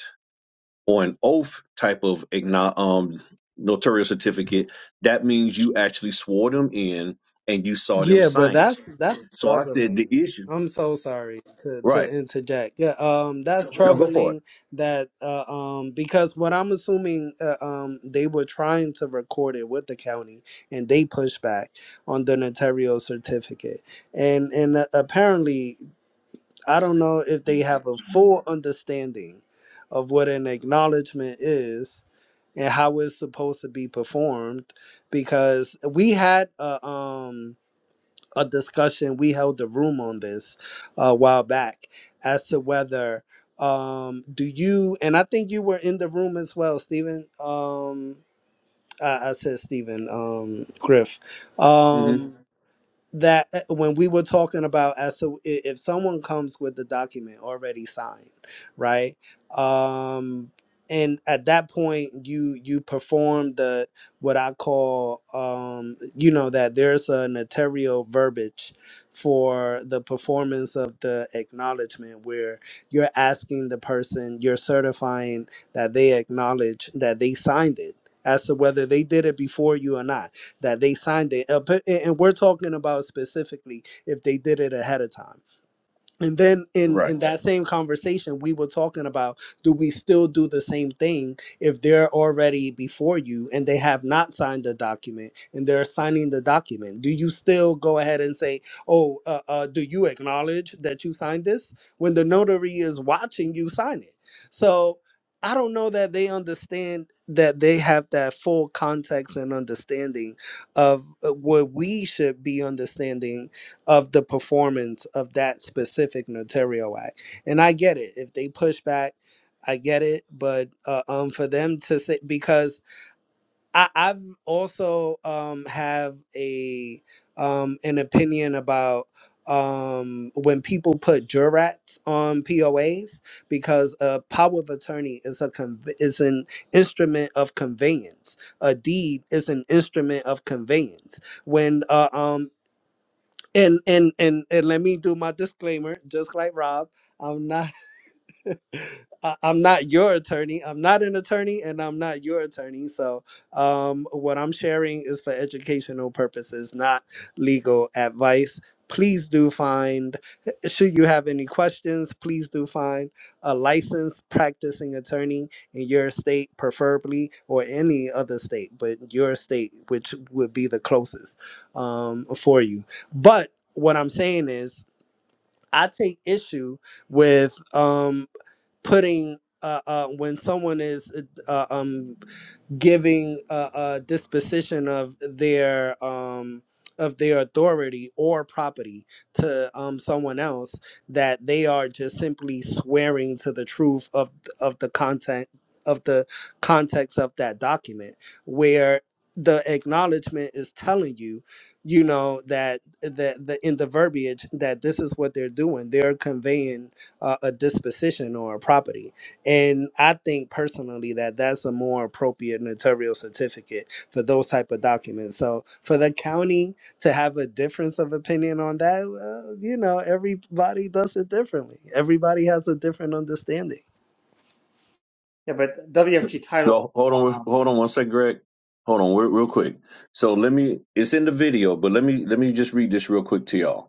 or an oath type of igno- um, notarial certificate, that means you actually swore them in and you saw them Yeah, but sign it. that's that's So I said the troubling. issue. I'm so sorry to to Right. interject. Yeah, um, that's No, go for troubling that uh, um because what I'm assuming uh, um they were trying to record it with the county and they pushed back on the notarial certificate and and uh, apparently I don't know if they it. have a full understanding of what an acknowledgement is and how it's supposed to be performed because we had uh, um a discussion. We held a room on this uh, a while back as to whether um, do you and I think you were in the room as well, Stephen. Um, I, I said Stephen um, Griff. hmm Um, that uh, when we were talking about as to i- if someone comes with the document already signed right um and at that point you you perform the what i call um you know that there's a notarial verbiage for the performance of the acknowledgement where you're asking the person you're certifying that they acknowledge that they signed it as to whether they did it before you or not that they signed it. Uh, but- And and we're talking about specifically if they did it ahead of time and then in Right. in that same conversation we were talking about do we still do the same thing if they're already before you and they have not signed the document and they're signing the document do you still go ahead and say oh uh, uh, do you acknowledge that you signed this when the notary is watching you sign it so i don't know that they understand that they have that full context and understanding of uh, what we should be understanding of the performance of that specific notarial act. And I get it. If they push back, I get it. But uh, um, for them to say, because I, I've also um, have a um, an opinion about um, when people put jurats on POAs because a power of attorney is a conv- is an instrument of conveyance. A deed is an instrument of conveyance when uh, um and and and and let me do my disclaimer, just like Rob. I'm not I, I'm not your attorney. I'm not an attorney, and I'm not your attorney. So, um, what I'm sharing is for educational purposes, not legal advice. Please do find, should you have any questions, please do find a licensed practicing attorney in your state, preferably, or any other state, but your state, which would be the closest um, for you. But what I'm saying is, I take issue with. Um, putting uh, uh, when someone is uh, um, giving a, a disposition of their um of their authority or property to um someone else that they are just simply swearing to the truth of of the content of the context of that document where the acknowledgement is telling you you know that that the in the verbiage that this is what they're doing they're conveying uh, a disposition or a property and i think personally that that's a more appropriate notarial certificate for those type of documents so for the county to have a difference of opinion on that well, you know everybody does it differently everybody has a different understanding Yeah, but WFG title. Go. Hold on. Um, Hold on one second, Greg. Hold on, real, real quick. So let me. It's in the video, but let me let me just read this real quick to y'all.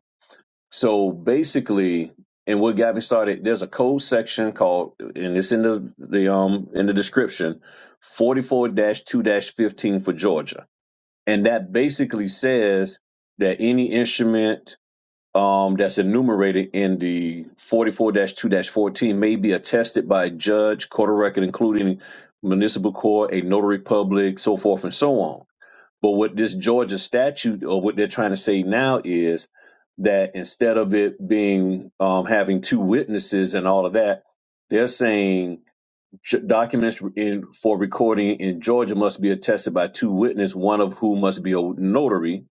So basically, and what got me started, there's a code section called, and it's in the, the um in the description, 44-2-15 for Georgia, and that basically says that any instrument um that's enumerated in the 44-2-14 may be attested by a judge, court of record, including municipal court, a notary public, so forth and so on. But what this Georgia statute, or what they're trying to say now, is that instead of it being um, having two witnesses and all of that, they're saying j- documents in, for recording in Georgia must be attested by two witnesses, one of whom must be a notary.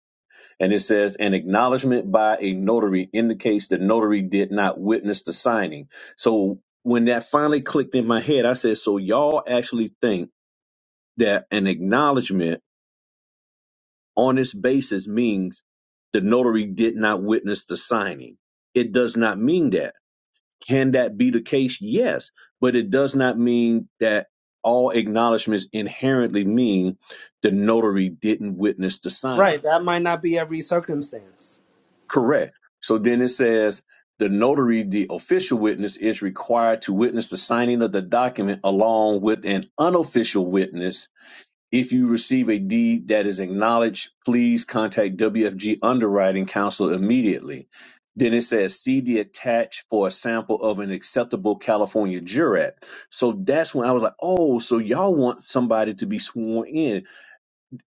And it says an acknowledgement by a notary indicates the notary did not witness the signing. So when that finally clicked in my head, I said, "So y'all actually think that an acknowledgment." on its basis means the notary did not witness the signing. It does not mean that. Can that be the case? Yes, but it does not mean that all acknowledgments inherently mean the notary didn't witness the right signing. that might not be every circumstance Correct. So then it says the notary, the official witness, is required to witness the signing of the document along with an unofficial witness If you receive a deed that is acknowledged, please contact WFG Underwriting Counsel immediately. Then it says, see the attached for a sample of an acceptable California jurat. So that's when I was like, oh, so y'all want somebody to be sworn in.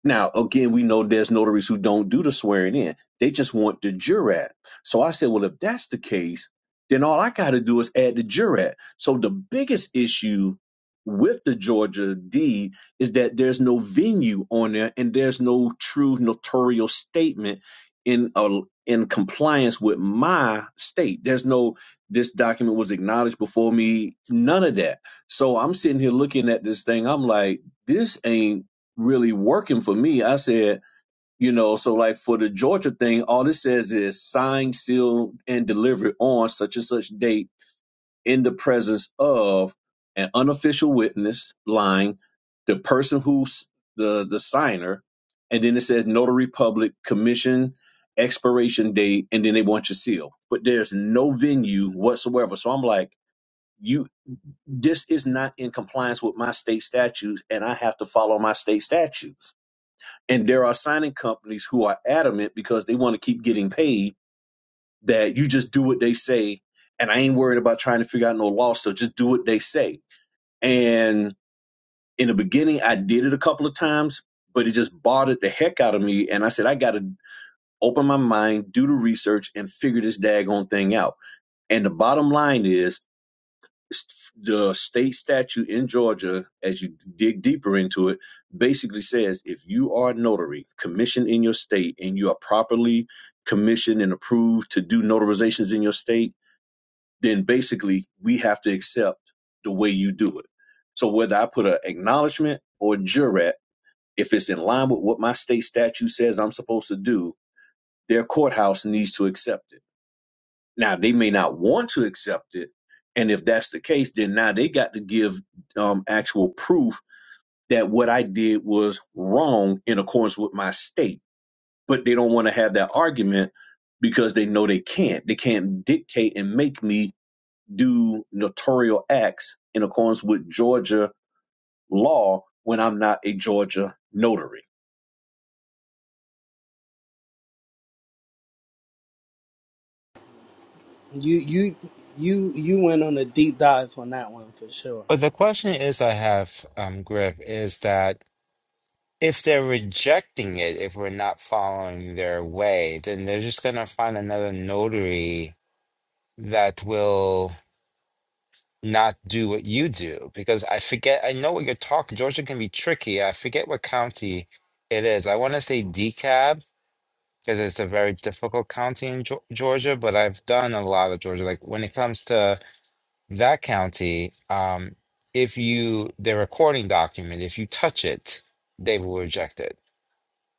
Now, again, we know there's notaries who don't do the swearing in. They just want the jurat. So I said, well, if that's the case, then all I got to do is add the jurat. So the biggest issue with the Georgia deed is that there's no venue on there and there's no true notarial statement in a, in compliance with my state. There's no this document was acknowledged before me, none of that. So I'm sitting here looking at this thing. I'm like, this ain't really working for me. I said, you know, so like for the Georgia thing, all it says is signed, sealed, and delivered on such and such date in the presence of an unofficial witness line, the person who's the the signer, and then it says notary public commission expiration date, and then they want your seal. But there's no venue whatsoever. So I'm like, you this is not in compliance with my state statutes, and I have to follow my state statutes and there are signing companies who are adamant because they want to keep getting paid that you just do what they say. And I ain't worried about trying to figure out no law. So just do what they say. And in the beginning, I did it a couple of times, but it just bothered the heck out of me. And I said, I got to open my mind, do the research, and figure this daggone thing out. And the bottom line is, the state statute in Georgia, as you dig deeper into it, basically says if you are a notary commissioned in your state and you are properly commissioned and approved to do notarizations in your state, then basically we have to accept the way you do it. So whether I put an acknowledgement or jurat, if it's in line with what my state statute says I'm supposed to do, their courthouse needs to accept it. Now they may not want to accept it, and if that's the case, then now they got to give um, actual proof that what I did was wrong in accordance with my state. But they don't want to have that argument because they know they can't. They can't dictate and make me do notarial acts in accordance with Georgia law when I'm not a Georgia notary. you you you you went on a deep dive on that one for sure But the question is, I have um, Griff, is that if they're rejecting it, if we're not following their way, then they're just gonna find another notary that will. not do what you do because I forget. I know what you're talking. Georgia can be tricky. I forget what county it is. I want to say DeKalb because it's a very difficult county in Geo- Georgia, but I've done a lot of Georgia. Like when it comes to that county, um, if you the recording document, if you touch it, they will reject it.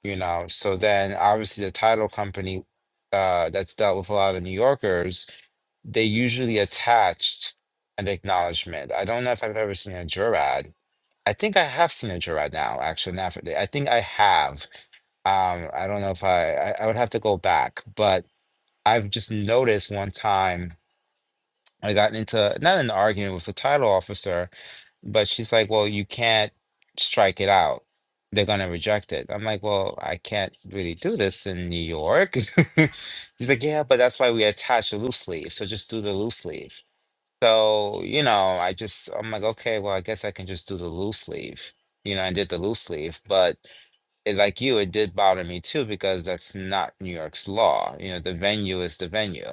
You know. So then, obviously, the title company uh, that's dealt with a lot of New Yorkers they usually attached an acknowledgement. I don't know if I've ever seen a jurad. I think I have seen a jurad now, actually. Now, for- I think I have. Um, I don't know if I, I, I would have to go back, but I've just noticed one time I got into not an argument with the title officer, but she's like, well, you can't strike it out. They're going to reject it. I'm like, well, I can't really do this in New York. [laughs] He's like, yeah, but that's why we attach a loose leaf. So just do the loose leaf. So, you know, I just I'm like, okay, well, I guess I can just do the loose sleeve, You know, I did the loose sleeve, but it, like you, it did bother me too because that's not New York's law. You know, the venue is the venue,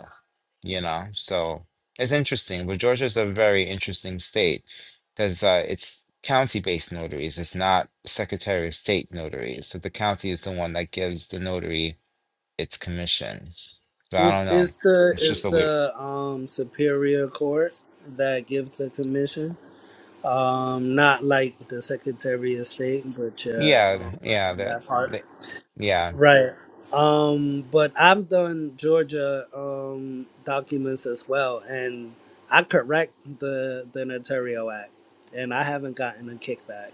you know. So it's interesting, but Georgia's a very interesting state because uh, it's county-based notaries. It's not Secretary of State notaries. So the county is the one that gives the notary its commission. So I it's, don't know. it's the It's just it's a weird. the um superior court that gives the commission um, not like the Secretary of State, but you're Yeah, um, right yeah, on that, that part. that yeah. Right. Um, but I've done Georgia um, documents as well, and I correct the the Notarial Act, and I haven't gotten a kickback.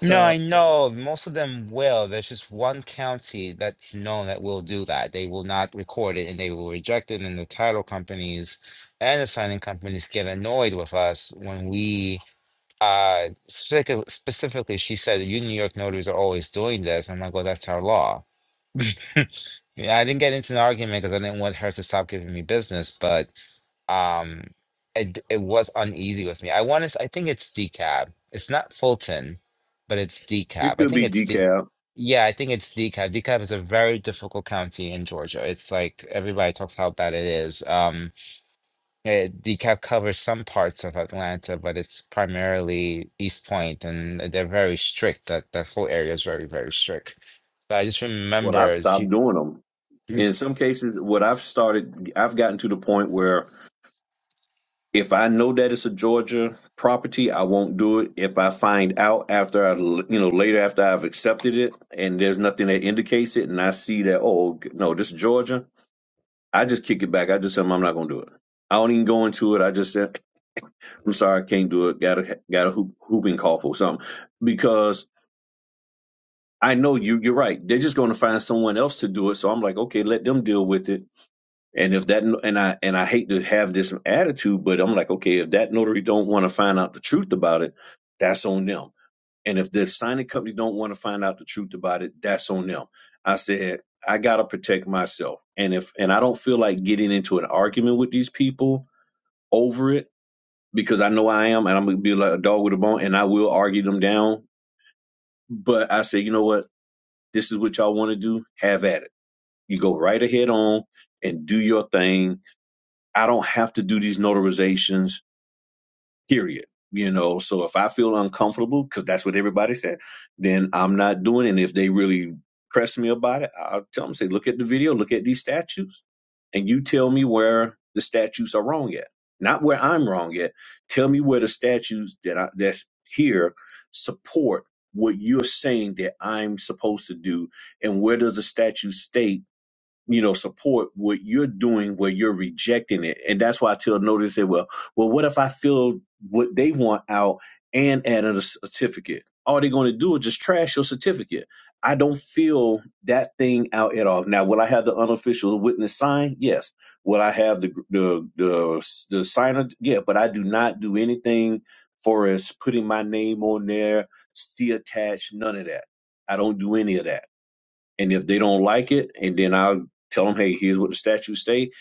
No, I know most of them will. There's just one county that's known that will do that. They will not record it and they will reject it. And the title companies and the signing companies get annoyed with us when we uh specific- specifically she said you New York notaries are always doing this. I'm like, well, that's our law. [laughs] Yeah, I didn't get into an argument because I didn't want her to stop giving me business, but um, it it was uneasy with me. I want to. I think it's decab. It's not Fulton, but it's decab. It I could think be it's the. decaf. Yeah, I think it's decab. Decab is a very difficult county in Georgia. It's like everybody talks how bad it is. Um, eh, decab covers some parts of Atlanta, but it's primarily East Point, and they're very strict. That that whole area is very, very strict. So I just Well, I've remember stopped she. doing them. In some cases, what I've started, I've gotten to the point where If I know that it's a Georgia property, I won't do it. If I find out after I, you know, later after I've accepted it and there's nothing that indicates it, and I see that, oh g- no, this is Georgia, I just kick it back. I just tell them I'm not gonna do it. I don't even go into it. I just said, I'm sorry, I can't do it. Got a got a hoop, hooping cough or something because I know you. You're right. They're just gonna find someone else to do it. So I'm like, okay, let them deal with it And if that and I and I hate to have this attitude, but I'm like, okay, if that notary don't want to find out the truth about it, that's on them. And if the signing company don't want to find out the truth about it, that's on them. I said, I gotta protect myself. And if and I don't feel like getting into an argument with these people over it, because I know I am and I'm gonna be like a dog with a bone and I will argue them down. But I say, you know what? This is what y'all want to do. Have at it. You go right ahead on and do your thing I don't have to do these notarizations, period. You know, so if I feel uncomfortable, because that's what everybody said, then I'm not doing it. And if they really press me about it, I'll tell them, say, look at the video, look at these statutes, and you tell me where the statutes are wrong at. Not where I'm wrong at. Tell me where the statutes that I, that's here support what you're saying that I'm supposed to do, and where does the statute state you know, support what you're doing where you're rejecting it. And that's why I tell notice that, well, well, what if I fill what they want out and add a certificate? All they're going to do is just trash your certificate. I don't fill that thing out at all. Now, will I have the unofficial witness sign? Yes. Will I have the the the, the signer? Yeah. But I do not do anything for as putting my name on there, see attached, none of that. I don't do any of that. And if they don't like it, and then I'll tell them, hey, here's what the statutes say,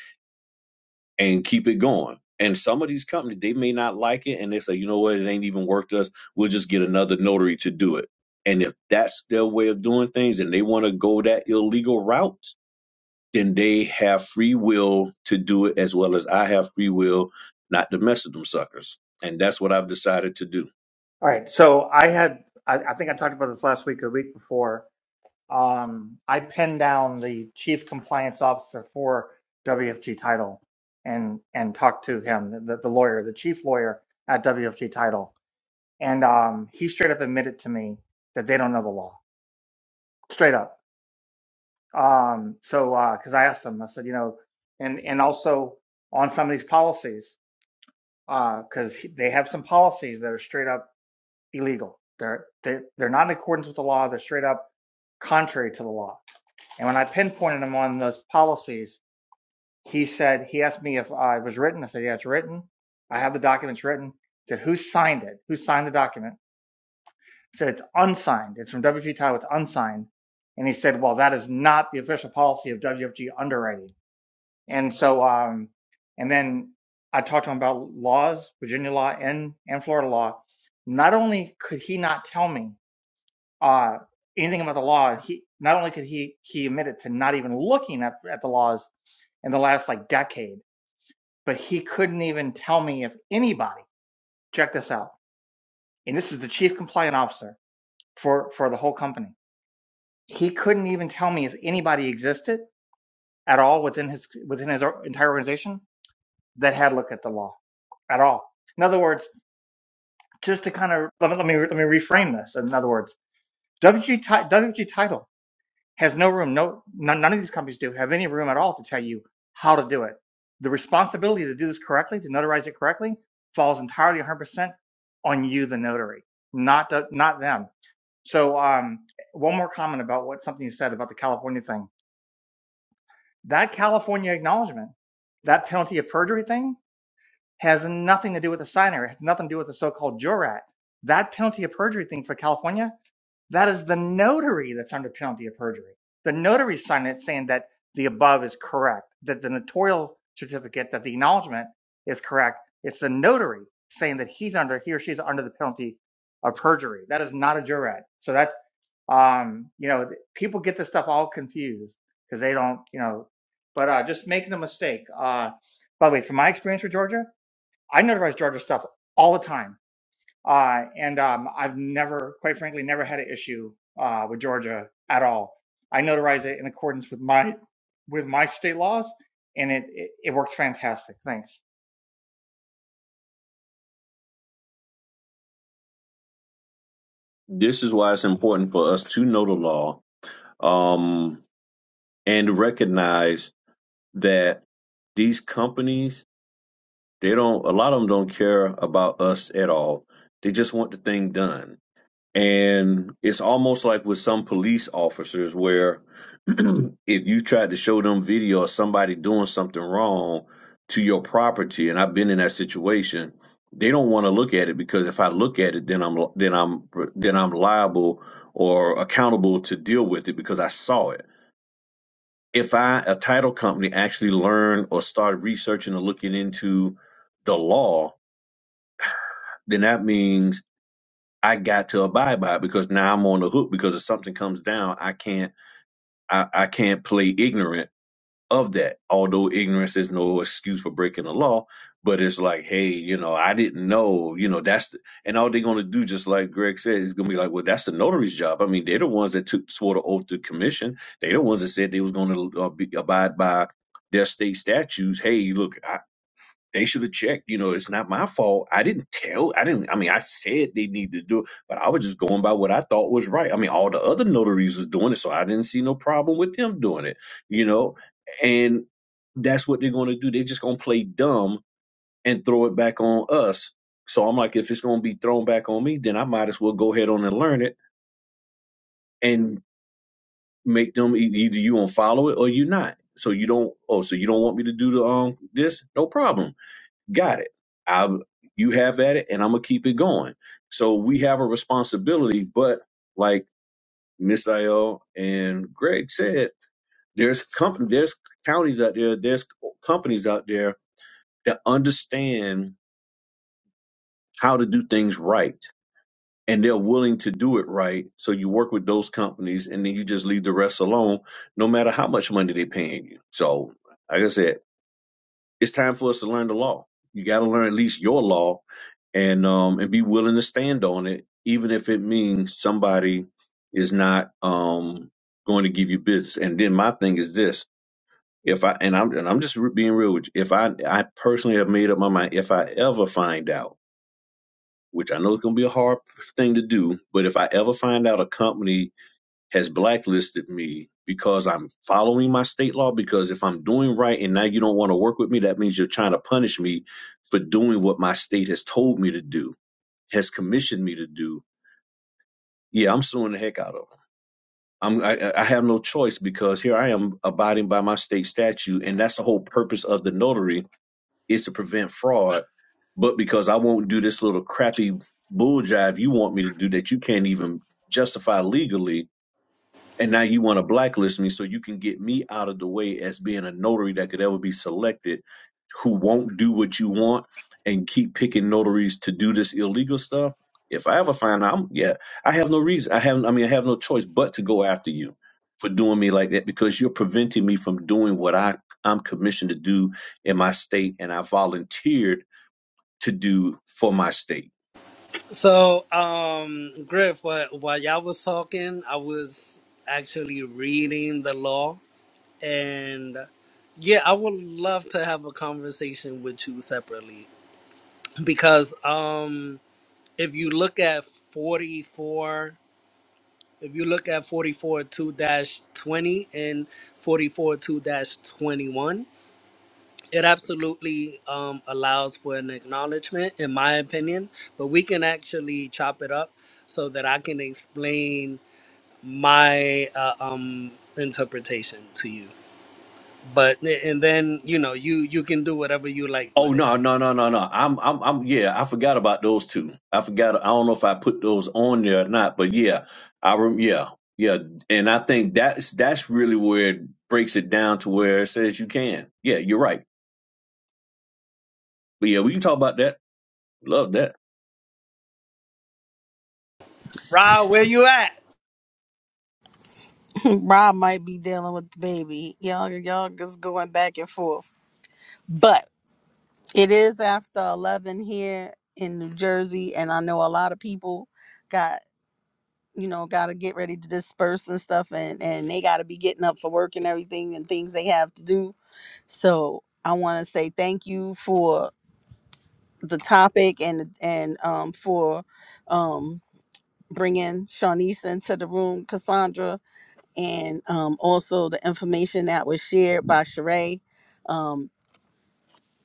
and keep it going. And some of these companies, they may not like it, and they say, you know what, it ain't even worth us. We'll just get another notary to do it. And if that's their way of doing things, and they want to go that illegal route, then they have free will to do it, as well as I have free will not to mess with them suckers. And that's what I've decided to do. all right, so I had, I, I think I talked about this last week or the week before. Um, I pinned down the chief compliance officer for WFG title and and talked to him, the, the lawyer, the chief lawyer at WFG title, and um, he straight up admitted to me that they don't know the law, straight up. Um, so because I asked him, I said, you know, and and also on some of these policies, because they have some policies that are straight up. illegal. They're they, they're not in accordance with the law. They're straight up contrary to the law. And when I pinpointed him on those policies, he said he asked me if uh, it was written. I said, yeah, it's written. I have the documents written. He said, who signed it? Who signed the document? He said, it's unsigned. It's from WFG Title. It's unsigned. And he said, well, that is not the official policy of WFG underwriting. And so, um, and then I talked to him about laws, Virginia law and, and Florida law. Not only could he not tell me uh, anything about the law. He not only could he he admitted to not even looking at, at the laws in the last like decade, but he couldn't even tell me if anybody. Check this out. And this is the chief compliant officer for for the whole company. He couldn't even tell me if anybody existed at all within his within his entire organization that had looked at the law at all. In other words, just to kind of let me let me, let me reframe this. In other words, WG, title. has no room. No, none, none of these companies do have any room at all to tell you how to do it. The responsibility to do this correctly, to notarize it correctly, falls entirely 100% on you, the notary, not the, not them. So, um, one more comment about what something you said about the California thing. That California acknowledgement, that penalty of perjury thing, has nothing to do with the signer. It has nothing to do with the so-called jurat. That penalty of perjury thing for California that is the notary that's under penalty of perjury. The notary signed it saying that the above is correct, that the notarial certificate, that the acknowledgement is correct. It's the notary saying that he's under, he or she's under the penalty of perjury. That is not a jurat. So that's, um, you know, people get this stuff all confused because they don't, you know, but uh, just making a mistake. Uh, by the way, from my experience with Georgia, I notarize Georgia stuff all the time uh, and um, I've never, quite frankly, never had an issue uh, with Georgia at all. I notarize it in accordance with my with my state laws, and it it, it works fantastic. Thanks. This is why it's important for us to know the law um, and recognize that these companies they don't a lot of them don't care about us at all they just want the thing done and it's almost like with some police officers where [clears throat] if you tried to show them video of somebody doing something wrong to your property and i've been in that situation they don't want to look at it because if i look at it then i'm then i'm then i'm liable or accountable to deal with it because i saw it if I, a title company, actually learned or started researching or looking into the law, then that means I got to abide by it because now I'm on the hook because if something comes down, I can't, I, I can't play ignorant of that. Although ignorance is no excuse for breaking the law, but it's like, hey, you know, I didn't know, you know, that's the, and all they're gonna do, just like Greg said, is gonna be like, well, that's the notary's job. I mean, they're the ones that took swore the oath to commission. They're the ones that said they was gonna uh, be, abide by their state statutes. Hey, look, I, they should have checked. You know, it's not my fault. I didn't tell. I didn't. I mean, I said they need to do it, but I was just going by what I thought was right. I mean, all the other notaries was doing it, so I didn't see no problem with them doing it. You know, and that's what they're going to do. They're just going to play dumb and throw it back on us. So I'm like, if it's going to be thrown back on me, then I might as well go ahead on and learn it and make them e- either you gonna follow it or you not. So you don't. Oh, so you don't want me to do the um this? No problem got it. I you have at it, and I'm gonna keep it going. So we have a responsibility, but like Miss Ayel and Greg said, there's company, there's counties out there, there's companies out there that understand how to do things right, and they're willing to do it right. So you work with those companies, and then you just leave the rest alone, no matter how much money they're paying you. So, like I said. it's time for us to learn the law. You got to learn at least your law, and um, and be willing to stand on it, even if it means somebody is not um going to give you business. And then my thing is this: if I and I'm and I'm just re- being real with you, if I I personally have made up my mind, if I ever find out, which I know is going to be a hard thing to do, but if I ever find out a company has blacklisted me because I'm following my state law. Because if I'm doing right and now you don't want to work with me, that means you're trying to punish me for doing what my state has told me to do, has commissioned me to do. Yeah, I'm suing the heck out of them. I'm, I, I have no choice because here I am abiding by my state statute, and that's the whole purpose of the notary is to prevent fraud. But because I won't do this little crappy bull jive you want me to do that you can't even justify legally, and now you want to blacklist me so you can get me out of the way as being a notary that could ever be selected who won't do what you want and keep picking notaries to do this illegal stuff if i ever find out I'm, yeah i have no reason i have i mean i have no choice but to go after you for doing me like that because you're preventing me from doing what i i'm commissioned to do in my state and i volunteered to do for my state so um, Griff, while, while y'all was talking, I was actually reading the law, and yeah, I would love to have a conversation with you separately because um if you look at 44 if you look at 44 2-20 and 44 2-21 it absolutely um, allows for an acknowledgement in my opinion but we can actually chop it up so that i can explain my uh, um, interpretation to you but and then you know you you can do whatever you like Oh with it no, no, no, no, no. I'm I'm I'm yeah, I forgot about those two. I forgot I don't know if I put those on there or not, but yeah. I rem- yeah. Yeah, and I think that's that's really where it breaks it down to where it says you can. Yeah, you're right. But yeah, we can talk about that. Love that. Ra, where you at [laughs] Rob might be dealing with the baby. Y'all, y'all just going back and forth, but. It is after 11 here in New Jersey, and I know a lot of people got, you know, got to get ready to disperse and stuff, and, and they got to be getting up for work and everything and things they have to do. So I want to say thank you for the topic and and um for um bringing Shawnice into the room, Cassandra, and um also the information that was shared by Sheree. Um,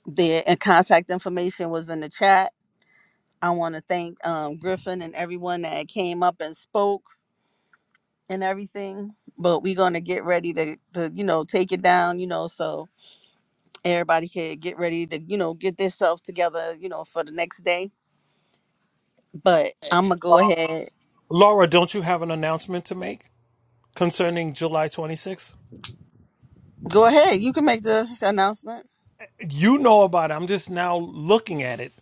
the and contact information was in the chat I want to thank um, Griffin and everyone that came up and spoke and everything. But we're gonna get ready to, to you know take it down, you know, so everybody can get ready to you know get themselves together, you know, for the next day. But I'm gonna go ahead. Laura, don't you have an announcement to make concerning July 26th? Go ahead. You can make the announcement You know about it. I'm just now looking at it.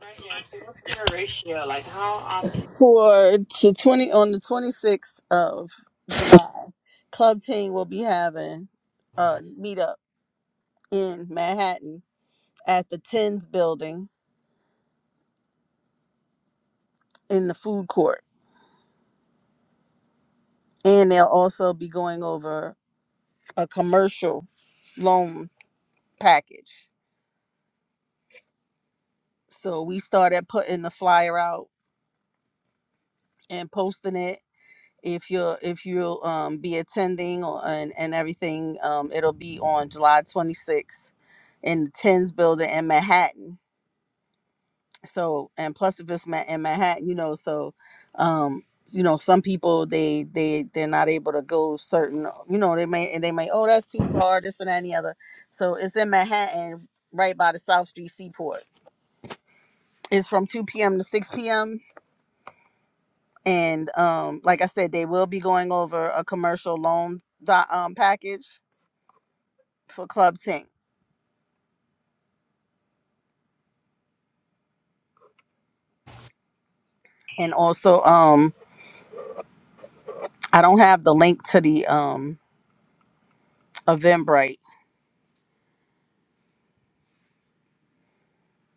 Lightning, so what's their ratio? Like, how often? for to twenty on the twenty sixth of July. Club Team will be having a meetup in Manhattan at the Tens Building in the food court and they'll also be going over a commercial loan package. So we started putting the flyer out and posting it. If you're if you'll um, be attending or, and and everything, um, it'll be on July 26th in the Tens Building in Manhattan. so and plus if it's Ma- in manhattan you know so um you know some people they they they're not able to go certain you know they may and they may oh that's too far this and that and the other so it's in manhattan right by the south street seaport it's from 2 p.m to 6 p.m and um like i said they will be going over a commercial loan doc, um, package for club Tink. and also um i don't have the link to the um eventbrite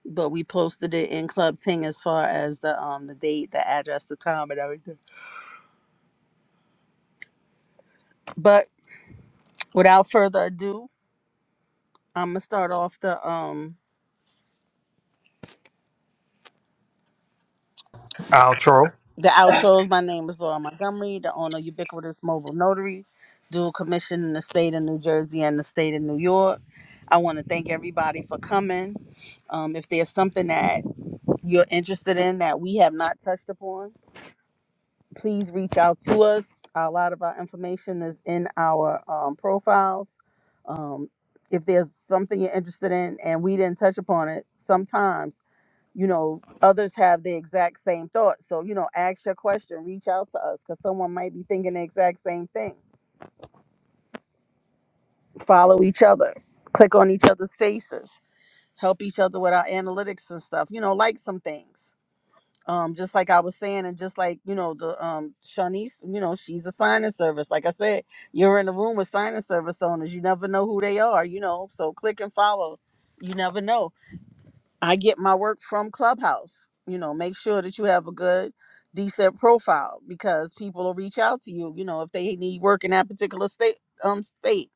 but we posted it in Club Ting as far as the um the date, the address, the time, and everything. But without further ado, I'm gonna start off the um Outro. the outros. My name is Laura Montgomery, the owner of Ubiquitous Mobile Notary, dual commission in the state of New Jersey and the state of New York. I want to thank everybody for coming. Um, if there's something that you're interested in that we have not touched upon, please reach out to us. A lot of our information is in our um, profiles. Um, if there's something you're interested in and we didn't touch upon it, sometimes, you know, others have the exact same thought. So, you know, ask your question, reach out to us because someone might be thinking the exact same thing. Follow each other, click on each other's faces, help each other with our analytics and stuff, you know, like some things. um just like i was saying and just like you know the um shanice you know she's a signing service like i said you're in the room with signing service owners you never know who they are you know so click and follow you never know i get my work from clubhouse you know make sure that you have a good decent profile because people will reach out to you you know if they need work in that particular state um state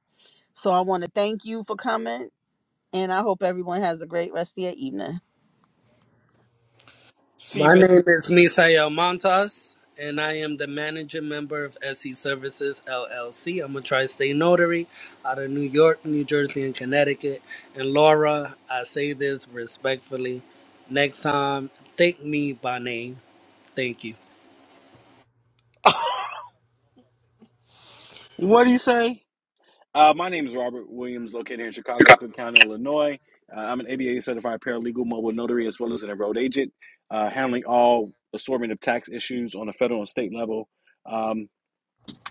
so i want to thank you for coming and i hope everyone has a great rest of your evening Seben, name is Misael Montas, and I am the manager member of SE Services LLC. I'm a tri-state notary out of New York, New Jersey, and Connecticut. And Laura, I say this respectfully. Next time, thank me by name. Thank you. What do you say? Uh, my name is Robert Williams, located here in Chicago, Cook County, Illinois. Uh, I'm an ABA certified paralegal, mobile notary, as well as an enrolled agent, uh, handling all assortment of tax issues on the federal and state level. Um,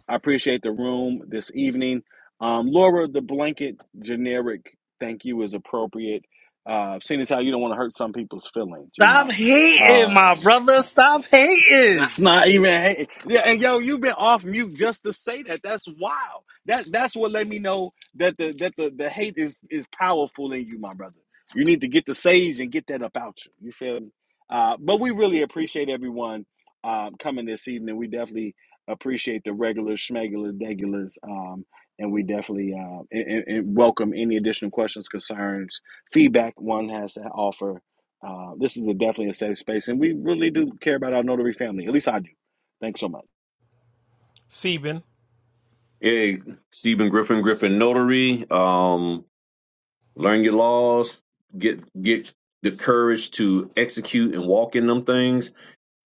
I appreciate the room this evening. Um, Laura, the blanket generic thank you is appropriate, uh, seeing as how you don't want to hurt some people's feelings, you Stop know. hating, my Uh, brother. Stop hating. that's not even hate. Yeah, and yo, you've been off mute just to say that. That's wild. That that's what let me know that the that the, the hate is is powerful in you, my brother. You need to get the sage and get that about you. You feel me? Uh, but we really appreciate everyone um, coming this evening. We definitely appreciate the regulars, schmegular degulars, um, and we definitely uh, and, and- and welcome any additional questions, concerns, feedback one has to offer uh, this is a definitely a safe space, and we really do care about our notary family. At least I do. Thanks so much. Seben, Yeah, Stephen Griffin Griffin Notary, um learn your laws, get get the courage to execute and walk in them things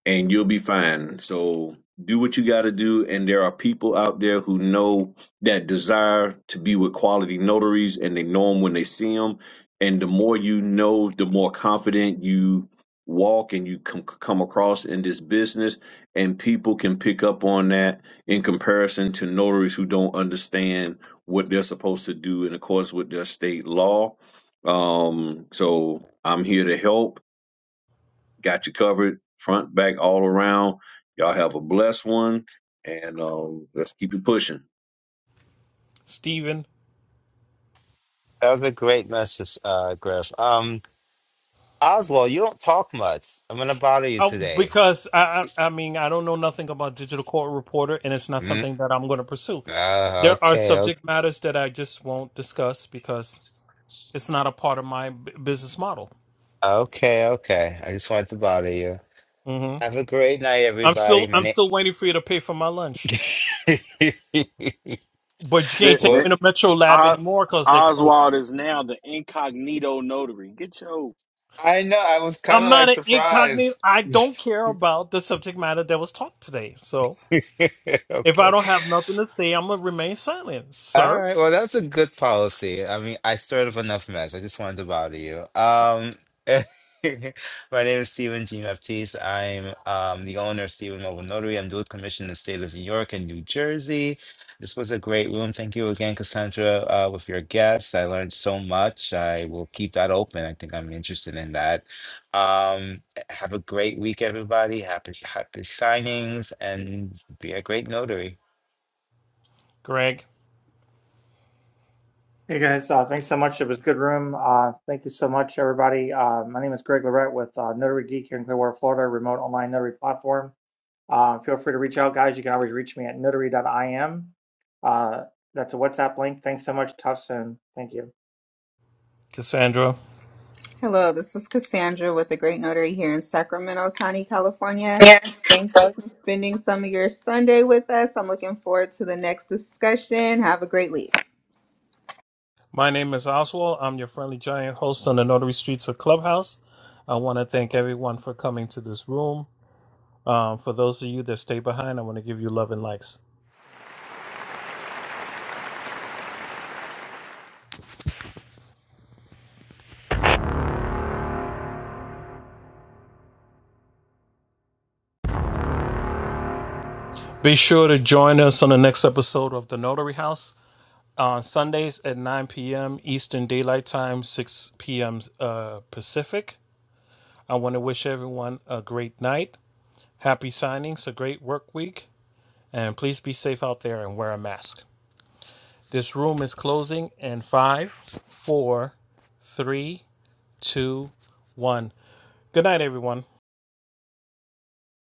and you'll be fine. So do what you got to do. And there are people out there who know that desire to be with quality notaries, and they know them when they see them. And the more you know, the more confident you walk and you com- come across in this business. And people can pick up on that in comparison to notaries who don't understand what they're supposed to do in accordance with their state law. Um, so I'm here to help Got you covered, front, back, all around. Y'all have a blessed one, and uh, let's keep it pushing. Steven. That was a great message, uh, Griff. Um, Oswald, you don't talk much. I'm gonna bother you Oh, today. because I, I, I mean, I don't know nothing about digital court reporter, and it's not Mm, something that I'm going to pursue. uh, There are okay, subject okay, matters that I just won't discuss because It's not a part of my b- business model. okay, okay. I just wanted to bother you. hmm Have a great night, I'm everybody. still My I'm still name. waiting for you to pay for my lunch, [laughs] but you The, can't take well, the, me to Metro Lab O- anymore because they're closed. Oswald is now the incognito notary. Get your I know. I was kind I'm of like not an incognito. surprised. I don't care about the subject matter that was taught today. So [laughs] if I okay. don't have nothing to say, I'm gonna remain silent, All sir. right. Well, that's a good policy. I mean, I stirred up enough mess. I just wanted to bother you. Um, [laughs] my name is Stephen G. Baptiste. I'm um, the owner of Stephen Mobile Notary. I'm dual commissioned in the state of New York and New Jersey. This was a great room. Thank you again, Cassandra, uh, with your guests. I learned so much. I will keep that open. I think I'm interested in that. Um, have a great week, everybody. Happy, happy signings and be a great notary. Greg, Hey guys, uh, thanks so much. It was a good room. Uh, thank you so much, everybody. Uh, my name is Greg Lorette with uh, Notary Geek here in Clearwater, Florida, remote online notary platform. Uh, feel free to reach out, guys. You can always reach me at notary.im. Uh, that's a WhatsApp link. Thanks so much. Talk soon. Thank you. Cassandra. Hello, this is Cassandra with the Great Notary here in Sacramento County, California. Yeah. Thank you for spending some of your Sunday with us. I'm looking forward to the next discussion. Have a great week. My name is Oswald. I'm your friendly giant host on the Notary Streets of Clubhouse. I want to thank everyone for coming to this room. Um, for those of you that stay behind, I want to give you love and likes. Be sure to join us on the next episode of The Notary House on Sundays at 9 p.m. Eastern Daylight Time, 6 p.m. Uh, Pacific. I want to wish everyone a great night, happy signings, a great work week, and please be safe out there and wear a mask. This room is closing in five, four, three, two, one. Good night, everyone.